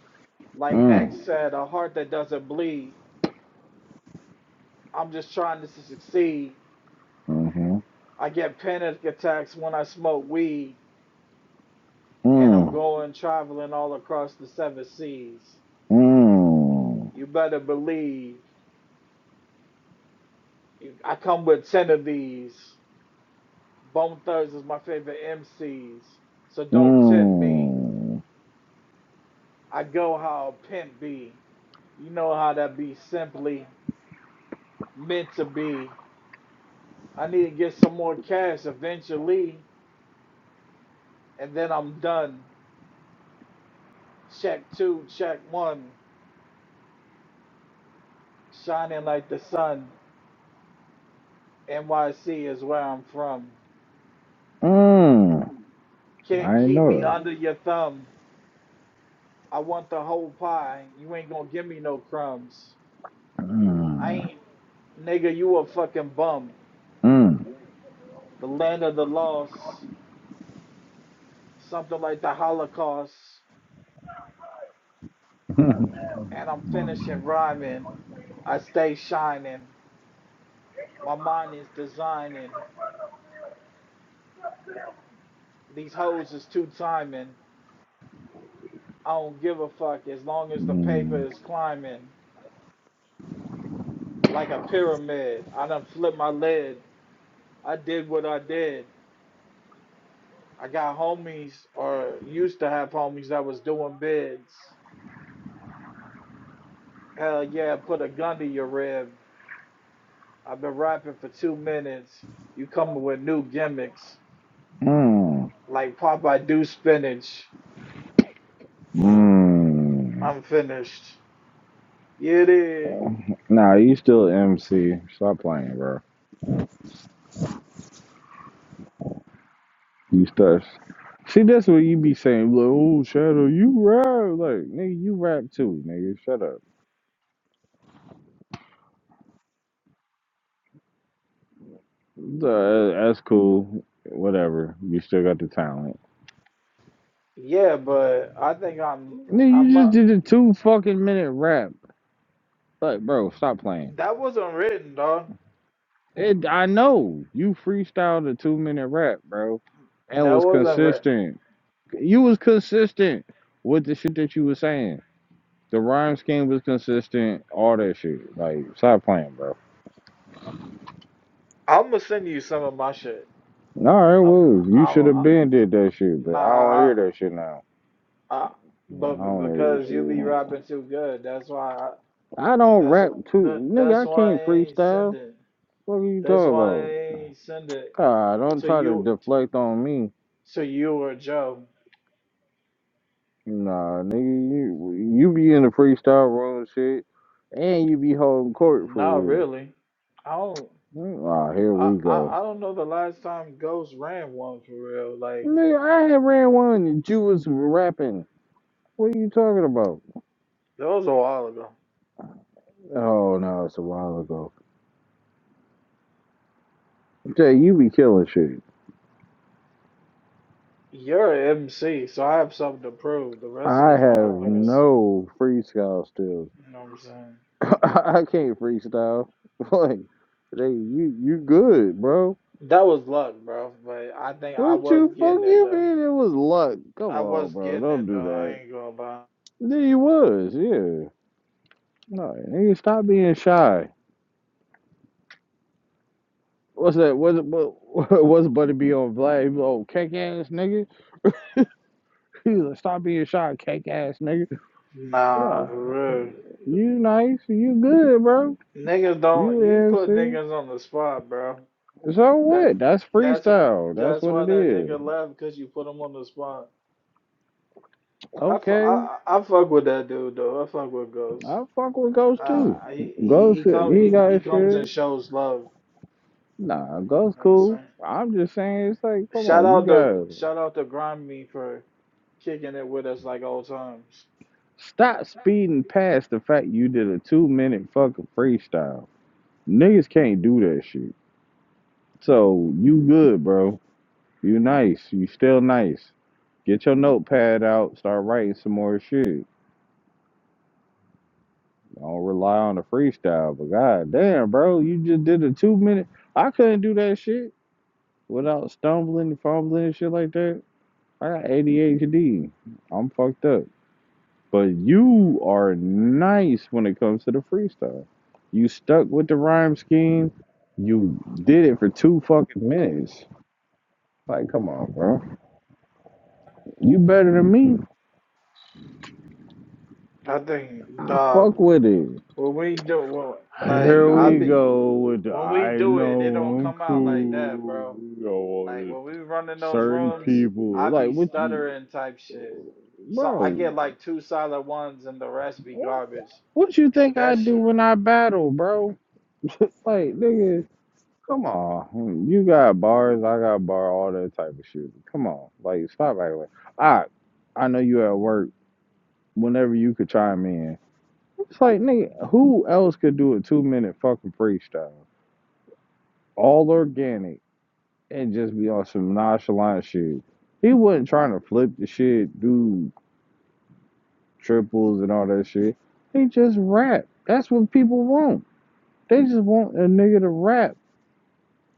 [SPEAKER 1] Like
[SPEAKER 3] Mm.
[SPEAKER 1] X said, a heart that doesn't bleed. I'm just trying to succeed.
[SPEAKER 3] Mhm.
[SPEAKER 1] I get panic attacks when I smoke weed. and I'm
[SPEAKER 3] Mm.
[SPEAKER 1] going traveling all across the seven seas. You better believe. I come with 10 of these. Bone Thugs is my favorite MCs, so
[SPEAKER 3] Mm.
[SPEAKER 1] don't tempt me.
[SPEAKER 3] Mm.
[SPEAKER 1] I go how a pimp be. You know how that be simply meant to be. I need to get some more cash eventually, and then I'm done. Check two, check one. Shining like the sun. NYC is where I'm from.
[SPEAKER 3] Mm.
[SPEAKER 1] Can't
[SPEAKER 3] I
[SPEAKER 1] keep me
[SPEAKER 3] know.
[SPEAKER 1] under your thumb. I want the whole pie. You ain't gonna give me no crumbs. I
[SPEAKER 3] Mm.
[SPEAKER 1] ain't, nigga, you a fucking bum.
[SPEAKER 3] Mm.
[SPEAKER 1] The land of the lost, something like the Holocaust. And I'm finishing rhyming. I stay shining. My mind is designing. These hoes is two timing. I don't give a fuck as long as the paper
[SPEAKER 3] Mm.
[SPEAKER 1] is climbing. Like a pyramid, I done flipped my lid. I did what I did. I got homies, or used to have homies that was doing bids. Hell yeah, put a gun to your rib. I've been rapping for two minutes. You coming with new gimmicks.
[SPEAKER 3] Mm.
[SPEAKER 1] Like Popeye do spinach.
[SPEAKER 3] Mm.
[SPEAKER 1] I'm finished. Yeah, dig.
[SPEAKER 3] Nah, you still MC. Stop playing, bro. You start. See, that's what you be saying. Like, oh, Shadow, you rap. Like, nigga, you rap too, nigga. Shut up. Uh, that's cool. Whatever. You still got the talent.
[SPEAKER 1] yeah, but I think I'm
[SPEAKER 3] Nigga, you
[SPEAKER 1] I'm uh,
[SPEAKER 3] just did a two fucking minute rap. Like, bro, stop playing.
[SPEAKER 1] that wasn't written, dog.
[SPEAKER 3] It, I know. You freestyled a two minute rap, bro. And
[SPEAKER 1] That
[SPEAKER 3] was
[SPEAKER 1] wasn't written.
[SPEAKER 3] consistent. You was consistent with the shit that you was saying. The rhyme scheme was consistent. All that shit. Like, stop playing, bro.
[SPEAKER 1] I'ma send you some of my shit.
[SPEAKER 3] No, it
[SPEAKER 1] I'm
[SPEAKER 3] was. You
[SPEAKER 1] I'm
[SPEAKER 3] should have
[SPEAKER 1] I,
[SPEAKER 3] been did that shit, but I don't
[SPEAKER 1] nah
[SPEAKER 3] hear that shit now.
[SPEAKER 1] I, but
[SPEAKER 3] I don't hear that
[SPEAKER 1] because you be
[SPEAKER 3] shit.
[SPEAKER 1] rapping too good, that's why I,
[SPEAKER 3] I don't
[SPEAKER 1] that's
[SPEAKER 3] rap
[SPEAKER 1] that,
[SPEAKER 3] too,
[SPEAKER 1] that's
[SPEAKER 3] nigga. I
[SPEAKER 1] why I
[SPEAKER 3] can't
[SPEAKER 1] ain't
[SPEAKER 3] freestyle.
[SPEAKER 1] sending.
[SPEAKER 3] What are you
[SPEAKER 1] That's
[SPEAKER 3] talking about?
[SPEAKER 1] why he send it
[SPEAKER 3] God, don't
[SPEAKER 1] to
[SPEAKER 3] try to
[SPEAKER 1] you,
[SPEAKER 3] deflect on me.
[SPEAKER 1] to you or Joe.
[SPEAKER 3] Nah, nigga, you you be in the freestyle room shit, and you be holding court for
[SPEAKER 1] Not
[SPEAKER 3] real.
[SPEAKER 1] really. I don't.
[SPEAKER 3] Ah, here
[SPEAKER 1] I,
[SPEAKER 3] we
[SPEAKER 1] I
[SPEAKER 3] go.
[SPEAKER 1] I don't know the last time Ghost ran one for real. Like
[SPEAKER 3] Nigga, I had ran one that you was rapping. What are you talking about?
[SPEAKER 1] that was a while ago.
[SPEAKER 3] Oh no, it's a while ago. Jay, you be killing shit.
[SPEAKER 1] You're an MC, so I have something to prove. The rest of
[SPEAKER 3] I
[SPEAKER 1] these
[SPEAKER 3] have
[SPEAKER 1] motherfuckers,
[SPEAKER 3] no freestyle skills.
[SPEAKER 1] you know what I'm saying?
[SPEAKER 3] I can't freestyle. Like, they, you, you good, bro.
[SPEAKER 1] That was luck, bro. But I think I
[SPEAKER 3] What
[SPEAKER 1] was
[SPEAKER 3] you fuck
[SPEAKER 1] getting it
[SPEAKER 3] you
[SPEAKER 1] done.
[SPEAKER 3] mean it was luck? Come
[SPEAKER 1] I
[SPEAKER 3] on,
[SPEAKER 1] was
[SPEAKER 3] bro.
[SPEAKER 1] getting
[SPEAKER 3] Don't
[SPEAKER 1] it
[SPEAKER 3] do
[SPEAKER 1] done.
[SPEAKER 3] that.
[SPEAKER 1] I ain't gonna lie.
[SPEAKER 3] Yeah, you was, yeah. No, nigga, stop being shy. What's that? What's it? what? What's Buddy B on Vlad? He was old cake ass nigga. He was like, stop being shy, cake ass nigga.
[SPEAKER 1] Nah,
[SPEAKER 3] Nah,
[SPEAKER 1] for real.
[SPEAKER 3] you nice, you good, bro.
[SPEAKER 1] Niggas
[SPEAKER 3] You
[SPEAKER 1] don't. You put
[SPEAKER 3] MC.
[SPEAKER 1] niggas on the spot, bro.
[SPEAKER 3] So
[SPEAKER 1] That
[SPEAKER 3] what? That's
[SPEAKER 1] that's
[SPEAKER 3] freestyle. That's
[SPEAKER 1] that's
[SPEAKER 3] what
[SPEAKER 1] why
[SPEAKER 3] it
[SPEAKER 1] that
[SPEAKER 3] is.
[SPEAKER 1] nigga left because you put him on the spot. I, fu-
[SPEAKER 3] Okay,
[SPEAKER 1] I, I I fuck with that dude though. I fuck with Ghost.
[SPEAKER 3] I fuck with Ghost
[SPEAKER 1] Uh,
[SPEAKER 3] too.
[SPEAKER 1] he he
[SPEAKER 3] Ghost,
[SPEAKER 1] he come
[SPEAKER 3] he
[SPEAKER 1] he,
[SPEAKER 3] got
[SPEAKER 1] he
[SPEAKER 3] his
[SPEAKER 1] comes and
[SPEAKER 3] shit.
[SPEAKER 1] shows love.
[SPEAKER 3] Nah,
[SPEAKER 1] You
[SPEAKER 3] Ghost
[SPEAKER 1] know what I'm
[SPEAKER 3] cool.
[SPEAKER 1] saying?
[SPEAKER 3] I'm just saying, it's like, come
[SPEAKER 1] Shout
[SPEAKER 3] on, you
[SPEAKER 1] out to
[SPEAKER 3] gotta
[SPEAKER 1] shout out to Grimy for kicking it with us like old times.
[SPEAKER 3] stop speeding past the fact you did a two minute fucking freestyle. Niggas can't do that shit. So you good, bro. You nice. You still nice. Get your notepad out. Start writing some more shit. I Don't rely on the freestyle, but god damn, bro, you just did a two minute. I couldn't do that shit without stumbling, fumbling, and shit like that. I got ADHD. I'm fucked up. But you are nice when it comes to the freestyle. You stuck with the rhyme scheme. You did it for two fucking minutes. Like, come on, bro. You better than me.
[SPEAKER 1] I think
[SPEAKER 3] I
[SPEAKER 1] dog
[SPEAKER 3] fuck with it.
[SPEAKER 1] when we do when, like
[SPEAKER 3] Here
[SPEAKER 1] I
[SPEAKER 3] we
[SPEAKER 1] be
[SPEAKER 3] go with the
[SPEAKER 1] when we
[SPEAKER 3] I
[SPEAKER 1] do it, it don't
[SPEAKER 3] know I'm
[SPEAKER 1] come out like that,
[SPEAKER 3] cool.
[SPEAKER 1] bro.
[SPEAKER 3] You know,
[SPEAKER 1] Like when we running those
[SPEAKER 3] certain
[SPEAKER 1] rooms,
[SPEAKER 3] people.
[SPEAKER 1] I
[SPEAKER 3] Like
[SPEAKER 1] be
[SPEAKER 3] what you,
[SPEAKER 1] stuttering type shit. So I
[SPEAKER 3] bro?
[SPEAKER 1] get like two solid ones and the rest be garbage.
[SPEAKER 3] What you think I
[SPEAKER 1] That
[SPEAKER 3] do
[SPEAKER 1] shit
[SPEAKER 3] when I battle, bro? like nigga, come on. Hmm, You got bars, I got bar, all that type of shit. Come on, like stop right away. I, I know you at work. Whenever you could chime in, it's like nigga, who else could do a two minute fucking freestyle, all organic, and just be on some nonchalant shit. He wasn't trying to flip the shit, dude triples and all that shit. He just rap. That's what people want. They just want a nigga to rap.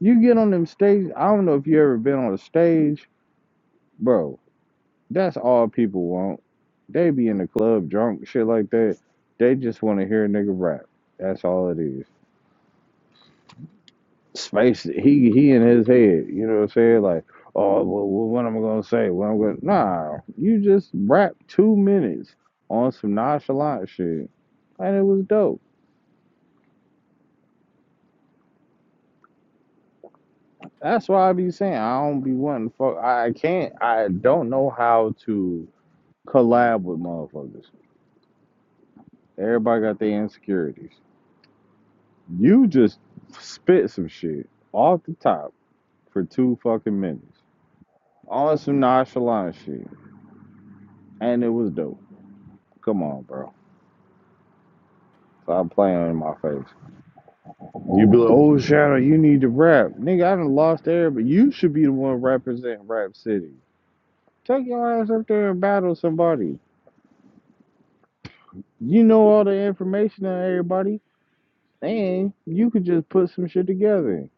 [SPEAKER 3] You get on them stage. I don't know if you ever been on a stage, bro. That's all people want. They be in the club drunk, shit like that. They just want to hear a nigga rap. That's all it is. Space. He he in his head. You know what I'm saying? Like, oh, well, what am I gonna say? What I'm gonna? Nah, you just rap two minutes on some nonchalant shit, and it was dope. That's why I be saying I don't be wanting to fuck. I can't. I don't know how to collab with motherfuckers. Everybody got their insecurities. You just spit some shit off the top for two fucking minutes. All some nonchalant shit, and it was dope. Come on, bro. Stop playing in my face. You be like, oh Shadow, you need to rap, nigga. I done lost air, but you should be the one representing Rap City. Take your ass up there and battle somebody. You know all the information on everybody. And you could just put some shit together.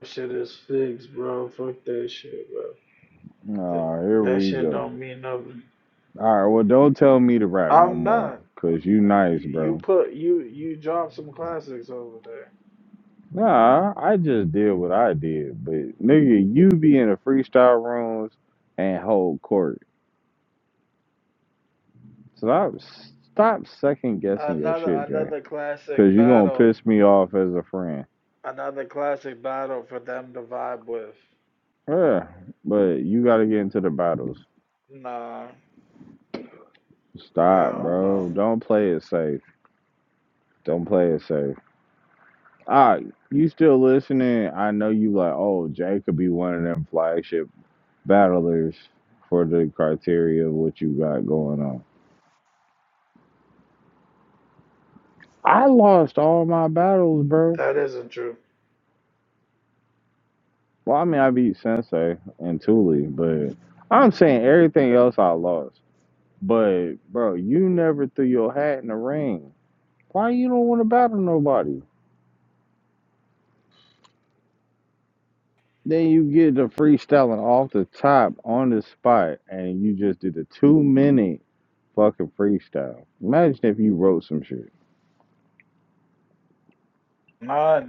[SPEAKER 1] that shit is figs, bro. Fuck that shit, bro. That,
[SPEAKER 3] Ah, here
[SPEAKER 1] that
[SPEAKER 3] we
[SPEAKER 1] shit
[SPEAKER 3] go.
[SPEAKER 1] don't mean nothing.
[SPEAKER 3] All right, well, don't tell me to rap no
[SPEAKER 1] I'm not.
[SPEAKER 3] more, cause you
[SPEAKER 1] You,
[SPEAKER 3] nice,
[SPEAKER 1] you
[SPEAKER 3] bro.
[SPEAKER 1] put you you drop some classics over there.
[SPEAKER 3] Nah, I just did what I did, but nigga, you be in the freestyle rooms and hold court. Stop, stop second guessing your
[SPEAKER 1] Another
[SPEAKER 3] shit, Jay,
[SPEAKER 1] another
[SPEAKER 3] cause
[SPEAKER 1] classic
[SPEAKER 3] you gonna
[SPEAKER 1] battle.
[SPEAKER 3] piss me off as a friend.
[SPEAKER 1] Another classic battle for them to vibe with.
[SPEAKER 3] Yeah, but you gotta get into the battles.
[SPEAKER 1] Nah,
[SPEAKER 3] Stop,
[SPEAKER 1] hell
[SPEAKER 3] bro.
[SPEAKER 1] no.
[SPEAKER 3] Don't play it safe. Don't play it safe. Ah, you still listening? I know you like. Oh, Jay could be one of them flagship battlers for the criteria of what you got going on. I lost all my battles, bro.
[SPEAKER 1] That isn't true.
[SPEAKER 3] Well, I mean, I beat Sensei and Thule, but I'm saying everything else I lost. But bro, you never threw your hat in the ring. Why you don't want to battle nobody? Then you get the freestyling off the top on the spot, and you just did a two minute. fucking freestyle. Imagine if you wrote some shit.
[SPEAKER 1] Nah,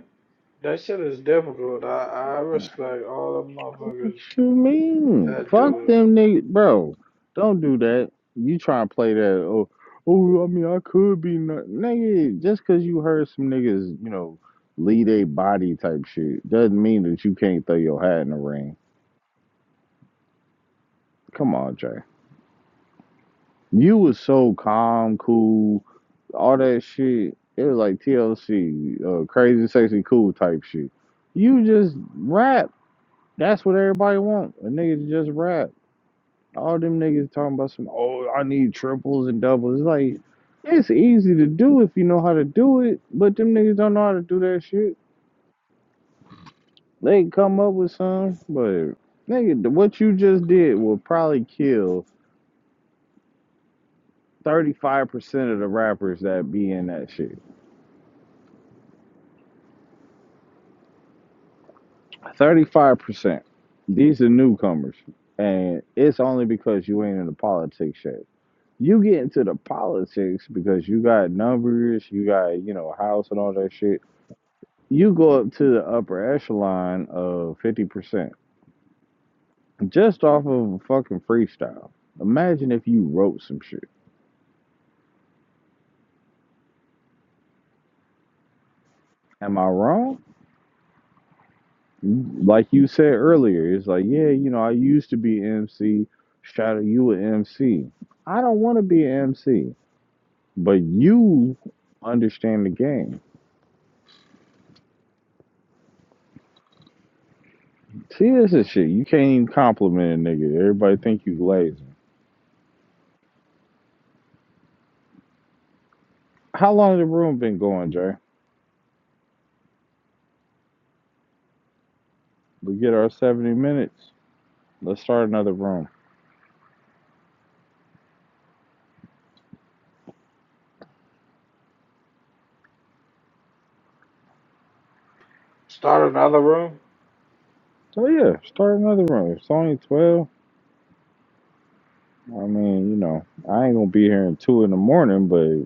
[SPEAKER 1] that shit is difficult. I, I respect all the
[SPEAKER 3] What
[SPEAKER 1] motherfuckers
[SPEAKER 3] you mean?
[SPEAKER 1] that
[SPEAKER 3] Fuck
[SPEAKER 1] do it.
[SPEAKER 3] them niggas, bro. Don't do that. You try and play that? Oh, oh. I mean, I could be not, nigga. Just cause you heard some niggas, you know, lead a body type shit, doesn't mean that you can't throw your hat in the ring. Come on, Jay. You was so calm, cool, all that shit. It was like TLC, uh, crazy, sexy, cool type shit. You just rap That's what everybody want. A nigga to just rap. All them niggas talking about some. Oh, I need triples and doubles. It's like it's easy to do if you know how to do it, but them niggas don't know how to do that shit. They can come up with some, but nigga, what you just did will probably kill thirty five percent of the rappers that be in that shit. Thirty five percent. These are newcomers, and it's only because you ain't in the politics yet. You get into the politics because you got numbers, you got, you know, house and all that shit. You go up to the upper echelon of 50% just off of a fucking freestyle. Imagine if you wrote some shit. Am I wrong? Like you said earlier, it's like, yeah, you know, I used to be MC. Shadow, you a MC. I don't want to be an MC, but you understand the game. See, this is shit. You can't even compliment a nigga. Everybody think you lazy. How long the room been going, Jay? We get our 70 minutes. Let's start another room.
[SPEAKER 1] Start another room?
[SPEAKER 3] So yeah, start another room. It's only 12. I mean, you know, I ain't gonna be here in two in the morning, but.